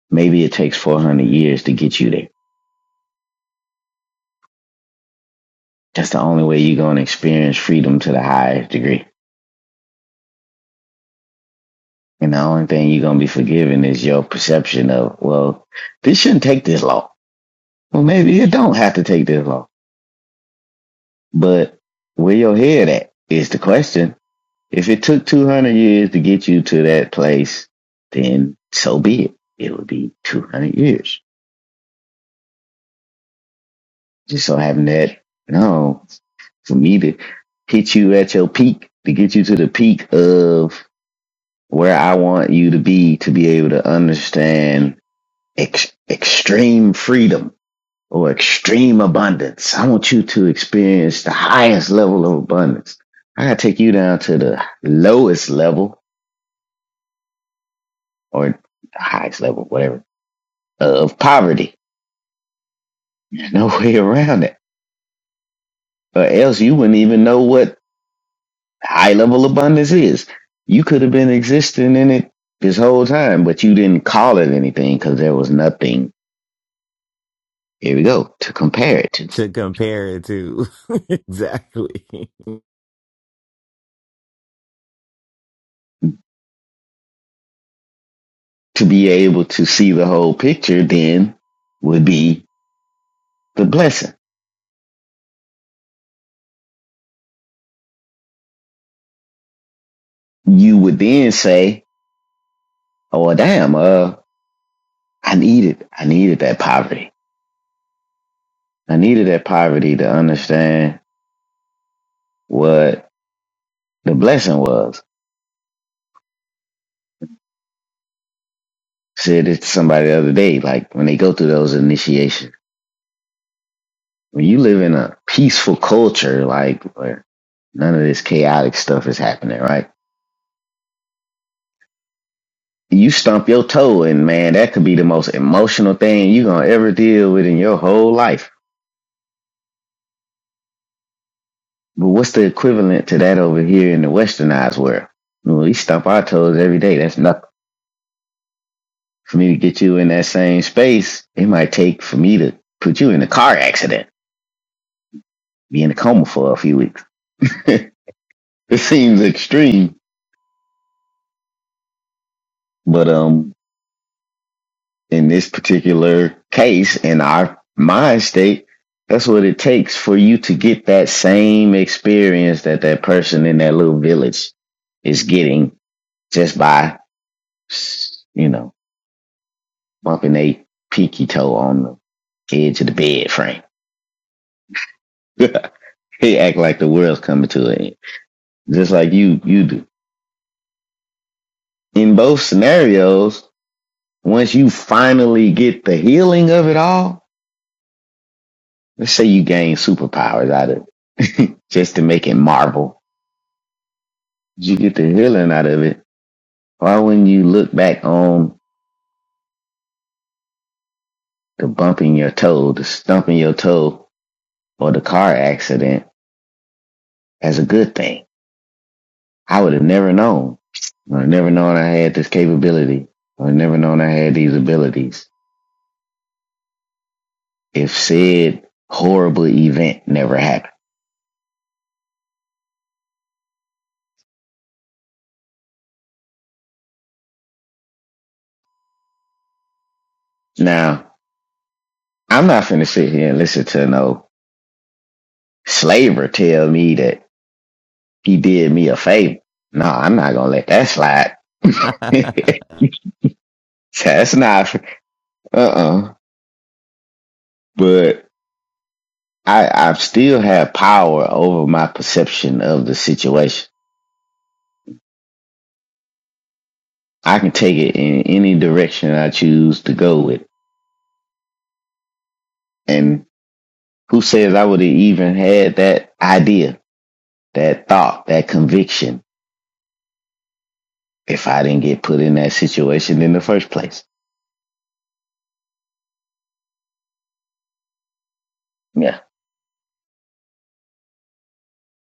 [SPEAKER 2] Maybe it takes 400 years to get you there. That's the only way you're going to experience freedom to the highest degree And the only thing you're gonna be forgiven is your perception of, well, this shouldn't take this long. Well, maybe it don't have to take this long. But where your head at is the question. If it took 200 years to get you to that place, then so be it. It would be 200 years. Just so having that, no, for me to hit you at your peak, to get you to the peak of where I want you to be, to be able to understand ex- extreme freedom or extreme abundance. I want you to experience the highest level of abundance. I gotta take you down to the lowest level or the highest level, whatever, of poverty. There's no way around it. Or else you wouldn't even know what high level abundance is. You could have been existing in it this whole time, but you didn't call it anything because there was nothing, here we go, to compare it to.
[SPEAKER 1] to compare it to exactly
[SPEAKER 2] To be able to see the whole picture then would be the blessing you would then say, "Oh well, damn, uh, I needed, I needed that poverty. I needed that poverty to understand what the blessing was." I Said it to somebody the other day, like when they go through those initiations. When you live in a peaceful culture, like where none of this chaotic stuff is happening, right? You stump your toe, and man, that could be the most emotional thing you're gonna ever deal with in your whole life But what's the equivalent to that over here in the westernized world? Well, we stump our toes every day. That's nothing. For me to get you in that same space, it might take for me to put you in a car accident, be in a coma for a few weeks. it seems extreme, but um, in this particular case, in our mind state, that's what it takes for you to get that same experience that that person in that little village is getting just by, you know bumping a peaky toe on the edge of the bed frame. he act like the world's coming to an end, just like you you do. In both scenarios, once you finally get the healing of it all, let's say you gain superpowers out of it, just to make it Marvel. You get the healing out of it. Why wouldn't you look back on the bumping your toe, the stumping your toe, or the car accident as a good thing? I would have never known. I would never known I had this capability. I would never known I had these abilities if said horrible event never happened. Now, I'm not finna sit here and listen to no slaver tell me that he did me a favor. No, I'm not gonna let that slide. That's not, uh-uh. But I, I still have power over my perception of the situation. I can take it in any direction I choose to go with. And Who says I would have even had that idea, that thought, that conviction if I didn't get put in that situation in the first place? Yeah.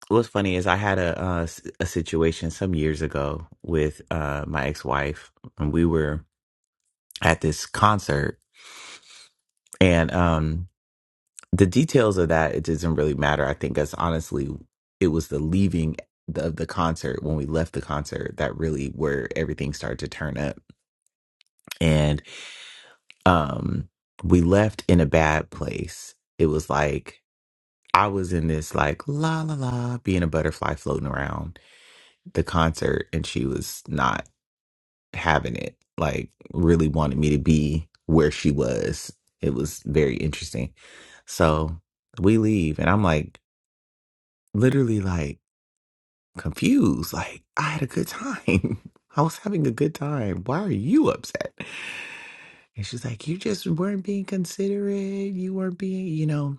[SPEAKER 1] What's funny is I had a uh, s- a situation some years ago with uh, my ex wife, and we were at this concert, and um, the details of that it doesn't really matter. I think that's honestly it was the leaving the- of the concert when we left the concert that really where everything started to turn up, and um, we left in a bad place. It was like I was in this like la la la being a butterfly floating around the concert and she was not having it. Like really wanted me to be where she was. It was very interesting. So we leave and I'm like literally like confused. Like I had a good time. I was having a good time. Why are you upset? And she's like, You just weren't being considerate. You weren't being, you know.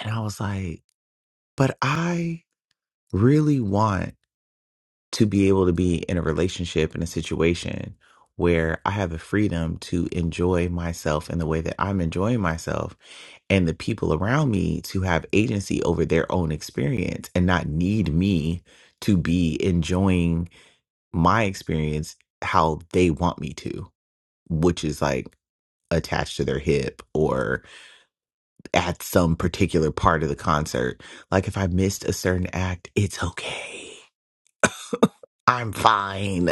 [SPEAKER 1] And I was like, But I really want to be able to be in a relationship in a situation where I have the freedom to enjoy myself in the way that I'm enjoying myself and the people around me to have agency over their own experience and not need me to be enjoying my experience how they want me to, which is like attached to their hip or at some particular part of the concert. Like if I missed a certain act, it's okay. I'm fine.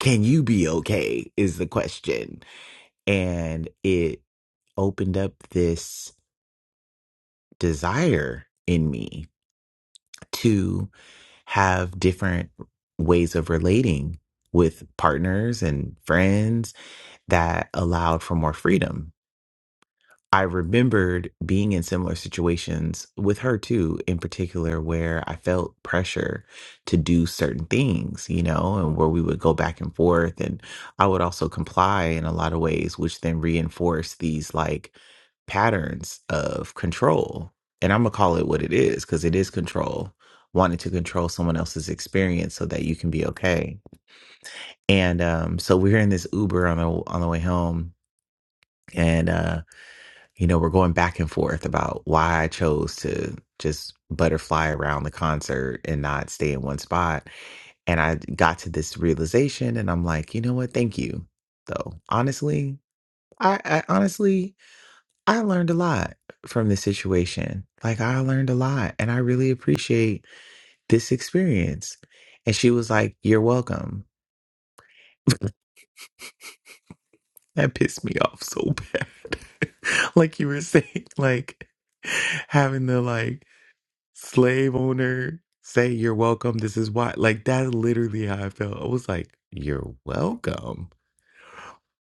[SPEAKER 1] can you be okay is the question and it opened up this desire in me to have different ways of relating with partners and friends that allowed for more freedom I remembered being in similar situations with her too, in particular, where I felt pressure to do certain things, you know, and where we would go back and forth. And I would also comply in a lot of ways, which then reinforced these like patterns of control. And I'm going to call it what it is because it is control, wanting to control someone else's experience so that you can be okay. And um, so we're in this Uber on the on the way home, and uh, you know, we're going back and forth about why I chose to just butterfly around the concert and not stay in one spot. And I got to this realization and I'm like, you know what? Thank you. Though, honestly, I, I honestly, I learned a lot from this situation. Like, I learned a lot and I really appreciate this experience. And she was like, you're welcome. That pissed me off so bad. like you were saying, like having the like, slave owner, say you're welcome. This is why. Like, that's literally how I felt. I was like, you're welcome.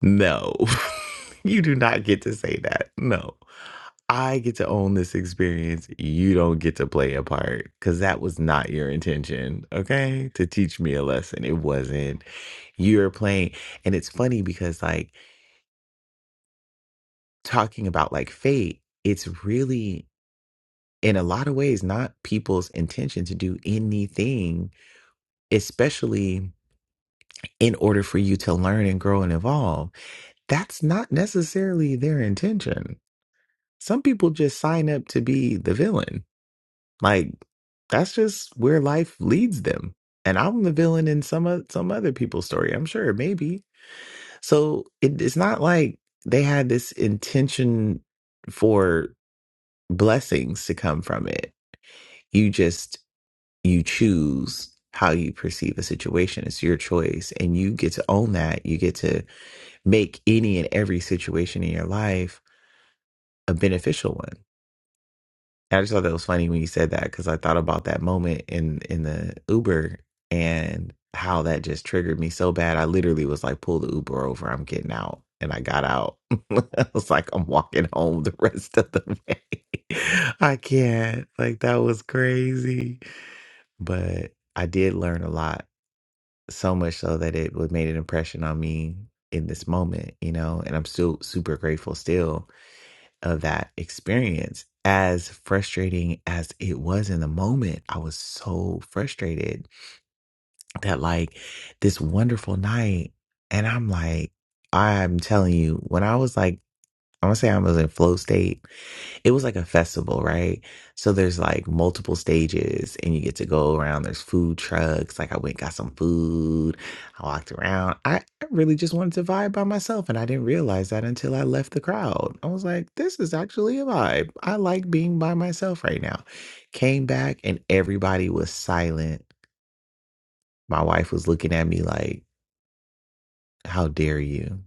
[SPEAKER 1] No, you do not get to say that. No, I get to own this experience. You don't get to play a part because that was not your intention. Okay. To teach me a lesson. It wasn't. You're playing. And it's funny because, like, talking about like fate, it's really. In a lot of ways, not people's intention to do anything especially in order for you to learn and grow and evolve, that's not necessarily their intention. Some people just sign up to be the villain. Like that's just where life leads them. And I'm the villain in some o- some other people's story, I'm sure, maybe. So it, it's not like they had this intention for blessings to come from it. You just you choose how you perceive a situation. It's your choice, and you get to own that. You get to make any and every situation in your life a beneficial one. I just thought that was funny when you said that because I thought about that moment in in the Uber and how that just triggered me so bad. I literally was like, "Pull the Uber over! I'm getting out." And I got out. I was like, "I'm walking home the rest of the way. I can't." Like that was crazy, but I did learn a lot. So much so that it would made an impression on me in this moment, you know. And I'm still super grateful still of that experience. As frustrating as it was in the moment, I was so frustrated that, like, this wonderful night, and I'm like, I'm telling you, when I was like, I'm gonna say I was in flow state it was like a festival, right? So there's like multiple stages and you get to go around. There's food trucks. Like I went got some food. I walked around. I, I really just wanted to vibe by myself and I didn't realize that until I left the crowd. I was like, this is actually a vibe. I like being by myself right now. Came back and everybody was silent. My wife was looking at me like, how dare you?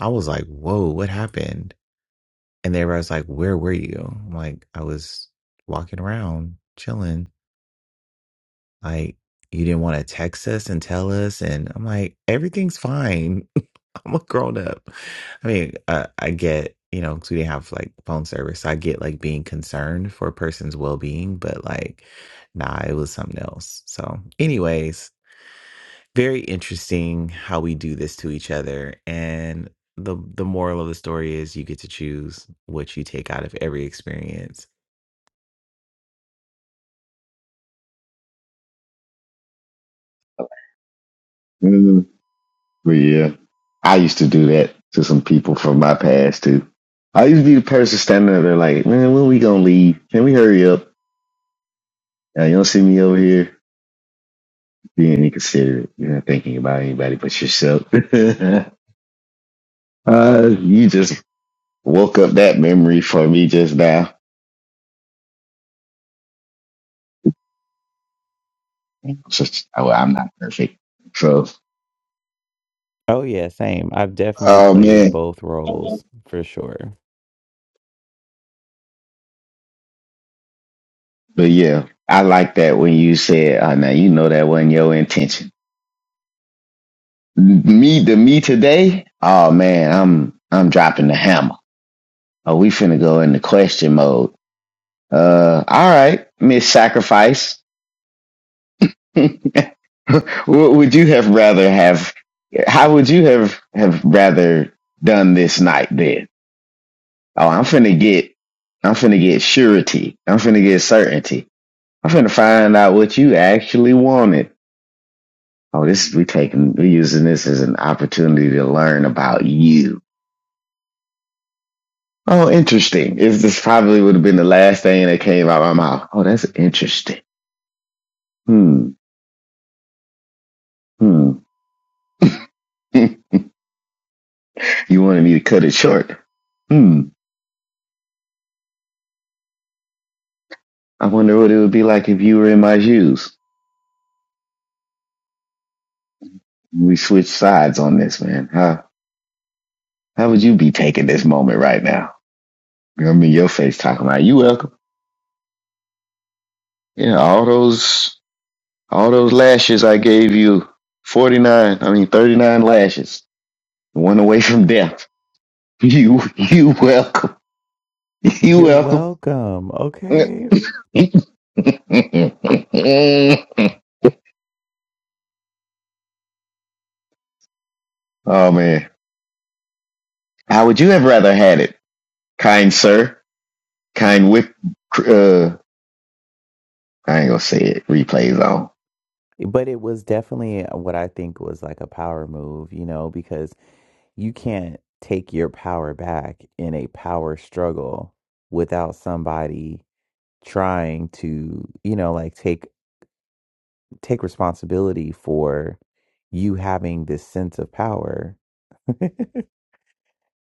[SPEAKER 1] I was like, whoa, what happened? And they was like, Where were you? I'm like, I was walking around, chilling. Like, you didn't want to text us and tell us. And I'm like, Everything's fine. I'm a grown up. I mean, uh, I get, you know, 'cause we didn't have like phone service. So I get like being concerned for a person's well being, but like, nah, it was something else. So, anyways, very interesting how we do this to each other and the the moral of the story is you get to choose what you take out of every experience
[SPEAKER 2] Mm, But yeah, I used to do that to some people from my past too. I used to be the person standing there like, man, when we gonna leave? Can we hurry up? Now, you don't see me over here being inconsiderate. You're not thinking about anybody but yourself. uh, you just woke up that memory for me just now. So, well, I'm not perfect. So
[SPEAKER 1] oh yeah same i've definitely
[SPEAKER 2] Oh
[SPEAKER 1] played
[SPEAKER 2] man.
[SPEAKER 1] both roles for sure
[SPEAKER 2] But yeah, I like that when you said, oh, now you know that wasn't your intention. Me the me today, oh man, I'm I'm dropping the hammer. Oh, we finna go into question mode. Uh all right, Miss Sacrifice. what would you have rather have how would you have have rather done this night then? Oh, I'm finna get I'm finna get surety. I'm finna get certainty. I'm finna find out what you actually wanted. Oh, this we taking we using this as an opportunity to learn about you. Oh, interesting. Is this probably would have been the last thing that came out of my mouth? Oh, that's interesting. Hmm. Hmm. you wanted me to cut it short. Hmm. I wonder what it would be like if you were in my shoes. We switched sides on this, man. How how would you be taking this moment right now? You know, I'm in your face talking about you welcome. Yeah, all those all those lashes I gave you. Forty nine, I mean thirty nine lashes. One away from death. You, you welcome. You
[SPEAKER 1] you're
[SPEAKER 2] welcome.
[SPEAKER 1] welcome okay
[SPEAKER 2] oh man, how would you have rather had it, kind sir? Kind whip. Uh, I ain't gonna say it. Replays on
[SPEAKER 1] but it was definitely what i think was like a power move you know because you can't take your power back in a power struggle without somebody trying to you know like take take responsibility for you having this sense of power. it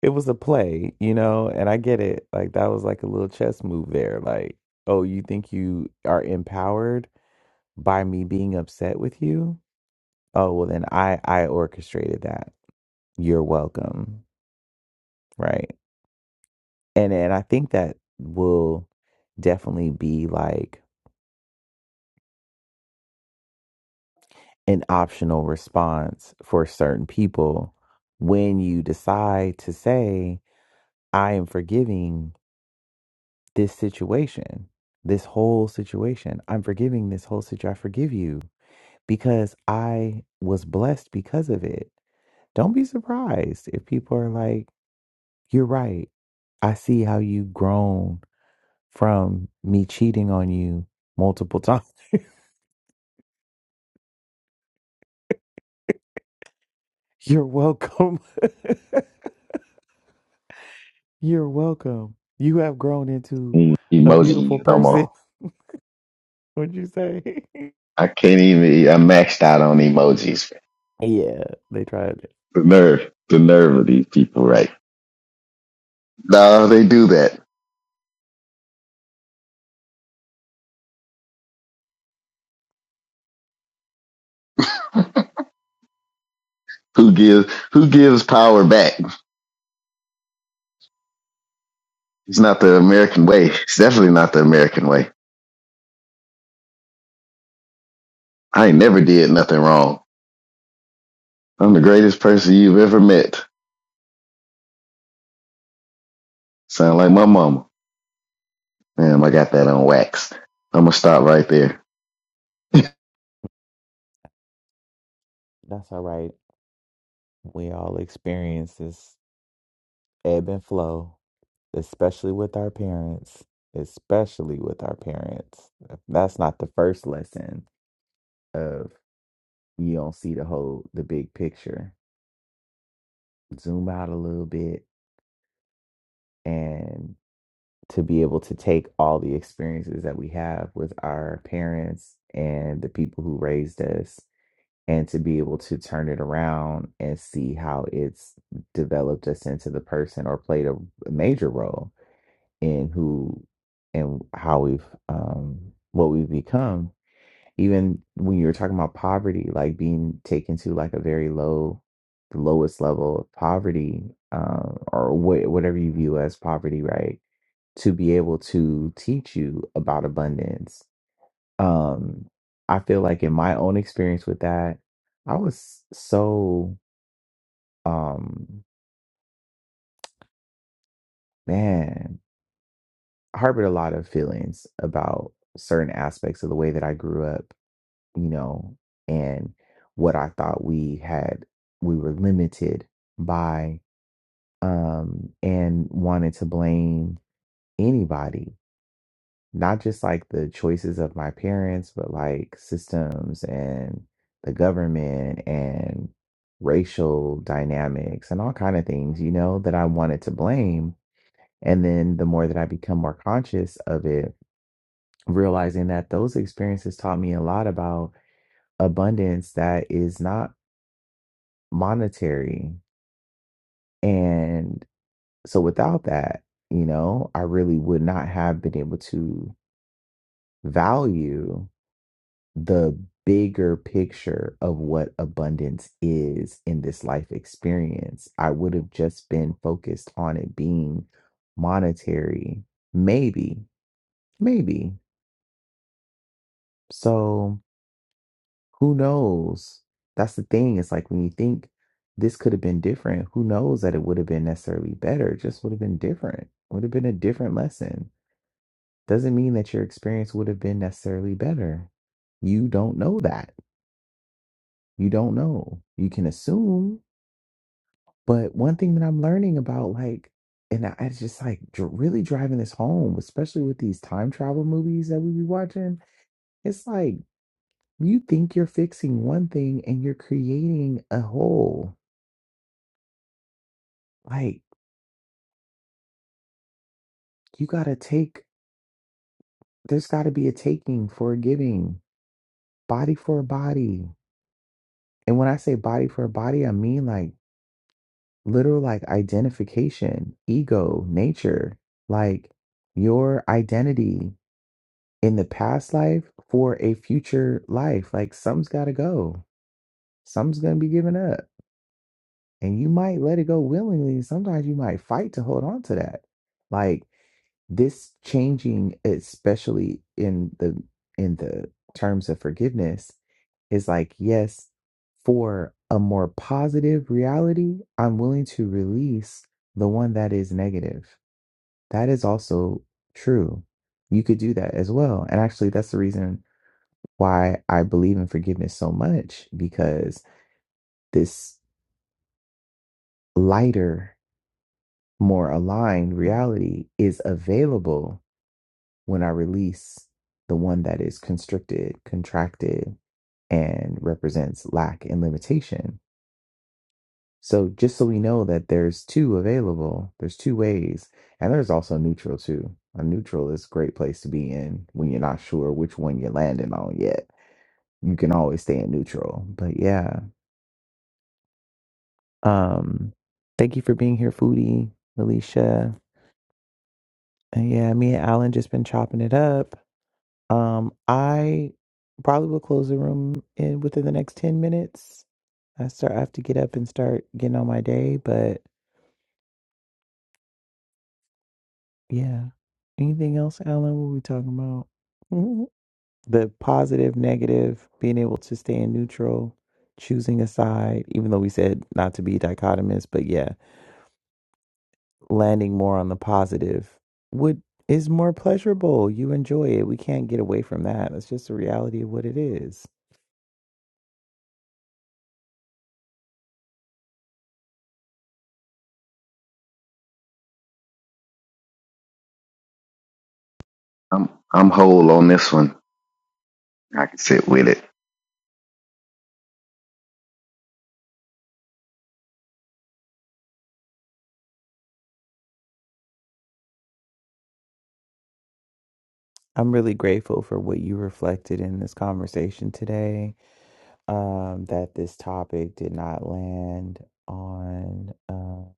[SPEAKER 1] was a play, you know, and I get it. Like that was like a little chess move there. Like, oh, you think you are empowered by me being upset with you? Oh, well then I I orchestrated that. You're welcome. Right? And and I think that will definitely be like an optional response for certain people when you decide to say I am forgiving this situation, this whole situation. I'm forgiving this whole situation. I forgive you because I was blessed because of it. Don't be surprised if people are like, you're right. I see how you've grown from me cheating on you multiple times. You're welcome. you're welcome. You have grown into
[SPEAKER 2] Mm,
[SPEAKER 1] a
[SPEAKER 2] emoji
[SPEAKER 1] beautiful
[SPEAKER 2] you no more.
[SPEAKER 1] person. would you say?
[SPEAKER 2] I can't even. I maxed out on emojis.
[SPEAKER 1] yeah, they tried it.
[SPEAKER 2] The nerve, the nerve of these people, right? No, they do that. Who gives? Who gives power back? It's not the American way. It's definitely not the American way. I ain't never did nothing wrong. I'm the greatest person you've ever met. Sound like my mama. Damn, I got that on wax. I'm gonna stop right there.
[SPEAKER 1] That's all right. We all experience this ebb and flow, especially with our parents, especially with our parents. If That's not the first lesson of you don't see the whole the big picture. Zoom out a little bit and to be able to take all the experiences that we have with our parents and the people who raised us and to be able to turn it around and see how it's developed us into the person or played a major role and who and how we've um what we've become even when you were talking about poverty like being taken to like a very low the lowest level of poverty um or wha- whatever you view as poverty right to be able to teach you about abundance um i feel like in my own experience with that i was so um man harbored a lot of feelings about certain aspects of the way that i grew up you know, and what I thought we had, we were limited by, um, and wanted to blame anybody, not just like the choices of my parents, but like systems and the government and racial dynamics and all kind of things, you know, that I wanted to blame. And then the more that I become more conscious of it, realizing that those experiences taught me a lot about abundance that is not monetary. And so without that, you know, I really would not have been able to value the bigger picture of what abundance is in this life experience. I would have just been focused on it being monetary, maybe, maybe. So. Who knows? That's the thing. It's like when you think this could have been different, who knows that it would have been necessarily better? It just would have been different. Would have been a different lesson. Doesn't mean that your experience would have been necessarily better. You don't know that. You don't know. You can assume. But one thing that I'm learning about, like, and I it's just like dr- really driving this home, especially with these time travel movies that we be watching. It's like you think you're fixing one thing and you're creating a whole. Like, you gotta take, there's gotta be a taking for a giving, body for a body. And when I say body for a body, I mean like literal like identification, ego, nature, like your identity in the past life for a future life. Like, some's gotta go, some's gonna be given up. And you might let it go willingly. Sometimes you might fight to hold on to that. Like this changing, especially in the in the terms of forgiveness, is like, yes, for a more positive reality, I'm willing to release the one that is negative. That is also true. You could do that as well. And actually, that's the reason why I believe in forgiveness so much because this lighter. more aligned reality is available when I release the one that is constricted, contracted, and represents lack and limitation. So just so we know that there's two available, there's two ways, and there's also neutral too. A neutral is a great place to be in when you're not sure which one you're landing on yet. You can always stay in neutral. But yeah. Um thank you for being here, Foodie, Alicia. And yeah, me and Alan just been chopping it up. Um, I probably will close the room in within the next ten minutes. I start. I have to get up and start getting on my day. But yeah, anything else, Alan? What we talking about? Mhm. The positive, negative, being able to stay in neutral, choosing a side. Even though we said not to be dichotomous, but yeah, landing more on the positive would is more pleasurable. You enjoy it. We can't get away from that. That's just the reality of what it is.
[SPEAKER 2] I'm I'm whole on this one. I can sit with it.
[SPEAKER 1] I'm really grateful for what you reflected in this conversation today. Um, that this topic did not land on uh,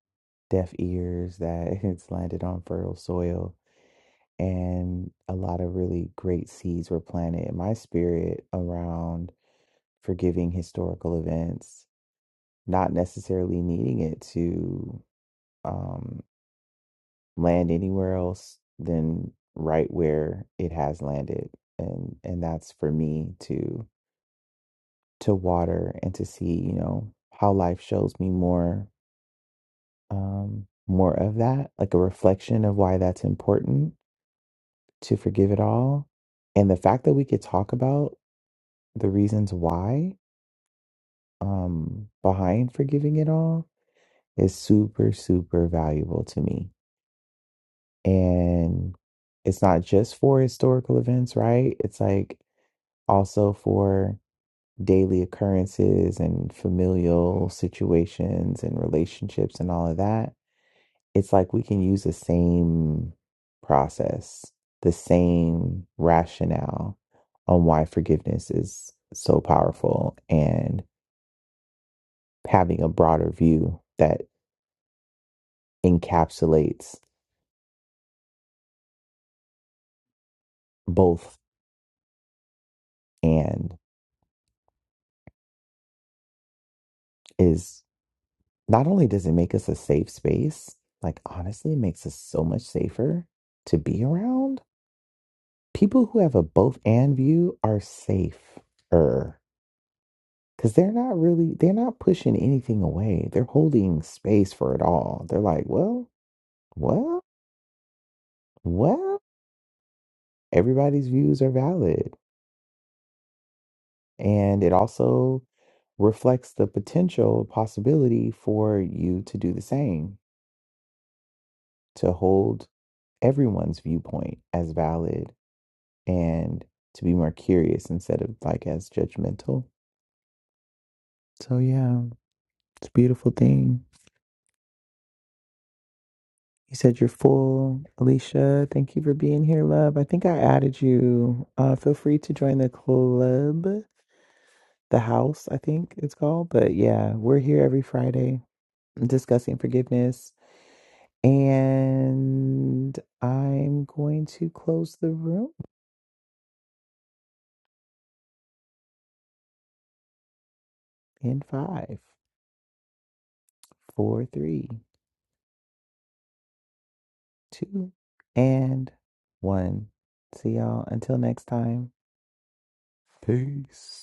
[SPEAKER 1] deaf ears, that it's landed on fertile soil, and a lot of really great seeds were planted in my spirit around forgiving historical events, not necessarily needing it to um, land anywhere else than right where it has landed and and that's for me to. to water and to see, you know, how life shows me more um more of that, like a reflection of why that's important to forgive it all. And the fact that we could talk about the reasons why um behind forgiving it all is super super valuable to me. And it's not just for historical events, right? It's like also for daily occurrences and familial situations and relationships and all of that it's like we can use the same process, the same rationale on why forgiveness is so powerful and having a broader view that encapsulates both and is not only does it make us a safe space, like honestly, it makes us so much safer to be around. People who have a both and view are safer Because they're not really, they're not pushing anything away. They're holding space for it all. They're like, well, well, well, everybody's views are valid. And it also reflects the potential possibility for you to do the same, to hold everyone's viewpoint as valid and to be more curious instead of like as judgmental. So, yeah, it's a beautiful thing. You said you're full. Alicia, thank you for being here, love. I think I added you. Uh, feel free to join the club, the house, I think it's called. But yeah, we're here every Friday discussing forgiveness. And I'm going to close the room in five, four, three, two, and one. See y'all until next time. Peace.